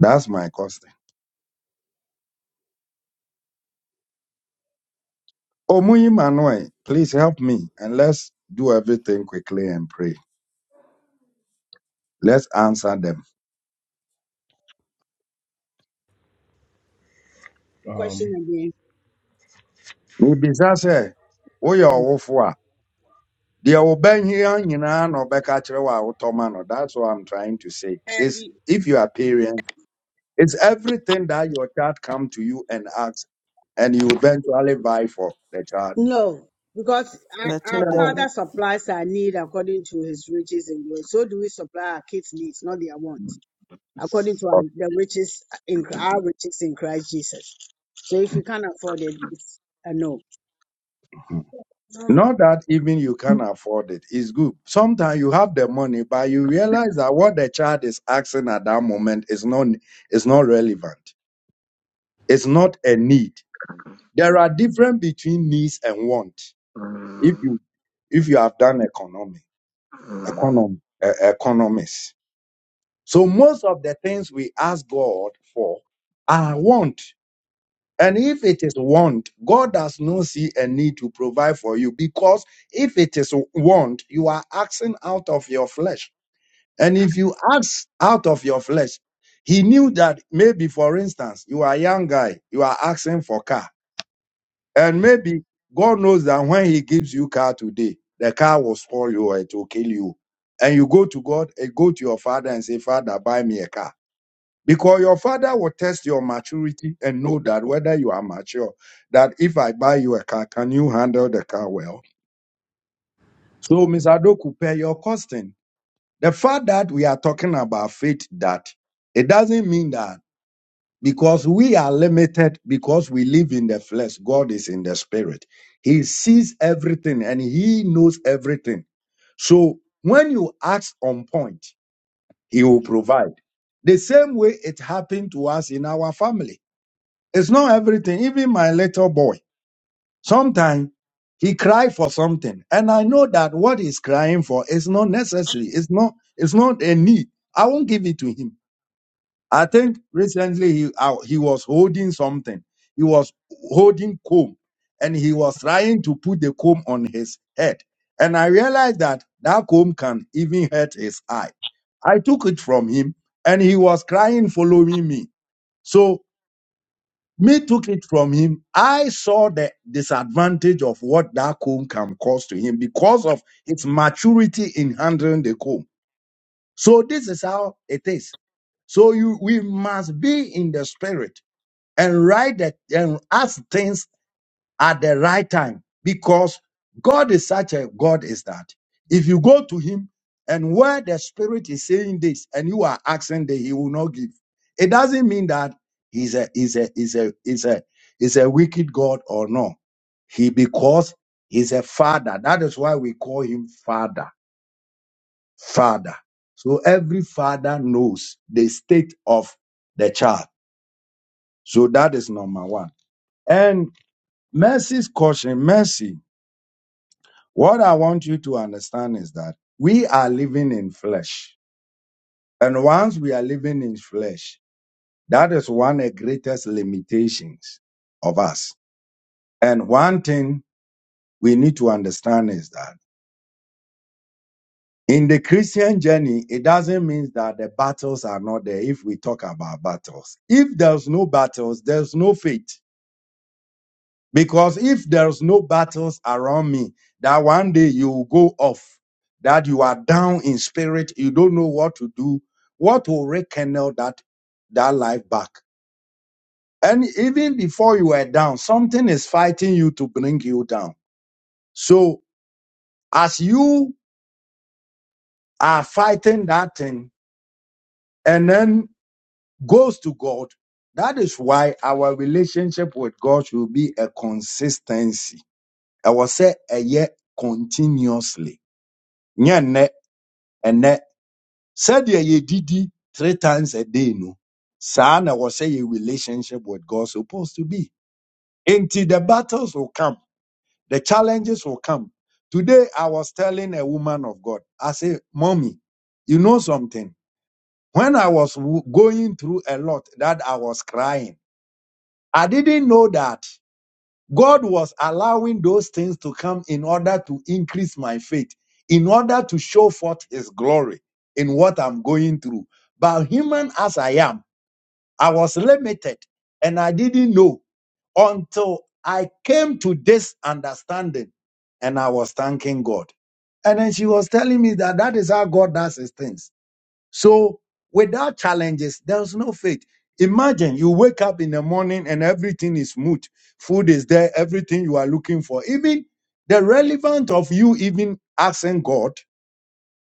Speaker 1: That's my question. Omuyi Manuel, please help me and let's do everything quickly and pray. Let's answer them.
Speaker 6: question again.
Speaker 1: Mibisa se woyɛ ɔwofo a deɛ wobɛhia nyinaa na ɔbɛka kyerɛ wo no. That's what I'm trying to say. Is
Speaker 6: Abby,
Speaker 1: if you are parents, it's everything that your child come to you and ask, and you eventually buy for the child.
Speaker 6: No, because our, our
Speaker 10: Father
Speaker 15: No.
Speaker 6: Father supplies our need according to His riches and glory. So do we supply our kids' needs, not their wants. according to our, the riches in our riches in Christ Jesus. So if you can't afford it, it's a no.
Speaker 1: Not that even you can afford it. It's good. Sometimes you have the money, but you realize that what the child is asking at that moment is not is not relevant. It's not a need. There are difference between needs and want. If you if you have done economy, economy, uh, economics. So most of the things we ask God for are want. And if it is want, God does not see a need to provide for you because if it is want, you are asking out of your flesh. And if you ask out of your flesh, he knew that maybe, for instance, you are a young guy, you are asking for car. And maybe God knows that when He gives you car today, the car will spoil you or it will kill you. And you go to God and go to your father and say, Father, buy me a car. Because your father will test your maturity and know that whether you are mature, that if I buy you a car, can you handle the car well? So, Ms. Adoku, pay your costing. The fact that we are talking about faith, that it doesn't mean that because we are limited because we live in the flesh. God is in the spirit. He sees everything and he knows everything. So when you ask on point, he will provide. The same way it happened to us in our family. It's not everything. Even my little boy, sometimes he cry for something. And I know that what he's crying for is not necessary. It's not, it's not a need. I won't give it to him. I think recently he uh, he was holding something. He was holding comb, and he was trying to put the comb on his head. And I realized that that comb can even hurt his eye. I took it from him, and he was crying, following me. So me took it from him. I saw the disadvantage of what that comb can cause to him because of its maturity in handling the comb. So this is how it is. So you we must be in the spirit and write that and ask things at the right time because God is such a God is that. If you go to Him and where the Spirit is saying this and you are asking that He will not give, it doesn't mean that He's a is a is a is a is a wicked God or no. He because He's a Father. That is why we call Him Father. Father. So every father knows the state of the child. So that is number one. Mercy's caution, mercy. What I want you to understand is that we are living in flesh. And once we are living in flesh, that is one of the greatest limitations of us. And one thing we need to understand is that in the Christian journey, it doesn't mean that the battles are not there if we talk about battles. If there's no battles, there's no faith. Because if there's no battles around me, that one day you will go off, that you are down in spirit, you don't know what to do, what will rekindle that, that life back? And even before you were down, something is fighting you to bring you down. So as you are fighting that thing and then goes to God, that is why our relationship with God should be a consistency. I will say a year continuously. And ɛnɛ sɛdeɛ yɛdidi three times a day no saa na wɔhyɛ yɛ relationship with god supposed to be Until the battles will come the challenges will come today i was telling a woman of god i say mommy you know something when i was w- going through a lot that i was crying i didn't know that God was allowing those things to come in order to increase my faith, in order to show forth His glory in what I'm going through. But human as I am, I was limited and I didn't know until I came to this understanding and I was thanking God. And then she was telling me that that is how God does His things. So without challenges, there's no faith. Imagine you wake up in the morning and everything is smooth. Food is there, everything you are looking for. Even the relevant of you even asking God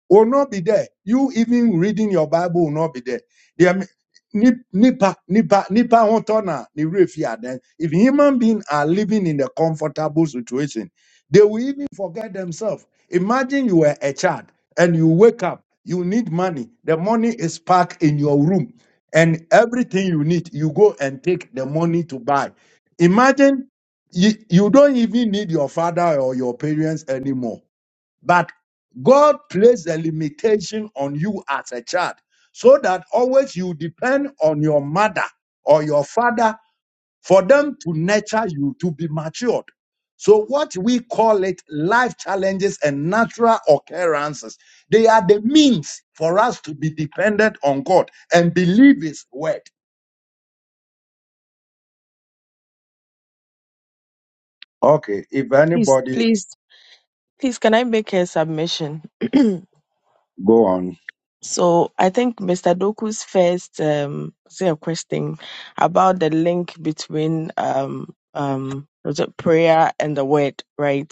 Speaker 1: will not be there. You even reading your Bible will not be there. There may- nip- nipa nipa nipa hotona ni refia then if human beings are living in a comfortable situation they will even forget themselves imagine you were a child and you wake up you need money the money is packed in your room and everything you need you go and take the money to buy imagine you, you don't even need your father or your parents anymore but God placed a limitation on you as a child so that always you depend on your mother or your father for them to nurture you to be matured. So what we call it life challenges and natural occurrences, they are the means for us to be dependent on God and believe his word. Okay, if
Speaker 15: Please,
Speaker 1: anybody
Speaker 15: please, please, can I make a submission?
Speaker 1: go on.
Speaker 15: so I think Mr. Doku's first um say a question about the link between um um was it prayer and the word, right?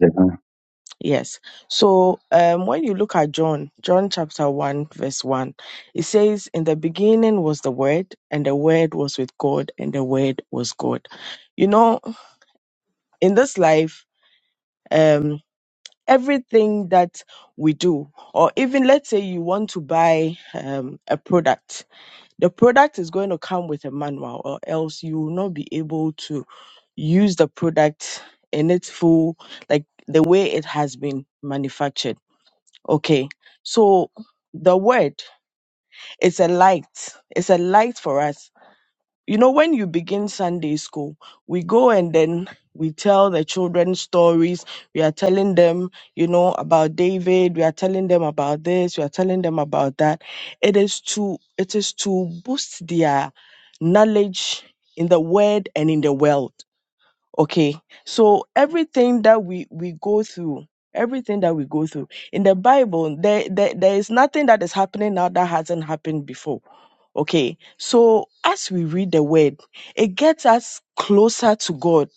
Speaker 1: Yeah.
Speaker 15: Yes. So um when you look at John, John chapter one, verse one, it says, In the beginning was the word, and the word was with God, and the word was God. You know, in this life, um, everything that we do, or even let's say you want to buy um, a product, the product is going to come with a manual, or else you will not be able to use the product in its full, like the way it has been manufactured. Okay, so the word is a light, it's a light for us you know, when you begin Sunday school, we go and then we tell the children stories. We are telling them, you know, about David. We are telling them about this. We are telling them about that. It is to it is to boost their knowledge in the word and in the world. Okay. So everything that we we go through, everything that we go through in the Bible, there, there there is nothing that is happening now that hasn't happened before. Okay. So as we read the word, it gets us closer to God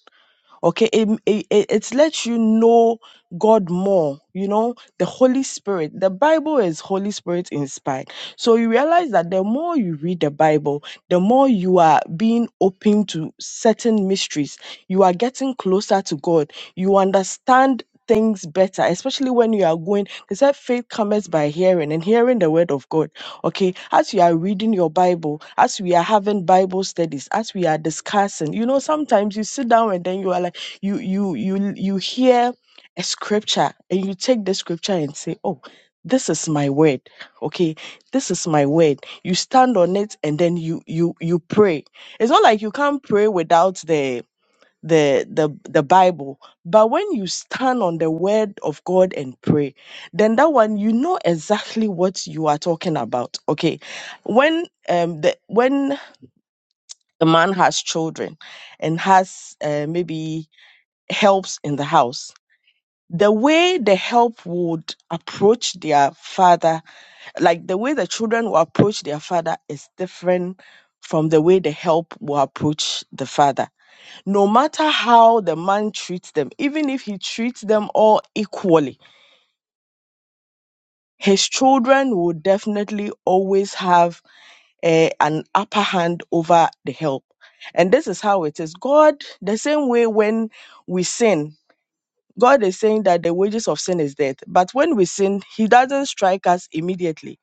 Speaker 15: okay it, it, it it lets you know god more you know the holy spirit the bible is holy spirit inspired so you realize that the more you read the bible the more you are being open to certain mysteries you are getting closer to god you understand things better especially when you are going they said faith comes by hearing and hearing the word of god okay as you are reading your bible as we are having bible studies as we are discussing you know sometimes you sit down and then you are like you you you you hear a scripture and you take the scripture and say oh this is my word okay this is my word you stand on it and then you you you pray it's not like you can't pray without the the the the bible but when you stand on the word of god and pray then that one you know exactly what you are talking about okay when um the when a man has children and has uh, maybe helps in the house the way the help would approach their father, like the way the children will approach their father is different from the way the help will approach the father. No matter how the man treats them, even if he treats them all equally, his children will definitely always have eh, an upper hand over the help. And this is how it is. God, the same way when we sin, God is saying that the wages of sin is death. But when we sin, He doesn't strike us immediately.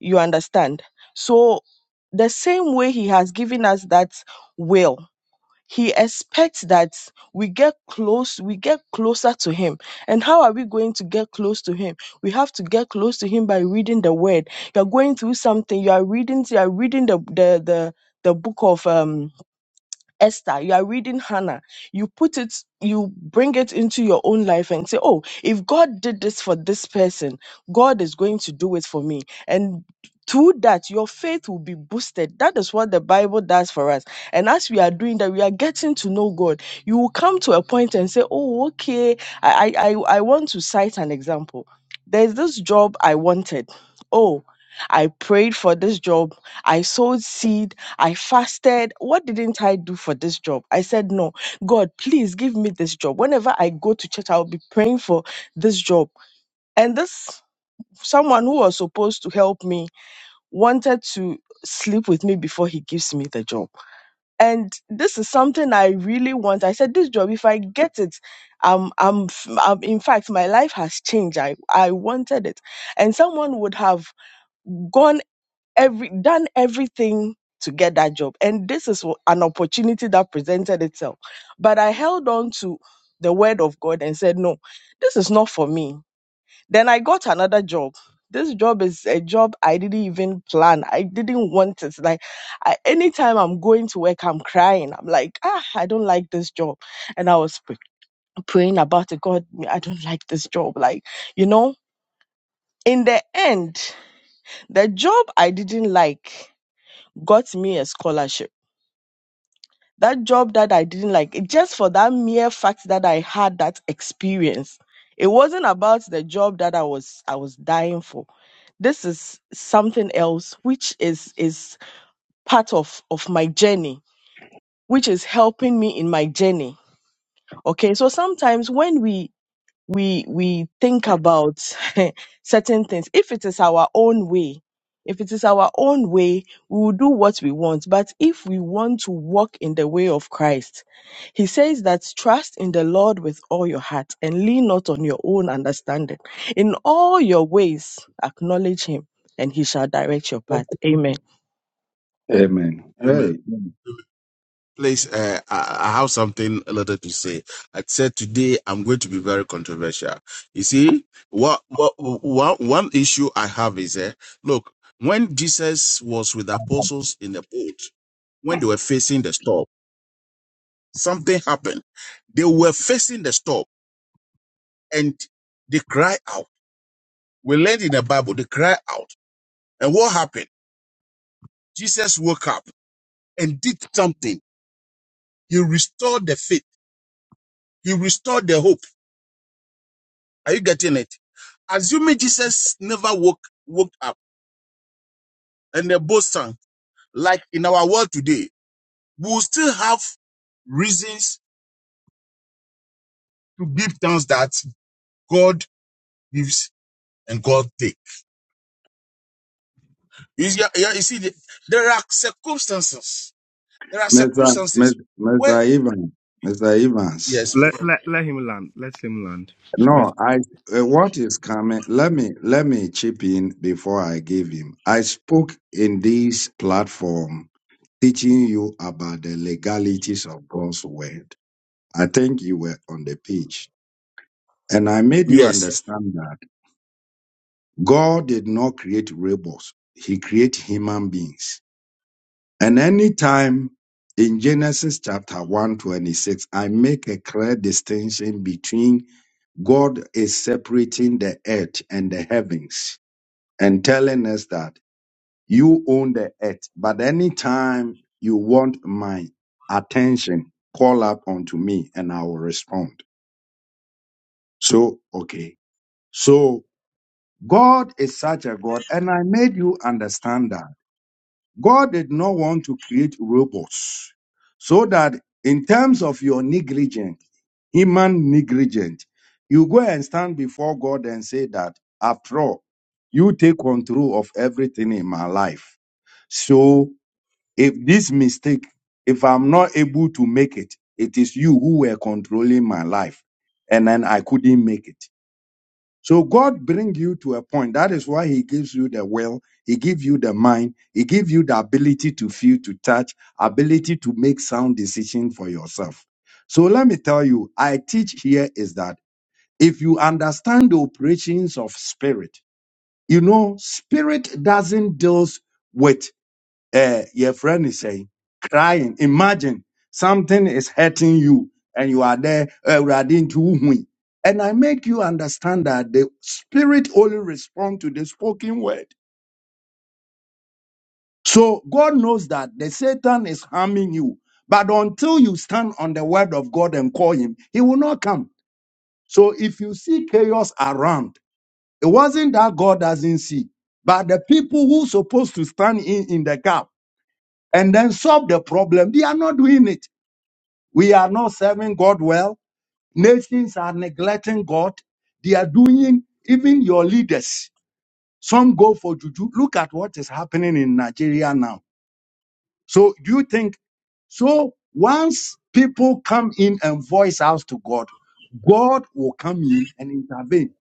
Speaker 15: You understand? So, the same way He has given us that will, He expects that we get close, we get closer to Him. And how are we going to get close to Him? We have to get close to Him by reading the Word. You're going through something, you are reading, you are reading the the the, the book of um Esther, you are reading Hannah, you put it, you bring it into your own life and say, Oh, if God did this for this person, God is going to do it for me. And through that, your faith will be boosted. That is what the Bible does for us. And as we are doing that, we are getting to know God. You will come to a point and say, Oh, okay, I, I, I I want to cite an example. There's this job I wanted. Oh, I prayed for this job. I sowed seed I fasted. What didn't I do for this job? I said, No, God, please give me this job. Whenever I go to church, I'll be praying for this job. And this someone who was supposed to help me wanted to sleep with me before he gives me the job. And this is something I really want. I said, This job, if I get it, um, I'm, f- I'm, in fact, my life has changed. I, I wanted it. And someone would have gone every done everything to get that job and this is wh- an opportunity that presented itself but i held on to the word of god and said no this is not for me then i got another job this job is a job i didn't even plan i didn't want it like I, anytime i'm going to work i'm crying i'm like ah i don't like this job and i was pr- praying about it god i don't like this job like you know in the end the job i didn't like got me a scholarship. That job that I didn't like, it- just for that mere fact that I had that experience. It wasn't about the job that I was I was dying for. This is something else which is is part of of my journey, which is helping me in my journey. Okay? So sometimes when we we we think about certain things if it is our own way if it is our own way we will do what we want but if we want to walk in the way of christ he says that trust in the lord with all your heart and lean not on your own understanding in all your ways acknowledge him and he shall direct your path amen
Speaker 1: Amen.
Speaker 7: Amen. Please, uh, I, I have something a little to say. I said today I'm going to be very controversial. You see, what, what what one issue I have is, uh, look, when Jesus was with the apostles in the boat, when they were facing the storm, something happened. They were facing the storm and they cried out. We learned in the Bible, they cry out. And what happened? Jesus woke up and did something. He restored the faith. He restored the hope. Are you getting it? Assuming Jesus never woke, woke up and the boat sank, like in our world today, we will still have reasons to give thanks that God gives and God takes. You see, yeah, you see, there are circumstances. There are
Speaker 1: Mr. Mr.
Speaker 7: circumstances where,
Speaker 1: Mr. Evans, Mr. Evans.
Speaker 7: yes,
Speaker 4: Let, let let him land. Let him land. Let
Speaker 1: No, I uh, what is coming? Let me let me chip in before I give him. I spoke in this platform teaching you about the legalities of God's word. I think you were on the page. And I made you
Speaker 7: yes.
Speaker 1: understand that God did not create rebels, He created human beings. And anytime in Genesis chapter 126, I make a clear distinction between God is separating the earth and the heavens and telling us that you own the earth, but anytime you want my attention, call up unto me and I will respond. So, okay. So, God is such a God, and I made you understand that God did not want to create robots so that in terms of your negligence, human negligence, you go and stand before God and say that, after all, you take control of everything in my life. So If this mistake, if I'm not able to make it, it is you who were controlling my life. And then I couldn't make it. So God bring you to a point. That is why he gives you the will. He gives you the mind. He gives you the ability to feel, to touch, ability to make sound decision for yourself. So let me tell you, I teach here is that if you understand the operations of spirit, you know, spirit doesn't deal with uh, your friend is saying, crying. Imagine something is hurting you and you are there, uh, riding to Uhui. And I make you understand that the spirit only responds to the spoken word. So God knows that the Satan is harming you. But until you stand on the word of God and call him, he will not come. So if you see chaos around, it wasn't that God doesn't see, but the people who supposed to stand in, in the gap and then solve the problem, they are not doing it. We are not serving God well. Nations are neglecting God. They are doing even your leaders. Some go for juju. Look at what is happening in Nigeria now. So do you think? So once people come in and voice out to God, God will come in and intervene.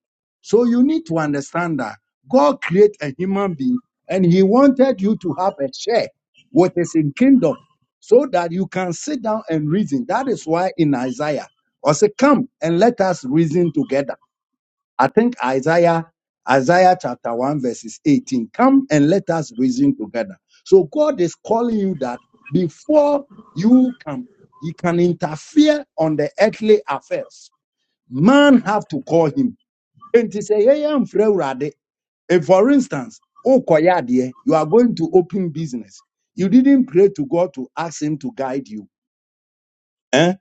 Speaker 1: So you need to understand that God created a human being and he wanted you to have a share what is in kingdom so that you can sit down and reason. That is why in Isaiah, I say, come and let us reason together. I think Isaiah, Isaiah chapter 1, verses 18. Come and let us reason together. So God is calling you that before you come, he can interfere on the earthly affairs. Man have to call him. And to say, hey, I'm free already. if, for instance, Okoyadie, you are going to open business, you didn't pray to God to ask Him to guide you. Eh?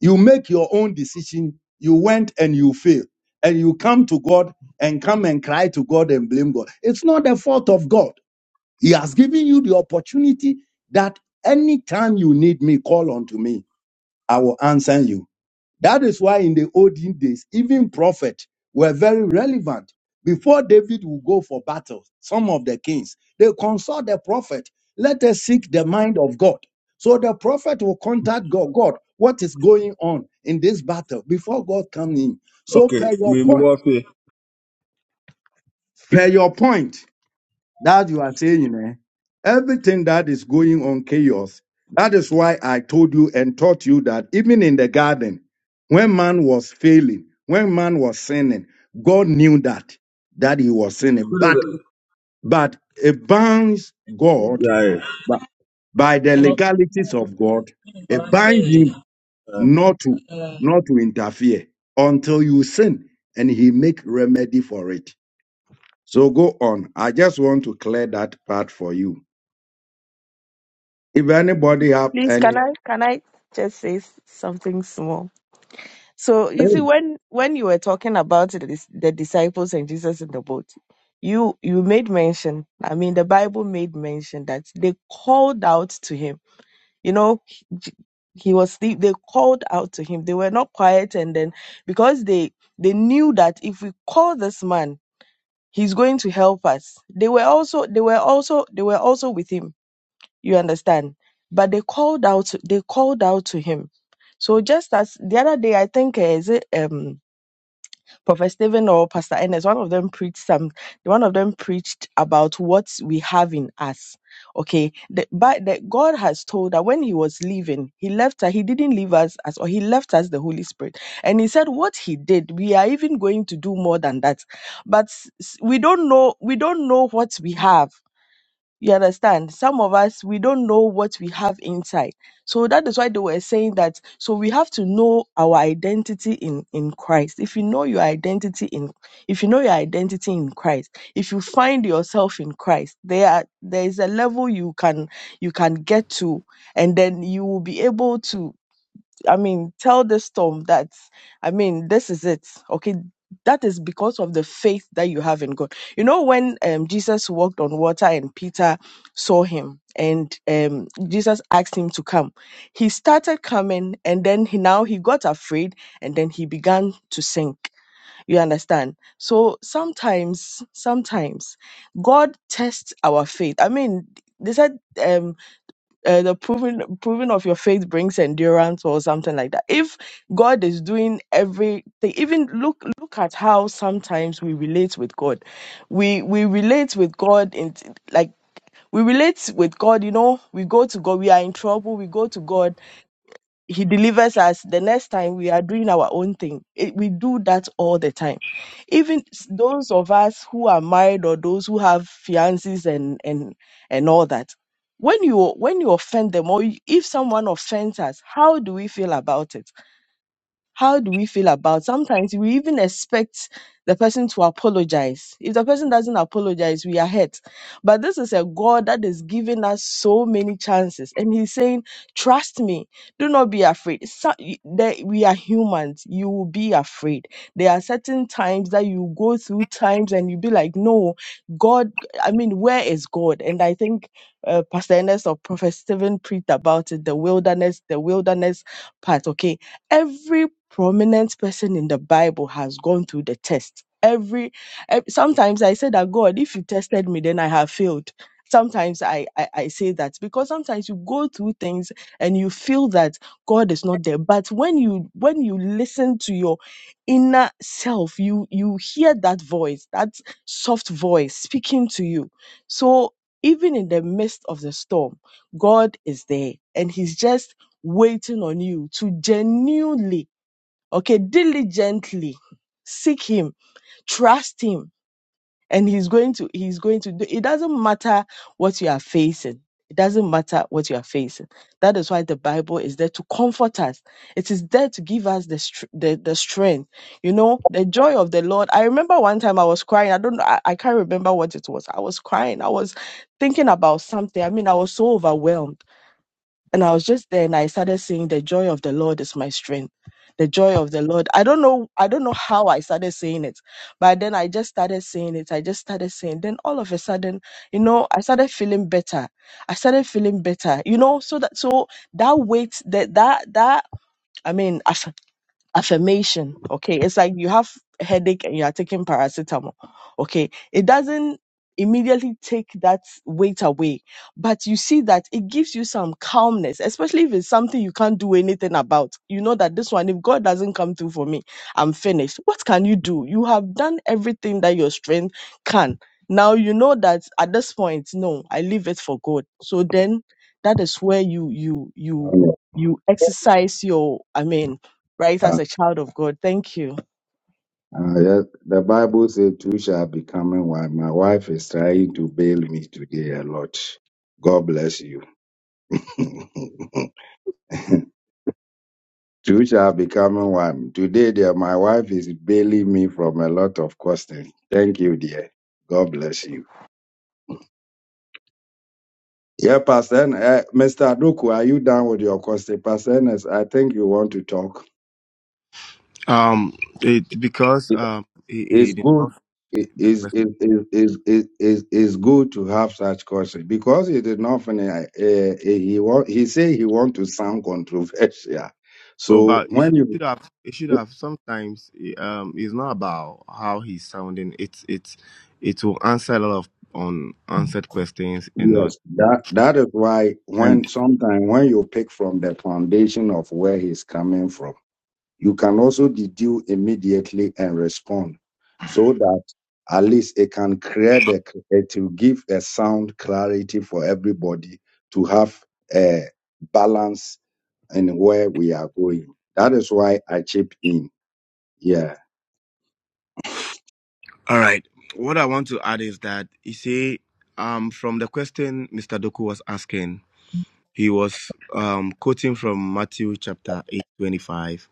Speaker 1: You make your own decision. You went and you failed. And you come to God and come and cry to God and blame God. It's not the fault of God. He has given you the opportunity that anytime you need me, call unto me. I will answer you. That is why in the olden days, even prophets were very relevant. Before David would go for battle, some of the kings, they consult the prophet. Let us seek the mind of God. So the prophet will contact God. God, what is going on in this battle before God comes in? So
Speaker 7: Okay,
Speaker 1: per your
Speaker 7: we move
Speaker 1: point,
Speaker 7: on.
Speaker 1: per your point that you are saying, eh, everything that is going on chaos. That is why I told you and taught you that even in the garden, when man was failing, when man was sinning, God knew that that he was sinning. But but it binds God
Speaker 7: Right.
Speaker 1: bu- by the legalities of God. It binds him
Speaker 7: Uh,
Speaker 1: not to not to interfere until you sin, and he make remedy for it. So go on. I just want to clear that part for you. If anybody have
Speaker 15: please can
Speaker 1: any,
Speaker 15: i can i just say s- something small So you see,
Speaker 1: hey,
Speaker 15: when when you were talking about the, dis- the disciples and Jesus in the boat, you you made mention. I mean, the Bible made mention that they called out to him. You know, he, J- he was sleep. They called out to him. They were not quiet, and then because they they knew that if we call this man, he's going to help us. They were also they were also they were also with him. You understand? But they called out. They called out to him. So just as the other day, I think uh, is it um Prophet Stephen or Pastor Ennis, one of them preached some, one of them preached about what we have in us. Okay, the, but the, God has told that when He was leaving, He left us. He didn't leave us as, or He left us the Holy Spirit, and He said what He did. We are even going to do more than that, but s- s- we don't know. We don't know what we have you understand? Some of us, we don't know what we have inside. So that is why they were saying that. So we have to know our identity in, in Christ. If you know your identity in, if you know your identity in Christ, if you find yourself in Christ, there, are- there is a level you can, you can get to, and then you will be able to I mean, tell the storm that, I mean, this is it. Okay. That is because of the faith that you have in God. You know, when um, Jesus walked on water and Peter saw him and um, Jesus asked him to come, he started coming and then he, now he got afraid and then he began to sink. You understand? So sometimes, sometimes God tests our faith. I mean, they said um, uh, the proving proving of your faith brings endurance or something like that. If God is doing everything, even look look at how sometimes we relate with God. We we relate with God in like we relate with God. You know, we go to God. We are in trouble. We go to God he delivers us the next time we are doing our own thing It- we do that all the time even s- those of us who are married or those who have fiances and and and all that when you when you offend them or you- if someone offends us how do we feel about it how do we feel about sometimes we even expect the person to apologize if the person doesn't apologize we are hurt but this is a god that is giving us so many chances and he's saying trust me do not be afraid So- that we are humans you will be afraid there are certain times that you go through times and you be like no god i mean where is god and i think uh, pastor ernest or prophet stephen preached about it the wilderness the wilderness part okay Every prominent person in the Bible has gone through the test. Every eh, sometimes I say that God, if you tested me, then I have failed. Sometimes I, I I say that because sometimes you go through things and you feel that God is not there. But when you when you listen to your inner self, you you hear that voice, that soft voice speaking to you. So even in the midst of the storm, God is there, and He's just waiting on you to genuinely, okay, diligently seek him, trust him, and he's going to, he's going to do, it doesn't matter what you are facing. It doesn't matter what you are facing. That is why the Bible is there to comfort us. It is there to give us the, str- the, the strength, you know, the joy of the Lord. I remember one time I was crying. I don't know, I, I can't remember what it was. I was crying. I was thinking about something. I mean, I was so overwhelmed and I was just there and I started saying, The joy of the Lord is my strength. The joy of the Lord. I don't know, I don't know how I started saying it, but then I just started saying it. I just started saying, then all of a sudden, you know, I started feeling better. I started feeling better, you know, so that, so that weight, that, that, that, I mean, affirmation okay it's like you have a headache and you are taking paracetamol okay it doesn't immediately take that weight away but you see that it gives you some calmness especially if it's something you can't do anything about you know that this one if god doesn't come through for me i'm finished what can you do you have done everything that your strength can now you know that at this point no i leave it for god so then that is where you you you you exercise your i mean right
Speaker 1: Uh,
Speaker 15: as a child of God. Thank you.
Speaker 1: uh, yes, the Bible says two shall be coming one. My wife is trying to bail me today a lot. God bless you. two shall be coming one. Today, dear, my wife is bailing me from a lot of questions. Thank you, dear. God bless you. Yeah, Pastor, N- uh, Mr. Aduku, are you done with your question? Pastor, N, S, I think you want to talk.
Speaker 4: um it because um he, he
Speaker 1: it's
Speaker 4: did
Speaker 1: good
Speaker 4: not fit
Speaker 1: it
Speaker 4: the
Speaker 1: is
Speaker 4: question.
Speaker 1: is is is is is good to have such courses because he did not fin- uh, uh, he wa- he say he want to sound controversial
Speaker 4: Oh,
Speaker 1: so
Speaker 4: but it
Speaker 1: when
Speaker 4: should
Speaker 1: you
Speaker 4: should have it should have sometimes eh, um it's not about how he's sounding. It's it's it will answer a lot of unanswered questions and
Speaker 1: yes
Speaker 4: not.
Speaker 1: that that when sometimes you pick from the foundation of where he's coming from you can also deduce immediately and respond so that at least it can create a, it will give a sound clarity for everybody to have a balance and where we are going. That is why I chip in. Yeah.
Speaker 4: All right. What I want to add is that you see, um, from the question Mr. Doku was asking, he was um, quoting from Matthew chapter 8, 25,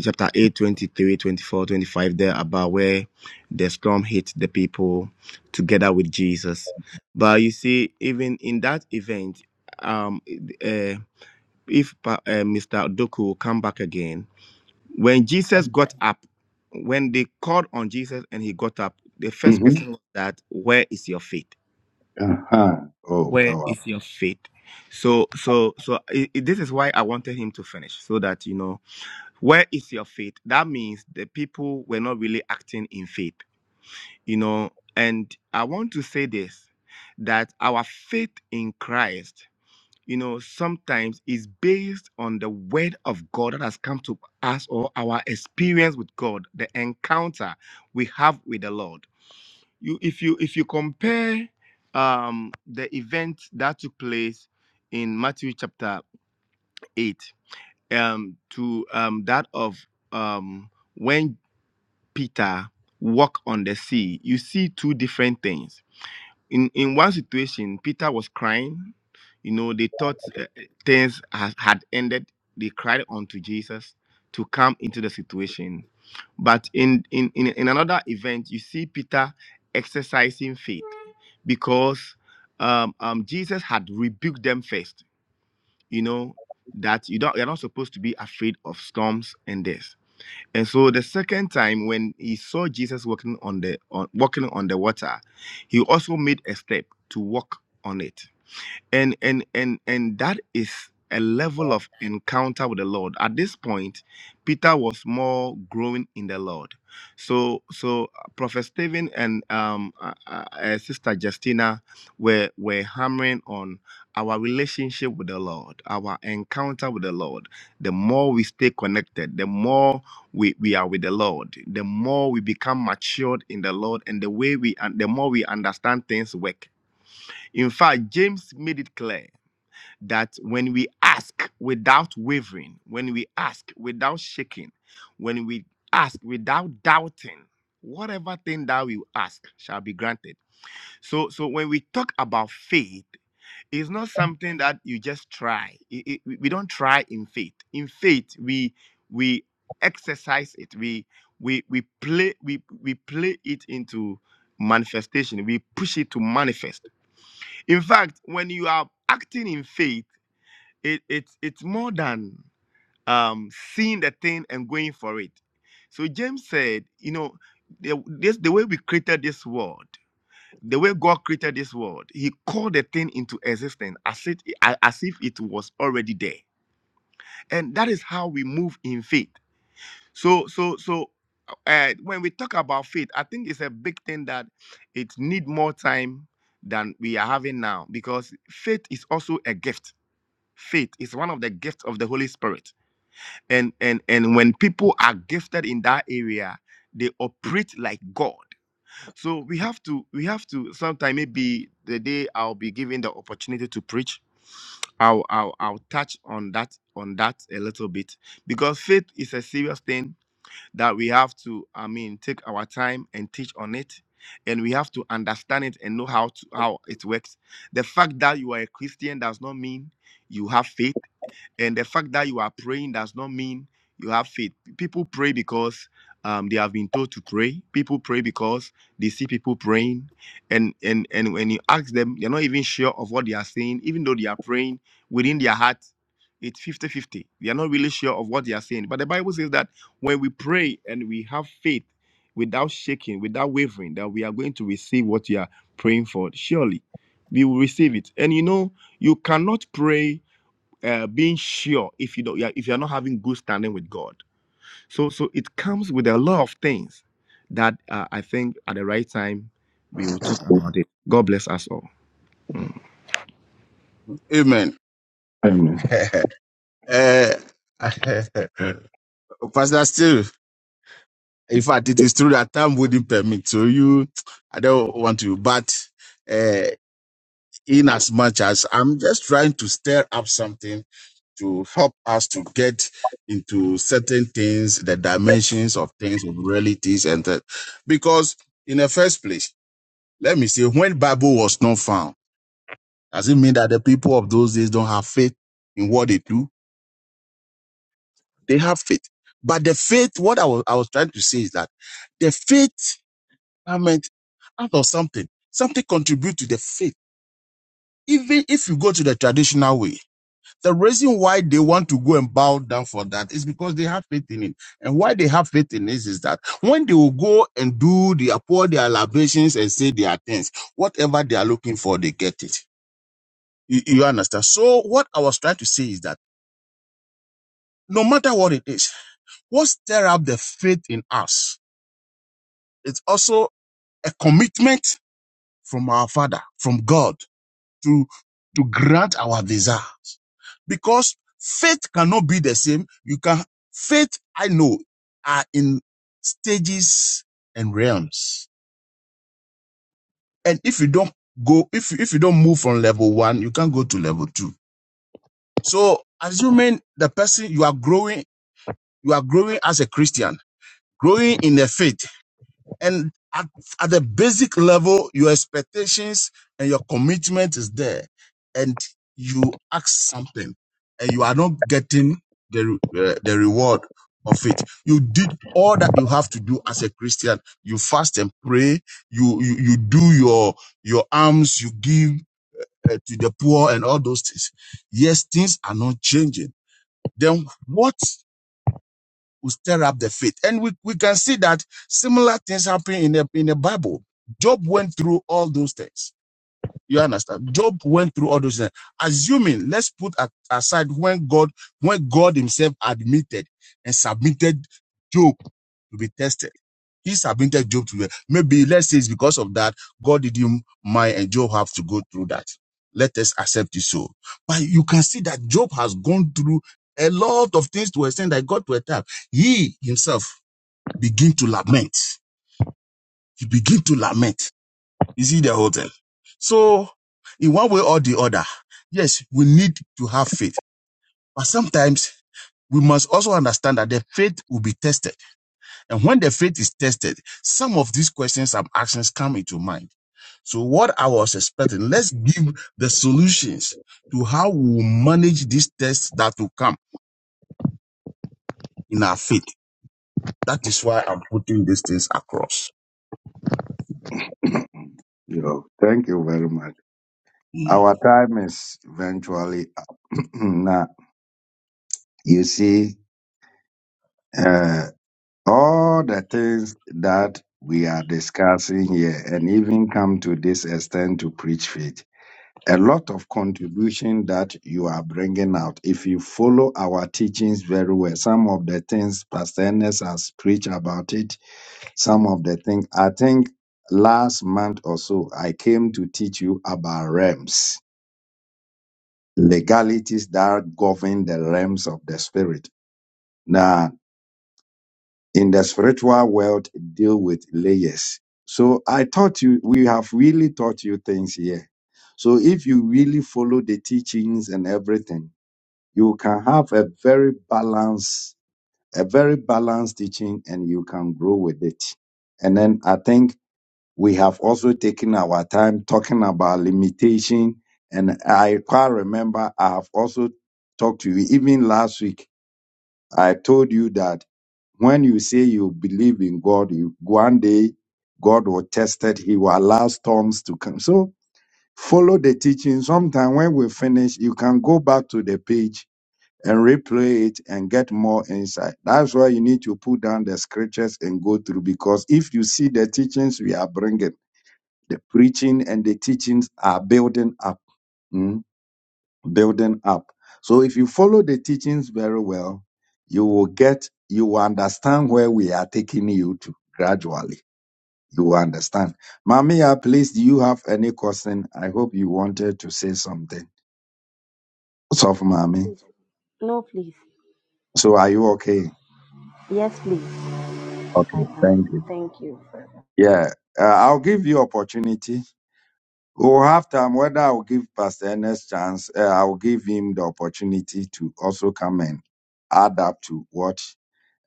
Speaker 4: chapter 8, 23, 24, 25, there about where the storm hit the people together with Jesus. But you see, even in that event, um, uh, if uh, Mr. Doku will come back again, when Jesus got up, when they called on Jesus and he got up, the first
Speaker 1: hmm
Speaker 4: question was that, where is your faith?
Speaker 1: Uh-huh. Oh,
Speaker 4: Where
Speaker 1: power.
Speaker 4: is your faith? So, so, so i i- this is why I wanted him to finish so that, you know, where is your faith? That means the people were not really acting in faith, you know, and I want to say this, that our faith in Christ you know, sometimes is based on the word of God that has come to us or our experience with God, the encounter we have with the Lord. You, if you if you compare um, the event that took place in Matthew chapter eight um, to um, that of um, when Peter walked on the sea, you see two different things in in one situation peter was crying you know they thought uh, uh, things has, had ended they cried unto jesus to come into the situation but in in in, in another event you see peter exercising faith because um, um jesus had rebuked them first you know that you don't you're not supposed to be afraid of storms and death and so the second time when he saw Jesus walking on the on, walking on the water, he also made a step to walk on it and and and and that is a level of encounter with the lord at this point peter was more growing in the lord so so uh, prophet stephen and um uh, uh, uh, sister justina were were hammering on our relationship with the lord our encounter with the lord the more we stay connected the more we, we are with the lord the more we become matured in the lord and the way we and the more we understand things work in fact james made it clear that when we ask without wavering, when we ask without shaking, when we ask without doubting, whatever thing that we ask shall be granted. So, so when we talk about faith, it's not something that you just try. It- it- we we don't try in faith. In faith, we we exercise it. We we we play we we play it into manifestation. We push it to manifest. In fact, when you are acting in faith it it's it's more than um seeing the thing and going for it so james said you know the, this the way we created this world the way god created this world he called the thing into existence as it as if it was already there and that is how we move in faith so so so uh, when we talk about faith i think it's a big thing that it need more time than we are having now because faith is also a gift faith is one of the gifts of the holy spirit and and and when people are gifted in that area they operate like god so we have to we have to sometime maybe the day i'll be given the opportunity to preach i'll i'll, I'll touch on that on that a little bit because faith is a serious thing that we have to i mean take our time and teach on it and we have to understand it and know how to how it works the fact that you are a christian does not mean you have faith and the fact that you are praying does not mean you have faith. People pray because um, they have been told to pray. People pray because they see people praying, and and and when you ask them, they're not even sure of what they are saying, even though they are praying within their heart. It's fifty-fifty. They are not really sure of what they are saying. But the Bible says that when we pray and we have faith without shaking, without wavering, that we are going to receive what we are praying for. Surely we will receive it. And you know, you cannot pray uh, being sure if you don't yeah, if you're not having good standing with god so so it comes with a lot of things that uh, i think at the right time we will talk about it god bless us all
Speaker 7: Amen. Eh, Pastor, still, in fact, it is true that time wouldn't permit. So you, I don't want to, but uh, in as much as I'm just trying to stir up something to help us to get into certain things, the dimensions of things, of realities, and that. Because in the first place, let me say, when Bible was not found. Does it mean that the people of those days don't have faith in what they do? They have faith. But the faith, what I was, I was trying to say is that the faith, I meant out of something, something contribute to the faith. Even if you go to the traditional way, the reason why they want to go and bow down for that is because they have faith in it. And why they have faith in this is that when they will go and do the pour their libations and say their things, whatever they are looking for, they get it. You, you understand? So what I was trying to say is that no matter what it is, what stir up the faith in us It's also a commitment from our Father, from God, to to grant our desire. Because faith cannot be the same. You can faith, I know, are in stages and realms. And if you don't go, if if you don't move from level one, you can't go to level two. So assuming the person you are growing, you are growing as a Christian, growing in the faith And at, at the basic level, your expectations and your commitment is there. And you ask something and you are not getting the, re- uh, the reward of it. You did all that you have to do as a Christian. You fast and pray. You, you, you do your, your alms. You give uh, to the poor and all those things. Yes, things are not changing. Then what will stir up the faith. And we, we can see that similar things happen in the in the Bible. Job went through all those things. You understand? Job went through all those things. Assuming, let's put a- aside when God, when God Himself admitted and submitted Job to be tested. He submitted Job to the, maybe let's say it's because of that God did not mind and Job have to go through that. Let us accept it so. But you can see that Job has gone through a lot of things to extend that God to attack. He himself begin to lament. He begin to lament. You see the whole thing. So in one way or the other, yes, we need to have faith. But sometimes we must also understand that the faith will be tested And when the faith is tested, some of these questions and actions come into mind. So what I was expecting, let's give the solutions to how we manage these tests that will come in our faith. That is why I'm putting these things across.
Speaker 1: Oh, thank you very much. Our time is eventually now. You see, uh, all the things that we are discussing here and even come to this extent to preach faith. A lot of contribution that you are bringing out. If you follow our teachings very well, some of the things Pastor Ernest has preached about it, some of the things. I think last month or so, I came to teach you about realms, legalities that govern the realms of the spirit. Now, in the spiritual world, deal with layers. So I taught you, we have really taught you things here. So if you really follow the teachings and everything, you can have a very balanced, a very balanced teaching and you can grow with it. And then I think we have also taken our time talking about limitation. And I quite remember I have also talked to you even last week. I told you that when you say you believe in God, you, one day God will test it. He will allow storms to come. So follow the teaching. Sometime when we finish, you can go back to the page and replay it and get more insight. That's why you need to put down the scriptures and go through because if you see the teachings we are bringing, the preaching and the teachings are building up, mm, building up. So if you follow the teachings very well, you will get, you will understand where we are taking you to gradually. You will understand. Mamiya, please, do you have any question? I hope you wanted to say something. What's up, Mami?
Speaker 2: No, please.
Speaker 1: So are you okay?
Speaker 2: Yes, please. I
Speaker 1: Okay,
Speaker 2: am.
Speaker 1: thank you.
Speaker 2: Thank you for that.
Speaker 1: Yeah, uh, I'll give you opportunity. Or after whether I will give Pastor Ernest chance, uh, I will give him the opportunity to also come and add up to what,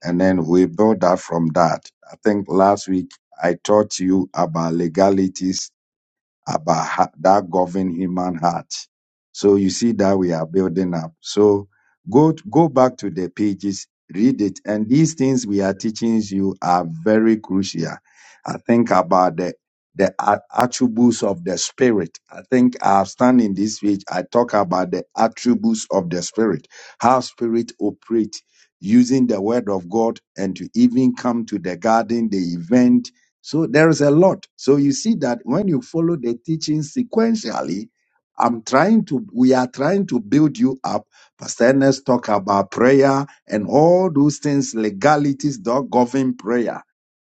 Speaker 1: and then we build up from that. I think last week I taught you about legalities about ha- that govern human heart. So you see that we are building up. So go go back to the pages, read it, and these things we are teaching you are very crucial. I think about the the a- attributes of the spirit. I think I've stand in this page. I talk about the attributes of the spirit, how spirit operate using the word of God, and to even come to the garden, the event so there is a lot. So you see that when you follow the teaching sequentially, I'm trying to, we are trying to build you up. Pastor Ernest talk about prayer and all those things, legalities that govern prayer.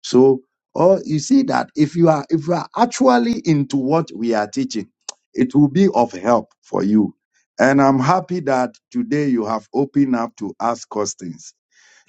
Speaker 1: So, oh, you see that if you are, if you are actually into what we are teaching, it will be of help for you. And I'm happy that today you have opened up to ask questions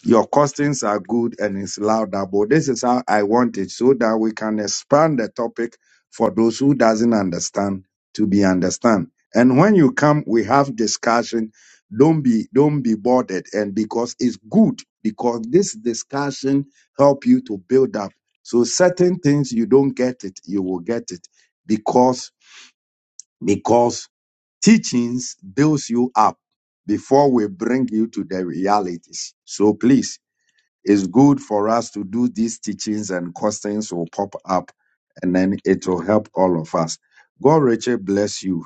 Speaker 1: your costings are good and it's louder, but This is how I want it so that we can expand the topic for those who doesn't understand to be understand. And when you come, we have discussion. Don't be don't be bothered. And because it's good, because this discussion help you to build up. So certain things you don't get it, you will get it because because teachings builds you up before we bring you to the realities. So please. It's good for us to do these teachings and questions will pop up and then it will help all of us. God, Richard, bless you.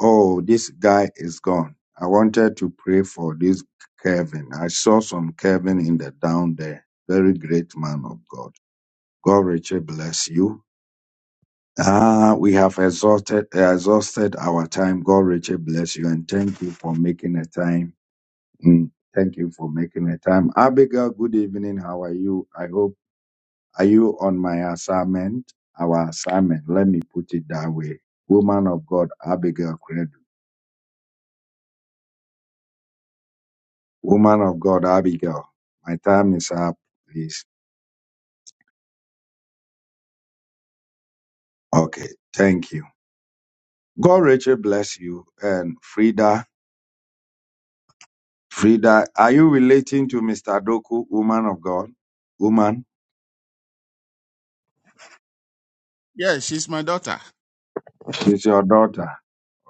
Speaker 1: Oh, this guy is gone. I wanted to pray for this Kevin. I saw some Kevin in the down there. Very great man of God. God, Richard, bless you. Ah, we have exhausted, exhausted our time. God, Richard, bless you and thank you for making a time. Mm, Thank you for making a time. Abigail, good evening. How are you? I hope are you on my assignment? Our assignment. Let me put it that way. Woman of God, Abigail Credo. Woman of God, Abigail. My time is up, please. Okay, thank you. God, Rachel, bless you. And Frida, Frida, are you relating to Mr. Doku, woman of God? Woman,
Speaker 7: Yeah, she's my daughter.
Speaker 1: she's your daughter.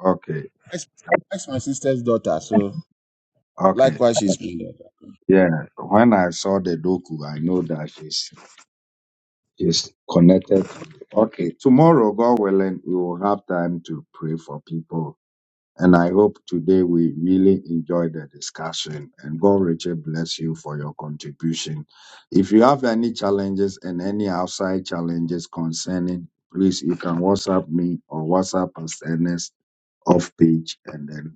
Speaker 1: Okay,
Speaker 7: That's my sister's daughter. So
Speaker 1: okay.
Speaker 7: likewise, she's my
Speaker 1: Yeah, when I saw the Doku, I know that she's, she's connected Okay, tomorrow, God willing, we will have time to pray for people. And I hope today we really enjoyed the discussion. And God, Richard, bless you for your contribution. If you have any challenges and any outside challenges concerning, WhatsApp me or WhatsApp us Ernest off page, and then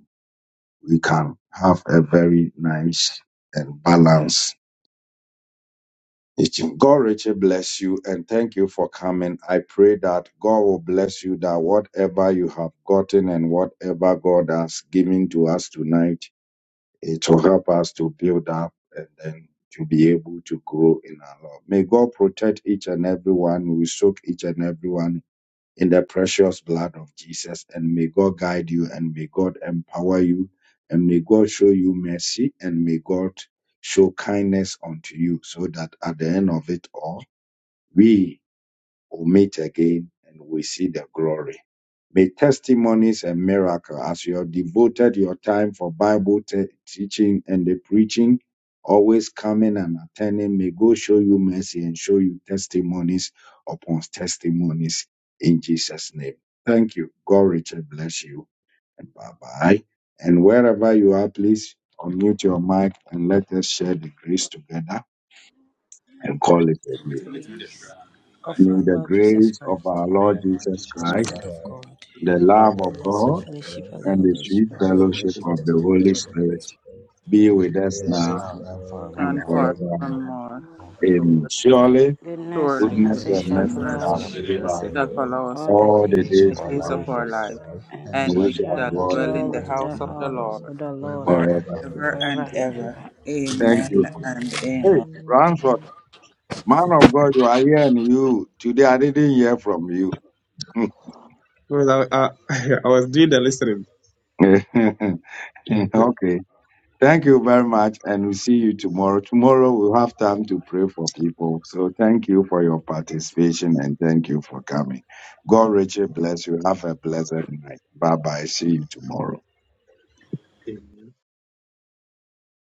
Speaker 1: we can have a very nice and balanced Teaching. God richly bless you and thank you for coming. I pray that God will bless you, that whatever you have gotten and whatever God has given to us tonight, it will help us to build up and then to be able to grow in our love. May God protect each and everyone. We soak each and everyone in the precious blood of Jesus. And may God guide you and may God empower you and may God show you mercy and may God show kindness unto you so that at the end of it all, we we will meet again and we see the glory. May testimonies and miracles, as you have devoted your time for Bible te- teaching and the preaching, always coming and attending, may God show you mercy and show you testimonies upon testimonies in Jesus' name. Thank you. God richly bless you and bye bye. And wherever you are, please unmute your mic and let us share the grace together and call it a
Speaker 2: The
Speaker 3: Wait,
Speaker 1: day.
Speaker 3: wait a minute, Shra.
Speaker 2: grace of
Speaker 1: May
Speaker 2: our
Speaker 1: the
Speaker 2: Lord Jesus
Speaker 1: grace of
Speaker 2: Christ,
Speaker 1: our
Speaker 12: The
Speaker 1: Lord
Speaker 12: Lord
Speaker 1: Jesus
Speaker 12: Jesus
Speaker 2: the
Speaker 1: Christ,
Speaker 2: love
Speaker 12: Christ,
Speaker 2: of God,
Speaker 1: the
Speaker 12: the love
Speaker 1: love
Speaker 2: and
Speaker 1: of
Speaker 12: of
Speaker 2: the sweet
Speaker 1: God,
Speaker 12: God,
Speaker 2: fellowship of the
Speaker 1: and the
Speaker 2: Holy
Speaker 1: sweet
Speaker 12: the sweet
Speaker 2: Spirit.
Speaker 1: fellowship
Speaker 12: fellowship
Speaker 1: of
Speaker 12: of
Speaker 1: the
Speaker 12: the Holy
Speaker 1: Holy
Speaker 12: Spirit,
Speaker 1: Spirit be
Speaker 12: be
Speaker 1: with
Speaker 12: with
Speaker 1: us
Speaker 12: us
Speaker 1: now
Speaker 12: now and
Speaker 1: and
Speaker 9: And
Speaker 12: forevermore.
Speaker 1: forever.
Speaker 9: forevermore,
Speaker 1: Amen.
Speaker 9: surely,
Speaker 12: Amen.
Speaker 1: Surely,
Speaker 2: Goodness
Speaker 9: surely
Speaker 2: and
Speaker 1: goodness
Speaker 2: mercy
Speaker 12: Goodness
Speaker 9: goodness
Speaker 1: and
Speaker 2: shall
Speaker 12: and
Speaker 9: and
Speaker 1: mercy
Speaker 12: mercy
Speaker 2: follow
Speaker 1: shall
Speaker 9: mercy
Speaker 12: shall
Speaker 2: us
Speaker 12: follow
Speaker 1: follow us
Speaker 12: us
Speaker 9: shall follow us
Speaker 2: all the
Speaker 9: all
Speaker 12: all
Speaker 1: all
Speaker 12: the
Speaker 1: the
Speaker 12: days
Speaker 2: days
Speaker 12: of
Speaker 9: the
Speaker 2: of
Speaker 1: days
Speaker 12: our
Speaker 1: of
Speaker 2: our
Speaker 9: days
Speaker 1: our
Speaker 9: of
Speaker 12: life,
Speaker 1: life,
Speaker 9: our life,
Speaker 2: lives, and
Speaker 12: and we
Speaker 1: and
Speaker 2: we
Speaker 9: and
Speaker 1: we
Speaker 12: shall
Speaker 9: we
Speaker 1: shall
Speaker 12: dwell
Speaker 9: shall
Speaker 12: with
Speaker 2: shall
Speaker 1: dwell
Speaker 12: us
Speaker 1: in
Speaker 9: dwell
Speaker 1: the
Speaker 9: in
Speaker 2: dwell
Speaker 12: long,
Speaker 9: the
Speaker 2: in
Speaker 1: house
Speaker 2: the
Speaker 9: house of the
Speaker 2: house
Speaker 9: Lord
Speaker 2: of the
Speaker 12: forever
Speaker 2: Lord
Speaker 12: and
Speaker 1: forever.
Speaker 12: ever.
Speaker 9: forever
Speaker 2: forever
Speaker 9: and
Speaker 2: and
Speaker 9: ever.
Speaker 2: ever.
Speaker 1: Thank
Speaker 12: Amen.
Speaker 1: you.
Speaker 9: Amen
Speaker 3: Why?
Speaker 9: and
Speaker 2: Amen.
Speaker 9: amen.
Speaker 1: Hey,
Speaker 12: Amen.
Speaker 1: Ramsford, man of God, you are here and you. Today I didn't hear from you.
Speaker 14: Well, I, I, I was doing the listening.
Speaker 1: okay. Thank you very much, and we'll see you tomorrow. Tomorrow we'll have time to pray for people. So thank you for your participation and thank you for coming. God richly bless you. Have a blessed night. Bye bye. See you tomorrow.
Speaker 14: Amen.